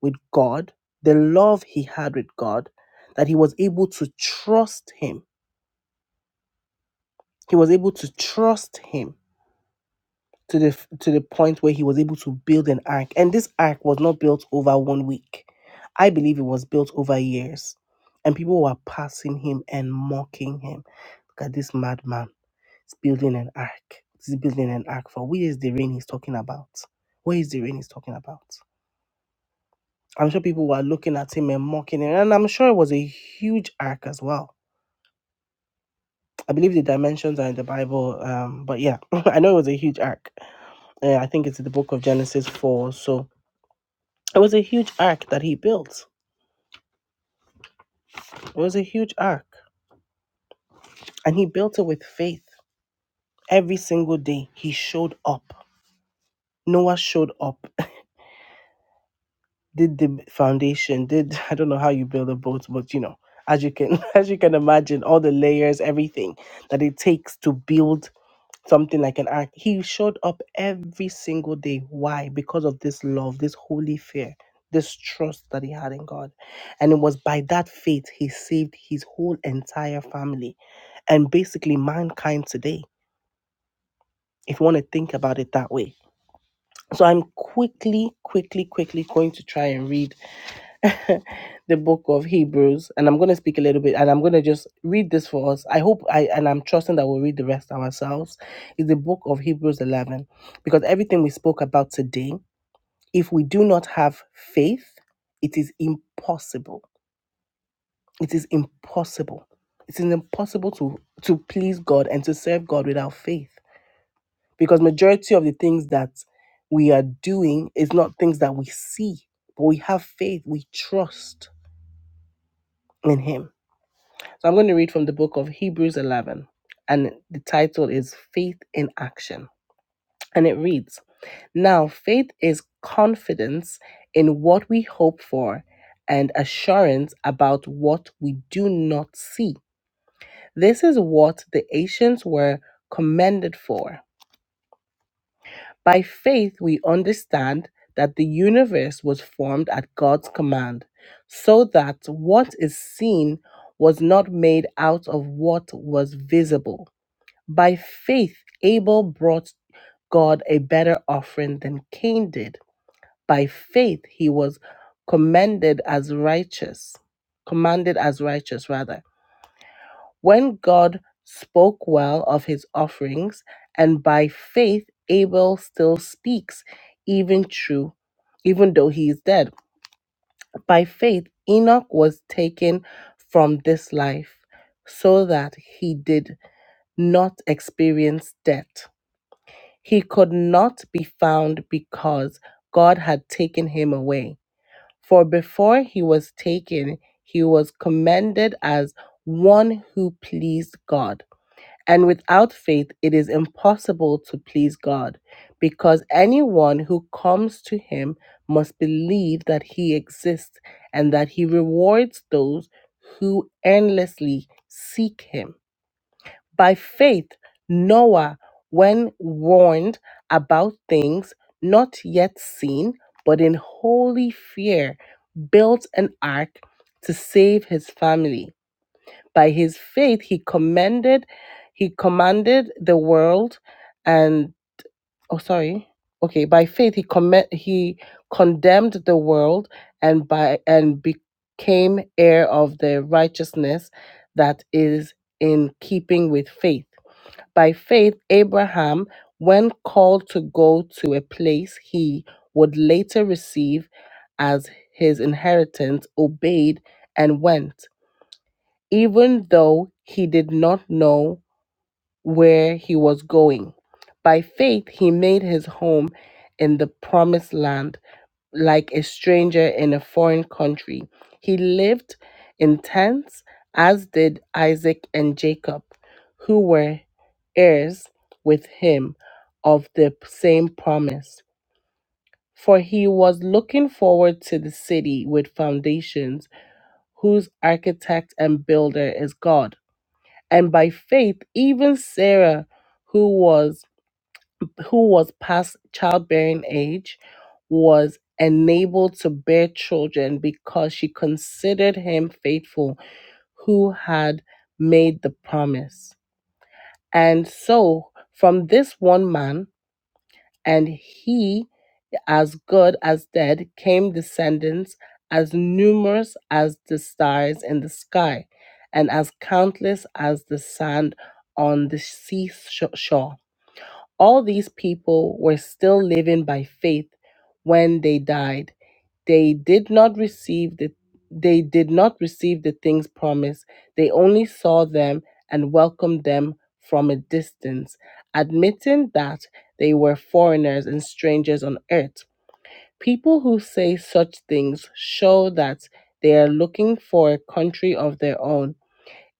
[SPEAKER 1] with god the love he had with god that he was able to trust him he was able to trust him to the to the point where he was able to build an ark and this ark was not built over one week i believe it was built over years and people were passing him and mocking him look at this madman It's building an ark. It's building an ark for where is the rain he's talking about? Where is the rain he's talking about? I'm sure people were looking at him and mocking him, and I'm sure it was a huge ark as well. I believe the dimensions are in the Bible, um, but yeah, I know it was a huge ark. Uh, I think it's in the book of Genesis 4. So it was a huge ark that he built. It was a huge ark, and he built it with faith. Every single day, he showed up. Noah showed up did the foundation did i don't know how you build a boat but you know as you can as you can imagine all the layers everything that it takes to build something like an ark he showed up every single day why because of this love this holy fear this trust that he had in god and it was by that faith he saved his whole entire family and basically mankind today if you want to think about it that way so i'm quickly quickly quickly going to try and read the book of Hebrews, and I'm going to speak a little bit, and I'm going to just read this for us. I hope I and I'm trusting that we'll read the rest ourselves. Is the book of Hebrews 11, because everything we spoke about today, if we do not have faith, it is impossible. It is impossible. It is impossible to to please God and to serve God without faith, because majority of the things that we are doing is not things that we see, but we have faith, we trust in Him. So I'm going to read from the book of Hebrews 11, and the title is Faith in Action. And it reads Now, faith is confidence in what we hope for and assurance about what we do not see. This is what the ancients were commended for. By faith, we understand that the universe was formed at God's command, so that what is seen was not made out of what was visible. By faith, Abel brought God a better offering than Cain did. By faith, he was commended as righteous, commanded as righteous, rather. When God spoke well of his offerings, and by faith, Abel still speaks, even true, even though he is dead. By faith, Enoch was taken from this life so that he did not experience death. He could not be found because God had taken him away. For before he was taken, he was commended as one who pleased God. And without faith, it is impossible to please God, because anyone who comes to him must believe that he exists and that he rewards those who endlessly seek him. By faith, Noah, when warned about things not yet seen, but in holy fear, built an ark to save his family. By his faith, he commended, he commanded the world, and oh, sorry, okay. By faith, he comm- he condemned the world, and by and became heir of the righteousness that is in keeping with faith by faith, Abraham, when called to go to a place he would later receive as his inheritance, obeyed and went, even though he did not know where he was going. By faith, he made his home in the promised land like a stranger in a foreign country. He lived in tents, as did Isaac and Jacob, who were heirs with him of the same promise. For he was looking forward to the city with foundations, whose architect and builder is God. And by faith, even Sarah, who was who was past childbearing age was enabled to bear children because she considered him faithful who had made the promise. And so from this one man, and he as good as dead, came descendants as numerous as the stars in the sky and as countless as the sand on the seashore. All these people were still living by faith when they died. They did not receive the they did not receive the things promised. They only saw them and welcomed them from a distance, admitting that they were foreigners and strangers on earth. People who say such things show that they are looking for a country of their own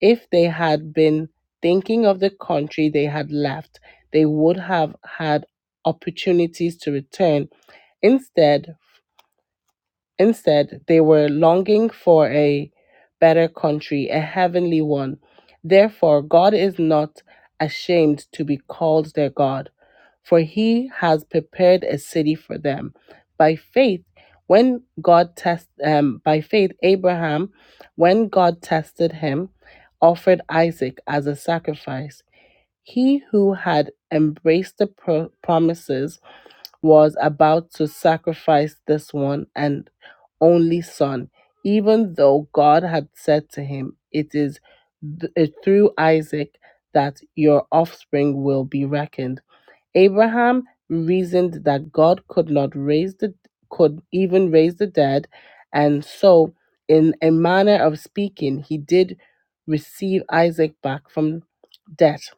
[SPEAKER 1] if they had been thinking of the country they had left, they would have had opportunities to return. Instead, Instead, they were longing for a better country, a heavenly one. Therefore, God is not ashamed to be called their God, for he has prepared a city for them. By faith, when God test um, by faith Abraham, when God tested him, offered Isaac as a sacrifice. He who had embraced the pro- promises was about to sacrifice this one and only son, even though God had said to him, It is th- uh, through Isaac that your offspring will be reckoned. Abraham reasoned that God could not raise the could even raise the dead, and so, in a manner of speaking, he did receive Isaac back from death.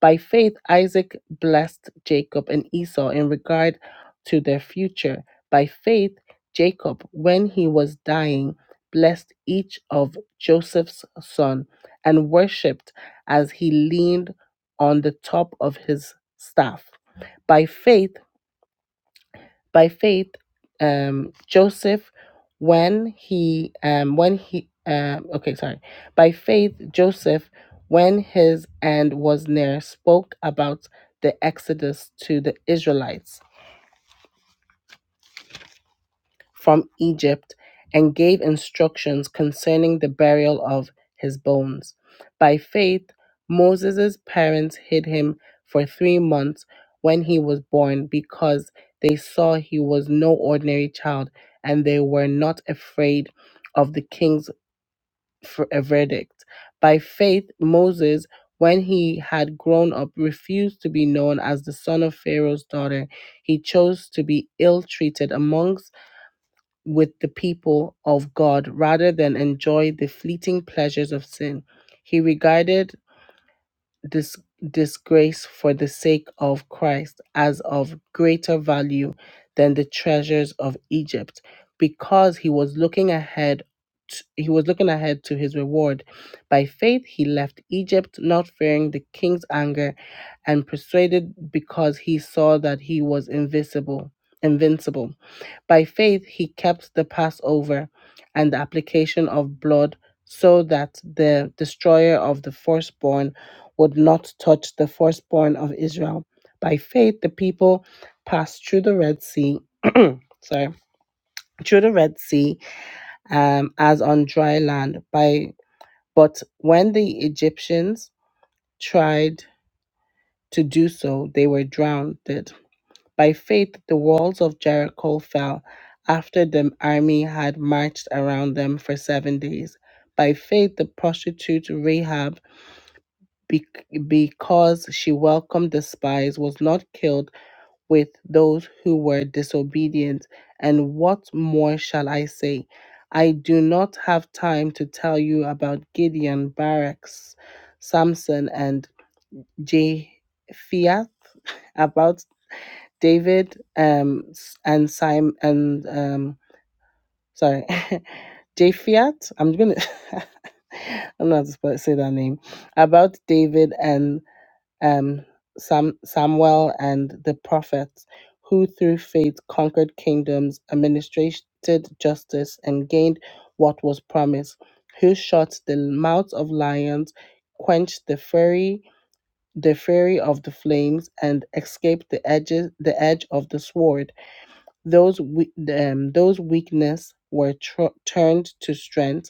[SPEAKER 1] By faith, Isaac blessed Jacob and Esau in regard to their future. By faith, Jacob, when he was dying, blessed each of Joseph's sons and worshipped as he leaned on the top of his staff by faith by faith um joseph when he um when he um okay sorry by faith joseph when his end was near spoke about the exodus to the israelites from Egypt and gave instructions concerning the burial of his bones. By faith, Moses' parents hid him for three months when he was born because they saw he was no ordinary child and they were not afraid of the king's f- uh, verdict. By faith, Moses, when he had grown up, refused to be known as the son of Pharaoh's daughter. He chose to be ill treated amongst with the people of God rather than enjoy the fleeting pleasures of sin. He regarded this disgrace for the sake of Christ as of greater value than the treasures of Egypt because he was looking ahead t- he was looking ahead to his reward. By faith he left Egypt not fearing the king's anger and persuaded because he saw that he was invisible invincible. By faith, he kept the Passover and the application of blood so that the destroyer of the firstborn would not touch the firstborn of Israel. By faith, the people passed through the Red Sea. sorry through the red sea um, as on dry land by but when the egyptians tried to do so they were drowned By faith, the walls of Jericho fell after the army had marched around them for seven days. By faith, the prostitute Rahab, be- because she welcomed the spies, was not killed with those who were disobedient. And what more shall I say? I do not have time to tell you about Gideon, Barak, Samson, and Jephthah, About David um s- and Simon and um sorry Japhiat. I'm gonna I'm not supposed to say that name. About David and um Sam Samuel and the prophets who through faith conquered kingdoms, administrated justice and gained what was promised, who shut the mouths of lions, quenched the fury the fury of the flames and escaped the edges the edge of the sword those we, um, those weakness were tr- turned to strength,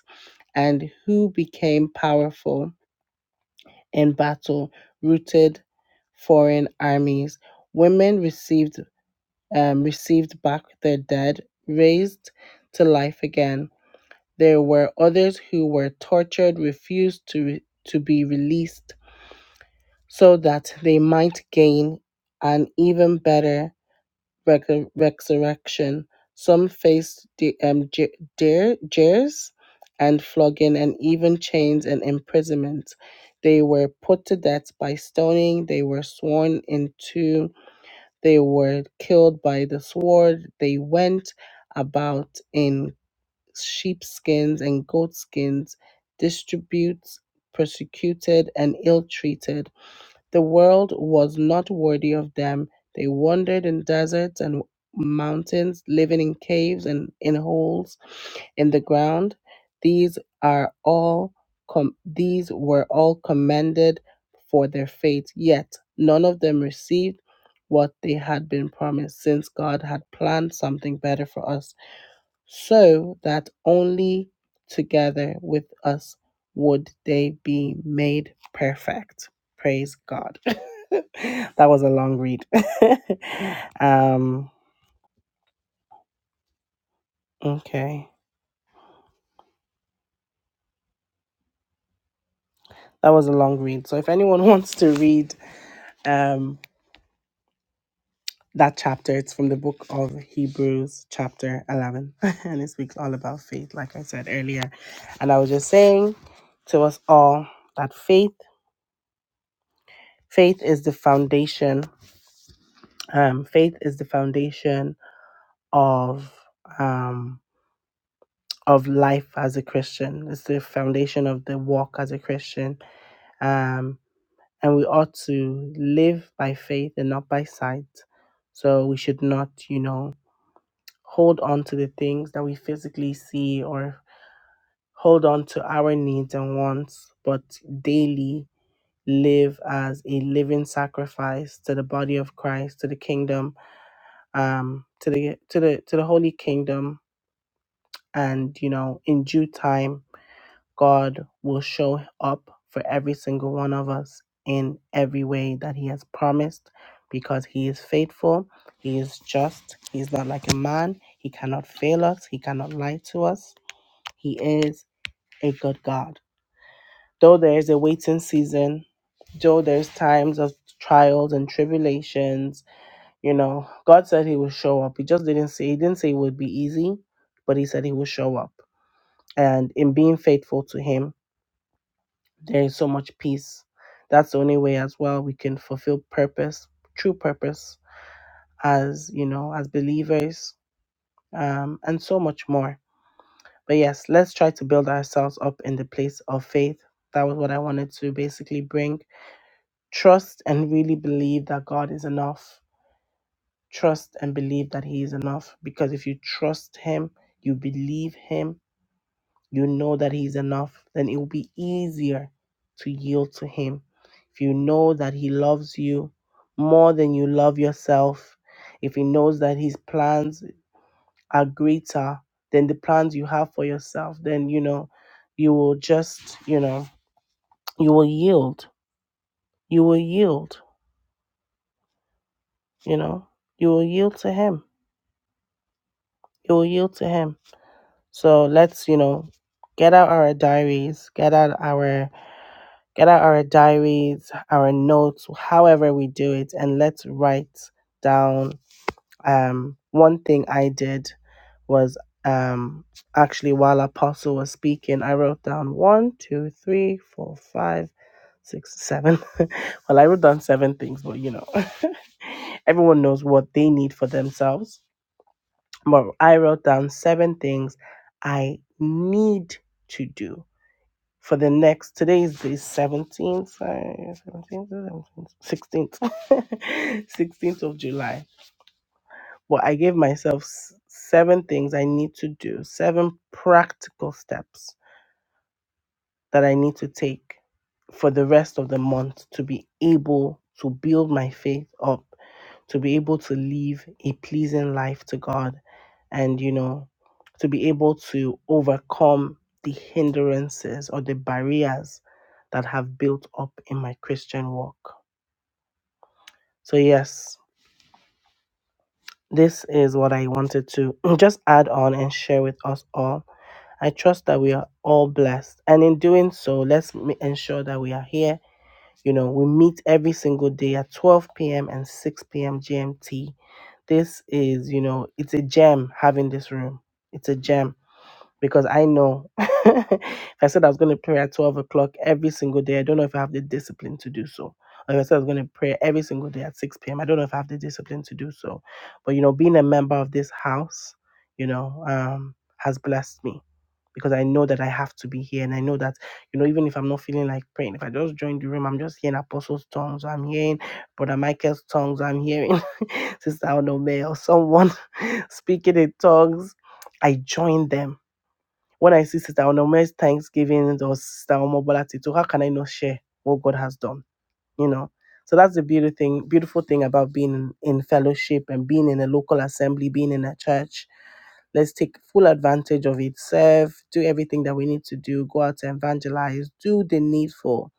[SPEAKER 1] and who became powerful in battle, routed foreign armies. Women received um, received back their dead, raised to life again. There were others who were tortured, refused to re- to be released, so that they might gain an even better recur- resurrection. Some faced the, um, j- dare, jeers and flogging and even chains and imprisonment. They were put to death by stoning, they were sworn into, they were killed by the sword, they went about in sheepskins and goatskins, distributes, persecuted, and ill treated the world was not worthy of them. They wandered in deserts and mountains, living in caves and in holes in the ground. These are all com- these were all commended for their faith, yet none of them received what they had been promised since God had planned something better for us so that only together with us would they be made perfect. Praise God. that was a long read. um, okay. That was a long read. So if anyone wants to read um, that chapter, it's from the book of Hebrews, chapter 11. and it speaks all about faith, like I said earlier. And I was just saying to us all that faith faith is the foundation Um, faith is the foundation of um, of life as a Christian. It's the foundation of the walk as a Christian, um, and we ought to live by faith and not by sight. So we should not, you know, hold on to the things that we physically see or hold on to our needs and wants, but daily live as a living sacrifice to the body of Christ, to the kingdom, um, to the to the to the holy kingdom And, you know, in due time, God will show up for every single one of us in every way that He has promised because He is faithful, He is just, He is not like a man, He cannot fail us, He cannot lie to us. He is a good God. Though there is a waiting season, though there's times of trials and tribulations, you know, God said He will show up. He just didn't say, He didn't say it would be easy, but He said He will show up and in being faithful to him there is so much peace that's the only way as well we can fulfill purpose true purpose as you know as believers um, and so much more but yes let's try to build ourselves up in the place of faith that was what i wanted to basically bring trust and really believe that god is enough trust and believe that he is enough because if you trust him you believe him you know that He's enough, then it will be easier to yield to Him. If you know that He loves you more than you love yourself, if He knows that His plans are greater than the plans you have for yourself, then you know, you will just, you know, you will yield. You will yield, you know, you will yield to Him. You will yield to Him. So let's, you know, get out our diaries, get out our get out our diaries, our notes, however we do it, and let's write down. Um, one thing I did was um, actually while Apostle was speaking, I wrote down one, two, three, four, five, six, seven. well, I wrote down seven things, but you know, everyone knows what they need for themselves. But I wrote down seven things I need to do for the next today is the 17th sorry, 17th, 17th 16th 16th of july well i gave myself s- seven things i need to do seven practical steps that i need to take for the rest of the month to be able to build my faith up to be able to live a pleasing life to God and, you know, to be able to overcome the hindrances or the barriers that have built up in my Christian walk. So, yes, this is what I wanted to just add on and share with us all. I trust that we are all blessed. And in doing so, let's m- ensure that we are here. You know, we meet every single day at 12 p.m. and 6 p.m. GMT this is, you know, it's a gem having this room. It's a gem because I know if I said I was going to pray at 12 o'clock every single day, I don't know if I have the discipline to do so. Or if I said I was going to pray every single day at 6 p.m., I don't know if I have the discipline to do so. But, you know, being a member of this house, you know, um, has blessed me because I know that I have to be here. And I know that, you know, even if I'm not feeling like praying, if I just join the room, I'm just hearing apostles' tongues, I'm hearing Brother Michael's tongues, I'm hearing Sister Onome or someone speaking in tongues. I join them. When I see Sister Onome's Thanksgiving or Sister Omobola Tito, how can I not share what God has done? you know so that's the beauty thing beautiful thing about being in, in fellowship and being in a local assembly being in a church let's take full advantage of it serve do everything that we need to do go out and evangelize do the needful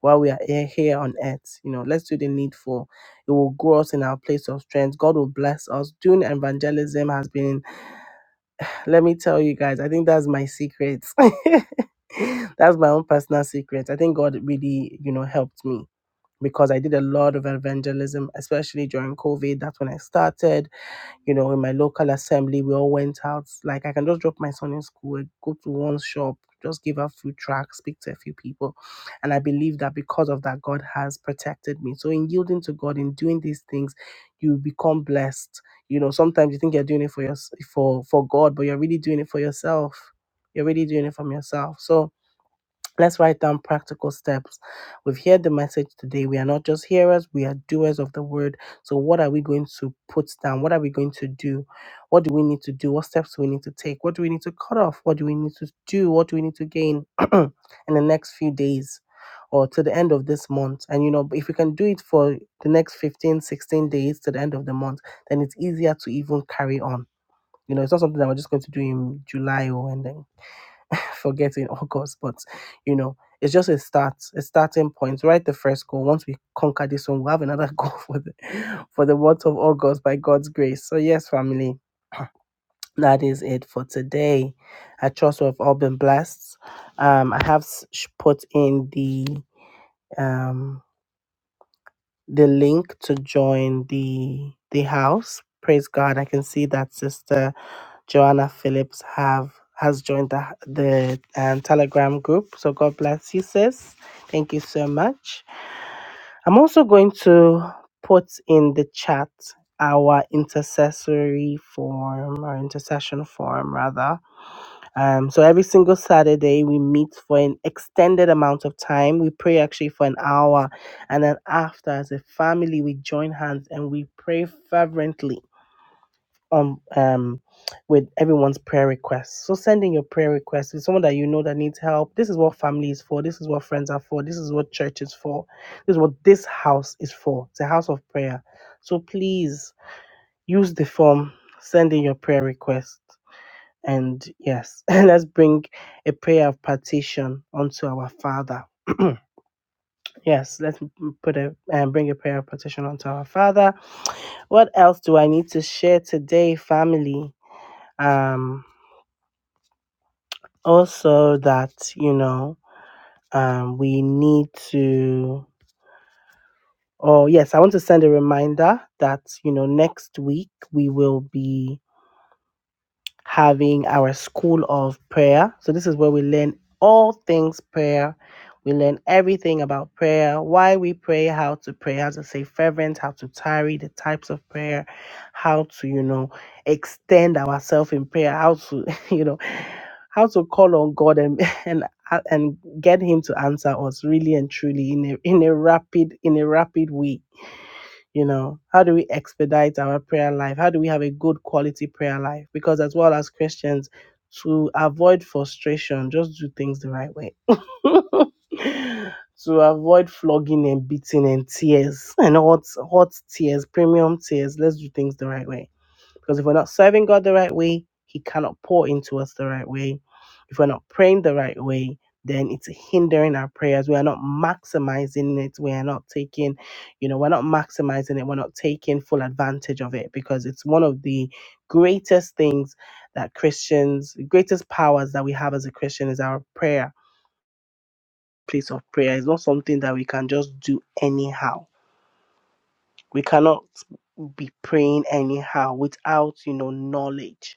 [SPEAKER 1] while we are here, here on earth you know let's do the needful it will grow us in our place of strength god will bless us doing evangelism has been let me tell you guys i think that's my secret that's my own personal secret i think god really you know helped me because I did a lot of evangelism, especially during COVID. That's when I started. You know, in my local assembly, we all went out. Like I can just drop my son in school, go to one shop, just give out food tracks, speak to a few people. And I believe that because of that, God has protected me. So in yielding to God, in doing these things, you become blessed. You know, sometimes you think you're doing it for your for for God, but you're really doing it for yourself. You're really doing it from yourself. So Let's write down practical steps. We've heard the message today. We are not just hearers, we are doers of the word. So, what are we going to put down? What are we going to do? What do we need to do? What steps do we need to take? What do we need to cut off? What do we need to do? What do we need to gain in the next few days or to the end of this month? And, you know, if we can do it for the next 15, 16 days to the end of the month, then it's easier to even carry on. You know, it's not something that we're just going to do in July or and then. forgetting August, but you know, it's just a start, a starting point. Write the first goal. Once we conquer this one, we'll have another goal for the for the month of August by God's grace. So yes, family, that is it for today. I trust we've all been blessed. Um, I have s- sh- put in the um the link to join the the house. Praise God. I can see that sister Joanna Phillips have has joined the the um, Telegram group. So God bless you, sis. Thank you so much. I'm also going to put in the chat our intercessory form or intercession form rather. Um, so every single Saturday we meet for an extended amount of time. We pray actually for an hour, and then after, as a family, we join hands and we pray fervently um um with everyone's prayer requests. So sending your prayer requests to someone that you know that needs help. This is what family is for. This is what friends are for. This is what church is for. This is what this house is for. It's a house of prayer. So please use the form, send in your prayer request. And yes, let's bring a prayer of petition unto our Father. yes, let's m- put a and bring a prayer of petition unto our Father. What else do I need to share today, family? Um, Also that, you know, um, we need to, oh, yes, I want to send a reminder that, you know, next week we will be having our school of prayer. So, this is where we learn all things prayer. We learn everything about prayer, why we pray, how to pray, how to stay fervent, how to tarry, the types of prayer, how to, you know, extend ourselves in prayer, how to, you know, how to call on God and and and get Him to answer us really and truly in a in a rapid in a rapid way you know, how do we expedite our prayer life? How do we have a good quality prayer life? Because, as well as Christians, to avoid frustration, just do things the right way. to avoid flogging and beating and tears and hot, hot tears, premium tears, let's do things the right way because if we're not serving God the right way, He cannot pour into us the right way. If we're not praying the right way, then it's hindering our prayers. We are not maximizing it. We are not taking, you know, we're not maximizing it. We're not taking full advantage of it because it's one of the greatest things that Christians, greatest powers that we have as a Christian is our prayer, place of prayer. It's not something that we can just do anyhow. We cannot be praying anyhow without, you know, knowledge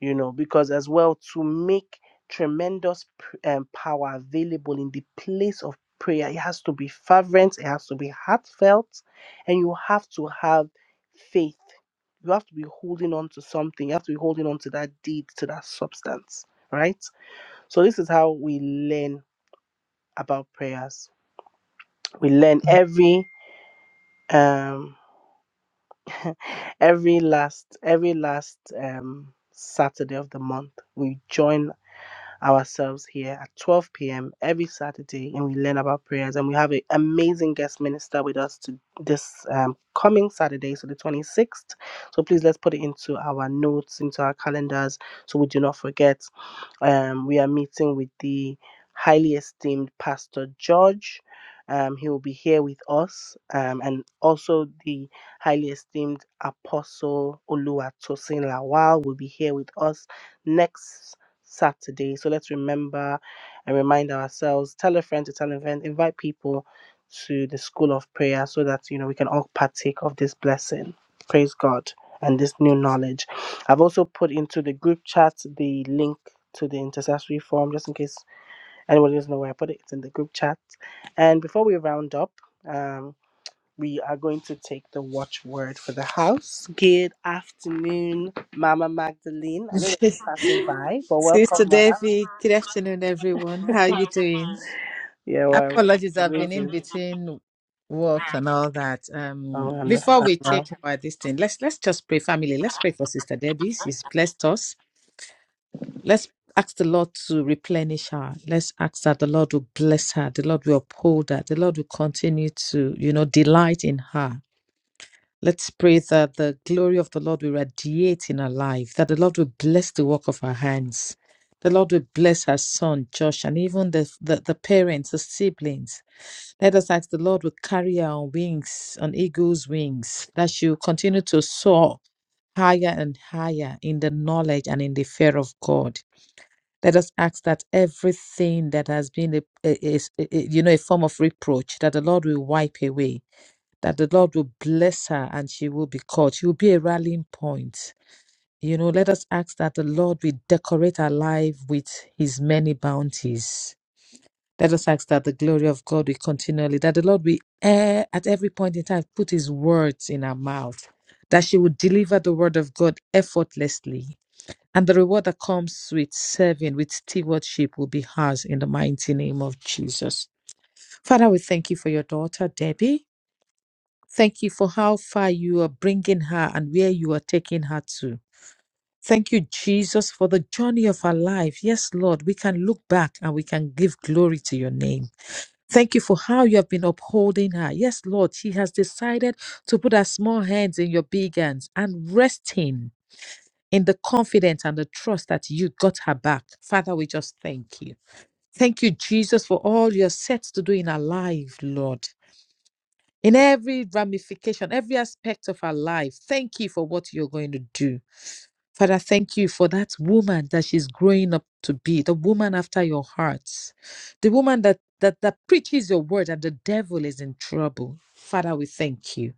[SPEAKER 1] you know because as well to make tremendous p- um, power available in the place of prayer it has to be fervent it has to be heartfelt and you have to have faith you have to be holding on to something you have to be holding on to that deed to that substance right so this is how we learn about prayers we learn Mhm. every um every last every last um saturday of the month we join ourselves here at 12 p.m. every Saturday and we learn about prayers. And we have an amazing guest minister with us to this um, coming Saturday, so the 26th. So please let's put it into our notes, into our calendars, so we do not forget. Um, we are meeting with the highly esteemed Pastor George. Um, he will be here with us, um, and also the highly esteemed Apostle Oluwatosin Lawal will be here with us next Saturday. So let's remember and remind ourselves. Tell a friend to tell a friend. Invite people to the school of prayer so that you know we can all partake of this blessing. Praise God and this new knowledge. I've also put into the group chat the link to the intercessory form, just in case anybody doesn't know where I put it. It's in the group chat. And before we round up, um, we are going to take the watchword for the house. Good afternoon, Mama Magdalene. I know you're just passing by, but
[SPEAKER 4] Sister
[SPEAKER 1] welcome, Ma.
[SPEAKER 4] Devi, good afternoon, everyone. How are you doing?
[SPEAKER 1] Yeah, well,
[SPEAKER 4] Apologies, I've been in
[SPEAKER 1] amazing.
[SPEAKER 4] between work and all that. Um,
[SPEAKER 1] Oh, I
[SPEAKER 4] before
[SPEAKER 1] understand
[SPEAKER 4] we
[SPEAKER 1] now.
[SPEAKER 4] take our this thing, let's let's just pray, family. Let's pray for Sister Debbie. She's blessed us. Let's ask the Lord to replenish her. Let's ask that the Lord will bless her. The Lord will uphold her. The Lord will continue to, you know, delight in her Let's pray that the glory of the Lord will radiate in our life, that the Lord will bless the work of our hands. The Lord will bless our son, Josh, and even the, the, the parents, the siblings. Let us ask the Lord will carry her on wings, on eagle's wings, that she will continue to soar higher and higher in the knowledge and in the fear of God. Let us ask that everything that has been a, a, a- a- you know, a form of reproach, that the Lord will wipe away that the Lord will bless her and she will be called. She will be a rallying point. You know, let us ask that the Lord will decorate our life with his many bounties. Let us ask that the glory of God will continually, that the Lord will eh, at every point in time put his words in her mouth, that she will deliver the word of God effortlessly. And the reward that comes with serving, with stewardship, will be hers in the mighty name of Jesus. Father, we thank you for your daughter, Debbie. Thank you for how far you are bringing her and where you are taking her to. Thank you, Jesus, for the journey of her life. Yes, Lord, we can look back and we can give glory to your name. Thank you for how you have been upholding her. Yes, Lord, she has decided to put her small hands in your big hands and resting in the confidence and the trust that you got her back. Father, we just thank you. Thank you, Jesus, for all you're set to do in our life, Lord in every ramification, every aspect of our life. Thank you for what you're going to do. Father, thank you for that woman that she's growing up to be, the woman after your heart, the woman that, that, that preaches your word and the devil is in trouble. Father, we thank you.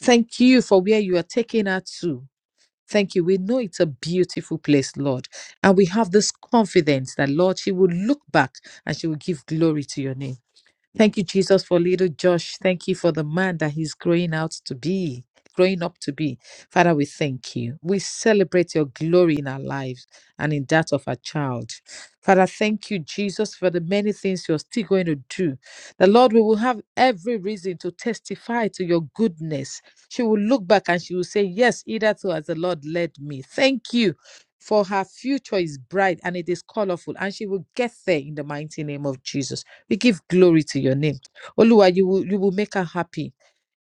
[SPEAKER 4] Thank you for where you are taking her to. Thank you. We know it's a beautiful place, Lord. And we have this confidence that, Lord, she will look back and she will give glory to your name. Thank you, Jesus, for little Josh. Thank you for the man that he's growing out to be, growing up to be. Father, we thank you. We celebrate your glory in our lives and in that of our child. Father, thank you, Jesus, for the many things you're still going to do. The Lord, we will have every reason to testify to your goodness. She will look back and she will say, Yes, either so as the Lord led me. Thank you. For her future is bright and it is colorful, and she will get there in the mighty name of Jesus. We give glory to your name. Oluwa, you will, you will make her happy.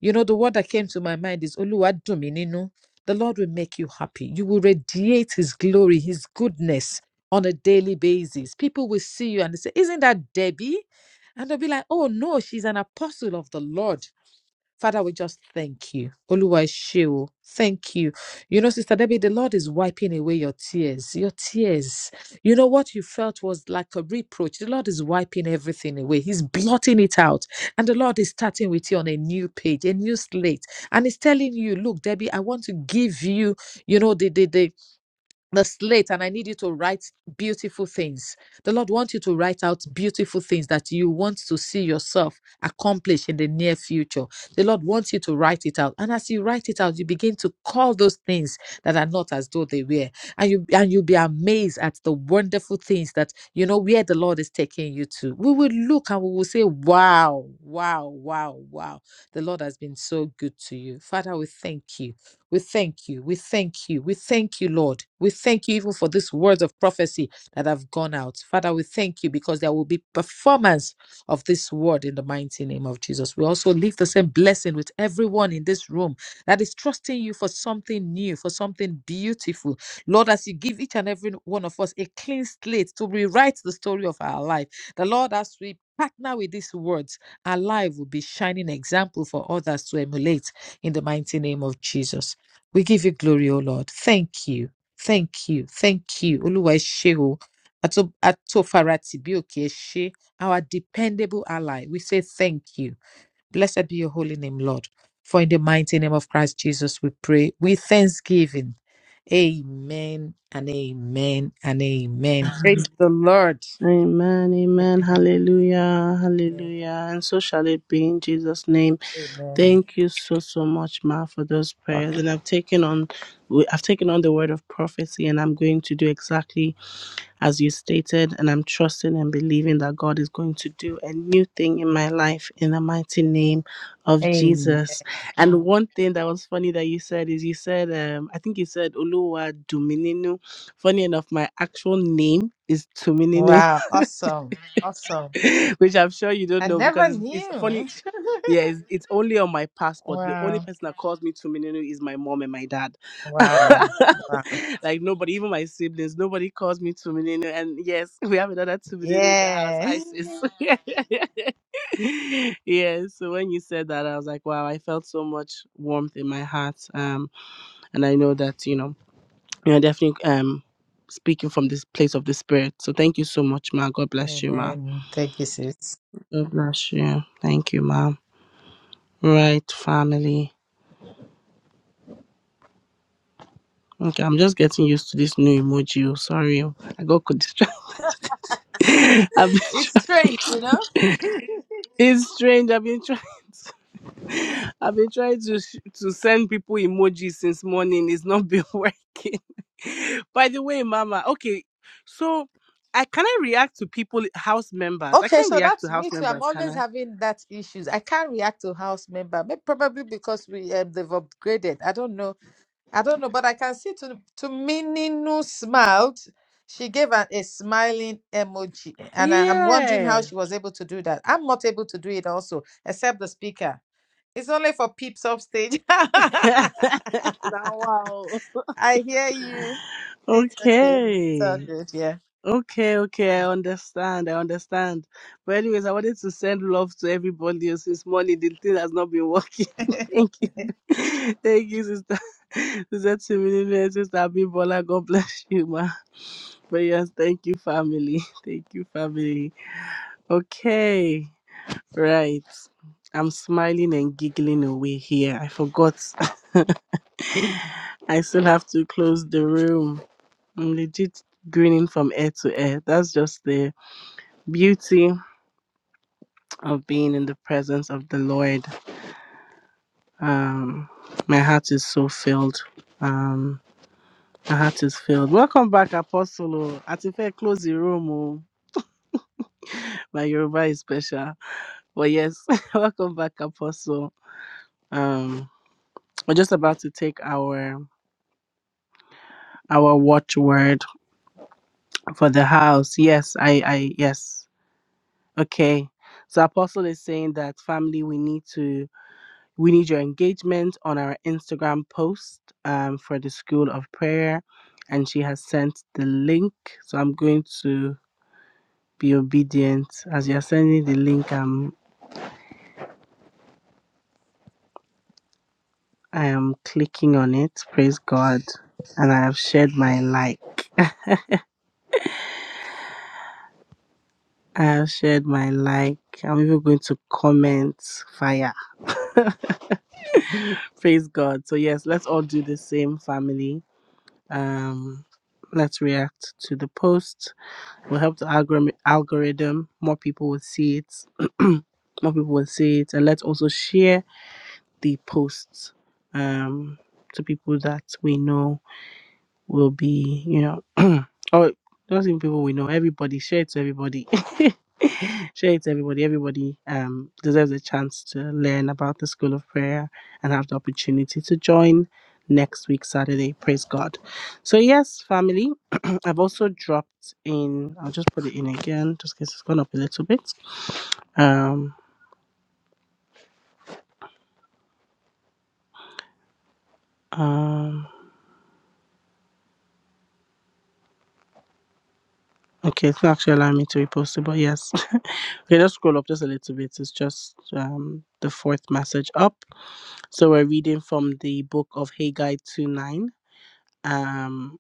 [SPEAKER 4] You know, the word that came to my mind is Oluwa Dominino. The Lord will make you happy. You will radiate his glory, his goodness on a daily basis. People will see you and they say, Isn't that Debbie? And they'll be like, Oh no, she's an apostle of the Lord. Father, we just thank you. Oluwa Sheo, thank you. You know, Sister Debbie, the Lord is wiping away your tears. Your tears. You know what you felt was like a reproach. The Lord is wiping everything away. He's blotting it out. And the Lord is starting with you on a new page, a new slate. And He's telling you, look, Debbie, I want to give you, you know, the the, the the slate and I need you to write beautiful things. The Lord wants you to write out beautiful things that you want to see yourself accomplish in the near future. The Lord wants you to write it out. And as you write it out, you begin to call those things that are not as though they were. And you and you'll be amazed at the wonderful things that you know where the Lord is taking you to. We will look and we will say, Wow, wow, wow, wow. The Lord has been so good to you. Father, we thank you. We thank you. We thank you. We thank you, Lord. We thank you even for these words of prophecy that have gone out. Father, we thank you because there will be performance of this word in the mighty name of Jesus. We also leave the same blessing with everyone in this room that is trusting you for something new, for something beautiful. Lord, as you give each and every one of us a clean slate to rewrite the story of our life, the Lord, as we partner with these words, our life will be shining example for others to emulate in the mighty name of Jesus. We give you glory, O Lord. Thank you. Thank you. Thank you. Oluwa eshe o. Ato atofarati bi oke eshe. Our dependable ally. We say thank you. Blessed be your holy name, Lord. For in the mighty name of Christ Jesus we pray with thanksgiving. Amen and amen and amen. Praise the Lord.
[SPEAKER 1] Amen, amen,
[SPEAKER 4] Amen.
[SPEAKER 1] hallelujah, hallelujah. And so shall it be in Jesus' name.
[SPEAKER 4] Amen.
[SPEAKER 1] Thank you so so much, Ma, for those prayers. And I've taken on, I've taken on the word of prophecy, and I'm going to do exactly as you stated. And I'm trusting and believing that God is going to do a new thing in my life in the mighty name of
[SPEAKER 4] Amen.
[SPEAKER 1] Jesus. And one thing that was funny that you said is you said, um, I think you said Oluwa Dumininu. Funny enough, my actual name is Tumininu,
[SPEAKER 4] Wow, awesome. Awesome.
[SPEAKER 1] which I'm sure you don't
[SPEAKER 4] I
[SPEAKER 1] know
[SPEAKER 4] never
[SPEAKER 1] because it's, it's funny.
[SPEAKER 4] knew.
[SPEAKER 1] Yeah, it's, it's only on my passport. The only
[SPEAKER 4] wow.
[SPEAKER 1] person that calls me Tumininu is my mom and my dad.
[SPEAKER 4] Wow. Wow.
[SPEAKER 1] like nobody, even my siblings, nobody calls me Tumininu. And yes, we have another Tumininu in the house,
[SPEAKER 4] Yeah.
[SPEAKER 1] Isis. yeah, so when you said that, I was like, wow, I felt so much warmth in my heart. Um, and I know that, you know, you're definitely um speaking from this place of the spirit. So thank you so much, Ma. God bless you, Ma.
[SPEAKER 4] Amen. Thank you, sis.
[SPEAKER 1] God bless you. Thank you, Ma. Right, family. Okay, I'm just getting used to this new emoji. oh, Sorry, oh, I got co- distracted. I've been
[SPEAKER 4] It's strange, you know?
[SPEAKER 1] trying. It's strange. I've been trying. To, I've been trying to sh- to send people emojis since morning. It's not been working. By the way, Mama. Okay, so I can I react to people house members? I
[SPEAKER 4] Okay,
[SPEAKER 1] can't
[SPEAKER 4] so
[SPEAKER 1] react to
[SPEAKER 4] that's
[SPEAKER 1] house
[SPEAKER 4] me too. I'm
[SPEAKER 1] members, can
[SPEAKER 4] always
[SPEAKER 1] I?
[SPEAKER 4] having that issues. I can't react to house member, may- probably because we um, they've upgraded. I don't know. I don't know, but I can see to to Mininu smiled. She gave an, a smiling emoji, and I, I'm wondering
[SPEAKER 1] Yeah.
[SPEAKER 4] how she was able to do that. I'm not able to do it also, except the speaker. It's only for peeps off stage.
[SPEAKER 1] now wow.
[SPEAKER 4] I hear you. It's okay. It's
[SPEAKER 1] Okay.
[SPEAKER 4] all good. Yeah.
[SPEAKER 1] Okay, okay, I understand. I understand. But anyways, I wanted to send love to everybody else since morning. The thing has not been working. Thank you. Thank you, sister. Sister Timini, sister Abibola, God bless you, ma. But yes, thank you, family. Thank you, family. Okay. Right. I'm smiling and giggling away here. I forgot. I still have to close the room. I'm legit grinning from ear to ear. That's just the beauty of being in the presence of the Lord. Um, my heart is so filled. Um, my heart is filled. Welcome back, Apostle. oh. Àti fẹ́ close the room. oh. My Yoruba is special. But yes, welcome back, Apostle. Um, we're just about to take our our watchword for the house. Yes, I, I, yes. Okay. So Apostle is saying that family, we need to We need your engagement on our Instagram post um, for the School of Prayer. And she has sent the link. So I'm going to be obedient. As you're sending the link, I'm, I am clicking on it. Praise God. And I have shared my like. I have shared my like. I'm even going to comment fire. Praise God. So yes, let's all do the same family. Um let's react to the post will help the algorithm algorithm more people will see it more people will see it and let's also share the posts um to people that we know will be, you know, Oh, not even people we know, everybody, share it to everybody. share it to everybody. Everybody um, deserves a chance to learn about the School of Prayer and have the opportunity to join next week, Saturday. Praise God. So, yes, family, I've also dropped in, I'll just put it in again just in case it's gone up a little bit. Um. Um, Okay, it's not actually allowing me to repost it, but yes. okay, let's scroll up just a little bit. It's just um, the fourth message up. So we're reading from the book of Haggai 2 9, um,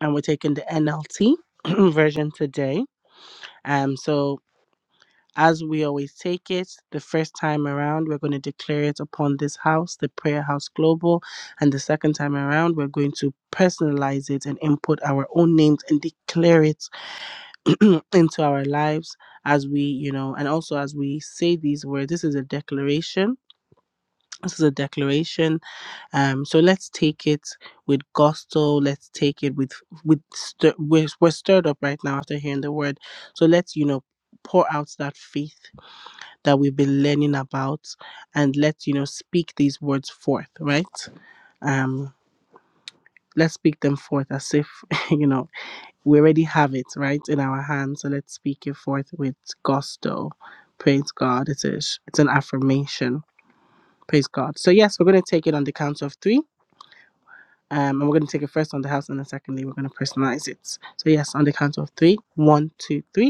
[SPEAKER 1] and we're taking the NLT version today. Um, so, as we always take it, the first time around, we're going to declare it upon this house, the Prayer House Global. And the second time around, we're going to personalize it and input our own names and declare it into our lives as we, you know, and also as we say these words. This is a declaration. This is a declaration. Um, so let's take it with gusto. Let's take it with with stir, we're, we're stirred up right now after hearing the word. So let's, you know, pour out that faith that we've been learning about, and let's, you know, speak these words forth. Right. Um, let's speak them forth as if, you know. we already have it right in our hands so let's speak it forth with gusto praise god it's it's an affirmation praise god so yes we're going to take it on the count of three um, and we're going to take it first on the house and then secondly we're going to personalize it so yes on the count of three one two three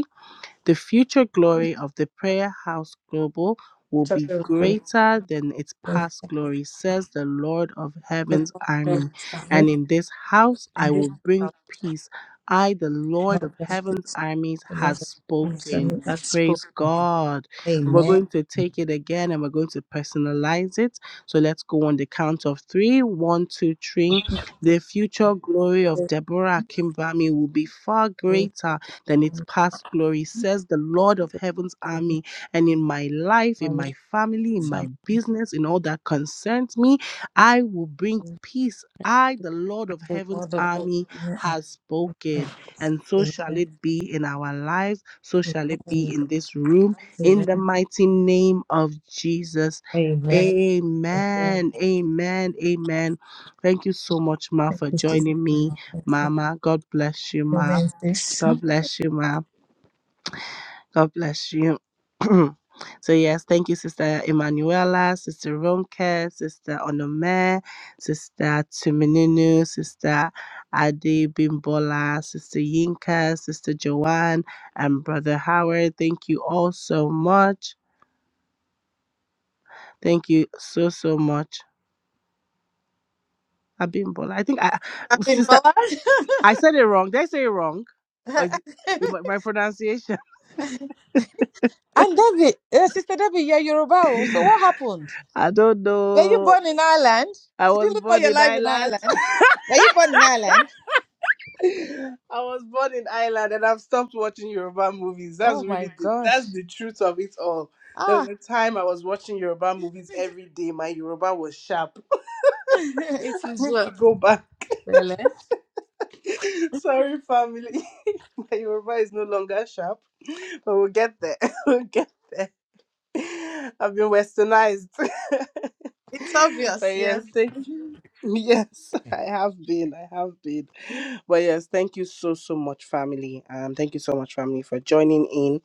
[SPEAKER 1] the future glory of the Prayer House Global will be
[SPEAKER 4] chapter of prayer,
[SPEAKER 1] greater than its
[SPEAKER 4] When
[SPEAKER 1] past glory, says the Lord of
[SPEAKER 4] the
[SPEAKER 1] Heaven's army.
[SPEAKER 4] prophets are not,
[SPEAKER 1] And in this house I
[SPEAKER 4] and this
[SPEAKER 1] will bring
[SPEAKER 4] are
[SPEAKER 1] peace. I, the
[SPEAKER 4] not
[SPEAKER 1] Lord of
[SPEAKER 4] the peace
[SPEAKER 1] Heaven's armies,
[SPEAKER 4] of God.
[SPEAKER 1] has
[SPEAKER 4] And some
[SPEAKER 1] spoken.
[SPEAKER 4] that spoke
[SPEAKER 1] Praise God. We're going to take it again and we're going to personalize it. So let's go on the count of three. One, two, three. The future glory of Deborah Kimbami will be far
[SPEAKER 4] with
[SPEAKER 1] greater than its past glory, says the Lord of heaven's army. And in my life,
[SPEAKER 4] my
[SPEAKER 1] in my
[SPEAKER 4] life
[SPEAKER 1] family, in my
[SPEAKER 4] and
[SPEAKER 1] business, in all that concerns me, I will bring peace. I, the Lord of
[SPEAKER 4] the
[SPEAKER 1] heaven's
[SPEAKER 4] God of hope.
[SPEAKER 1] army,
[SPEAKER 4] Amen.
[SPEAKER 1] has spoken. And so shall
[SPEAKER 4] Amen.
[SPEAKER 1] it be in our lives. So shall it be in this room. In the
[SPEAKER 4] Amen.
[SPEAKER 1] mighty name of Jesus.
[SPEAKER 4] Amen. Amen.
[SPEAKER 1] Amen. Amen. Amen. Thank you so much, Ma,
[SPEAKER 4] Thank
[SPEAKER 1] for
[SPEAKER 4] you,
[SPEAKER 1] joining
[SPEAKER 4] sister.
[SPEAKER 1] me.
[SPEAKER 4] Thank you.
[SPEAKER 1] Mama, God bless you, Ma.
[SPEAKER 4] Amen, sis.
[SPEAKER 1] God bless you, ma'am. God bless you. so, yes, thank you, Sister Emanuela, Sister Ronke, Sister Onome, Sister Tumininu, Sister Adi Bimbola, Sister Yinka, Sister Joanne, and Brother Howard. Thank you all so much. Thank you so, so much. Abimbola. I think I,
[SPEAKER 4] Happy
[SPEAKER 1] Sister,
[SPEAKER 4] Mola.
[SPEAKER 1] I said it wrong. Did I say it wrong? Or is it my my pronunciation?
[SPEAKER 4] and Debbie, uh, Sister Debbie, you're Yoruba. oh. So what happened?
[SPEAKER 1] I don't
[SPEAKER 4] Were you
[SPEAKER 1] know.
[SPEAKER 4] born in Ireland?
[SPEAKER 1] I
[SPEAKER 4] Did
[SPEAKER 1] was
[SPEAKER 4] you live all
[SPEAKER 1] born
[SPEAKER 4] your
[SPEAKER 1] in
[SPEAKER 4] life in
[SPEAKER 1] Ireland.
[SPEAKER 4] Ireland? Were you born in Ireland?
[SPEAKER 1] I was born in Ireland and I've stopped watching Yoruba movies.
[SPEAKER 4] Oh
[SPEAKER 1] That's
[SPEAKER 4] my
[SPEAKER 1] really the,
[SPEAKER 4] gosh.
[SPEAKER 1] that's the truth of it all. There was
[SPEAKER 4] Ah,
[SPEAKER 1] a time I was watching Yoruba movies every day. My Yoruba was sharp.
[SPEAKER 4] it
[SPEAKER 1] I
[SPEAKER 4] is
[SPEAKER 1] need to
[SPEAKER 4] well.
[SPEAKER 1] go back.
[SPEAKER 4] Well, eh?
[SPEAKER 1] Sorry, family. My Yoruba is no longer sharp, but we'll get there. We'll get there. I've been westernized.
[SPEAKER 4] It's
[SPEAKER 1] but
[SPEAKER 4] obvious,
[SPEAKER 1] yes,
[SPEAKER 4] yes.
[SPEAKER 1] thank Yes, I have been. I have been. But yes, thank you so so much, family. Um, thank you so much, family, for joining in.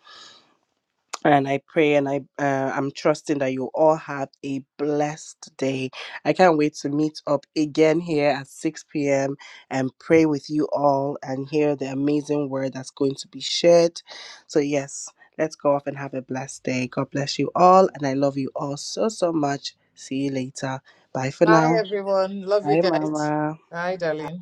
[SPEAKER 1] And I pray and I uh, I'm trusting that you all have a blessed day. I can't wait to meet up again here at 6 p.m. and pray with you all and hear the amazing word that's going to be shared. So yes, let's go off and have a blessed day. God bless you all, and I love you all so so much. See you later. Bye for
[SPEAKER 4] Bye,
[SPEAKER 1] now.
[SPEAKER 4] everyone. Love you
[SPEAKER 1] Bye,
[SPEAKER 4] guys.
[SPEAKER 1] Mama.
[SPEAKER 4] Bye, darling.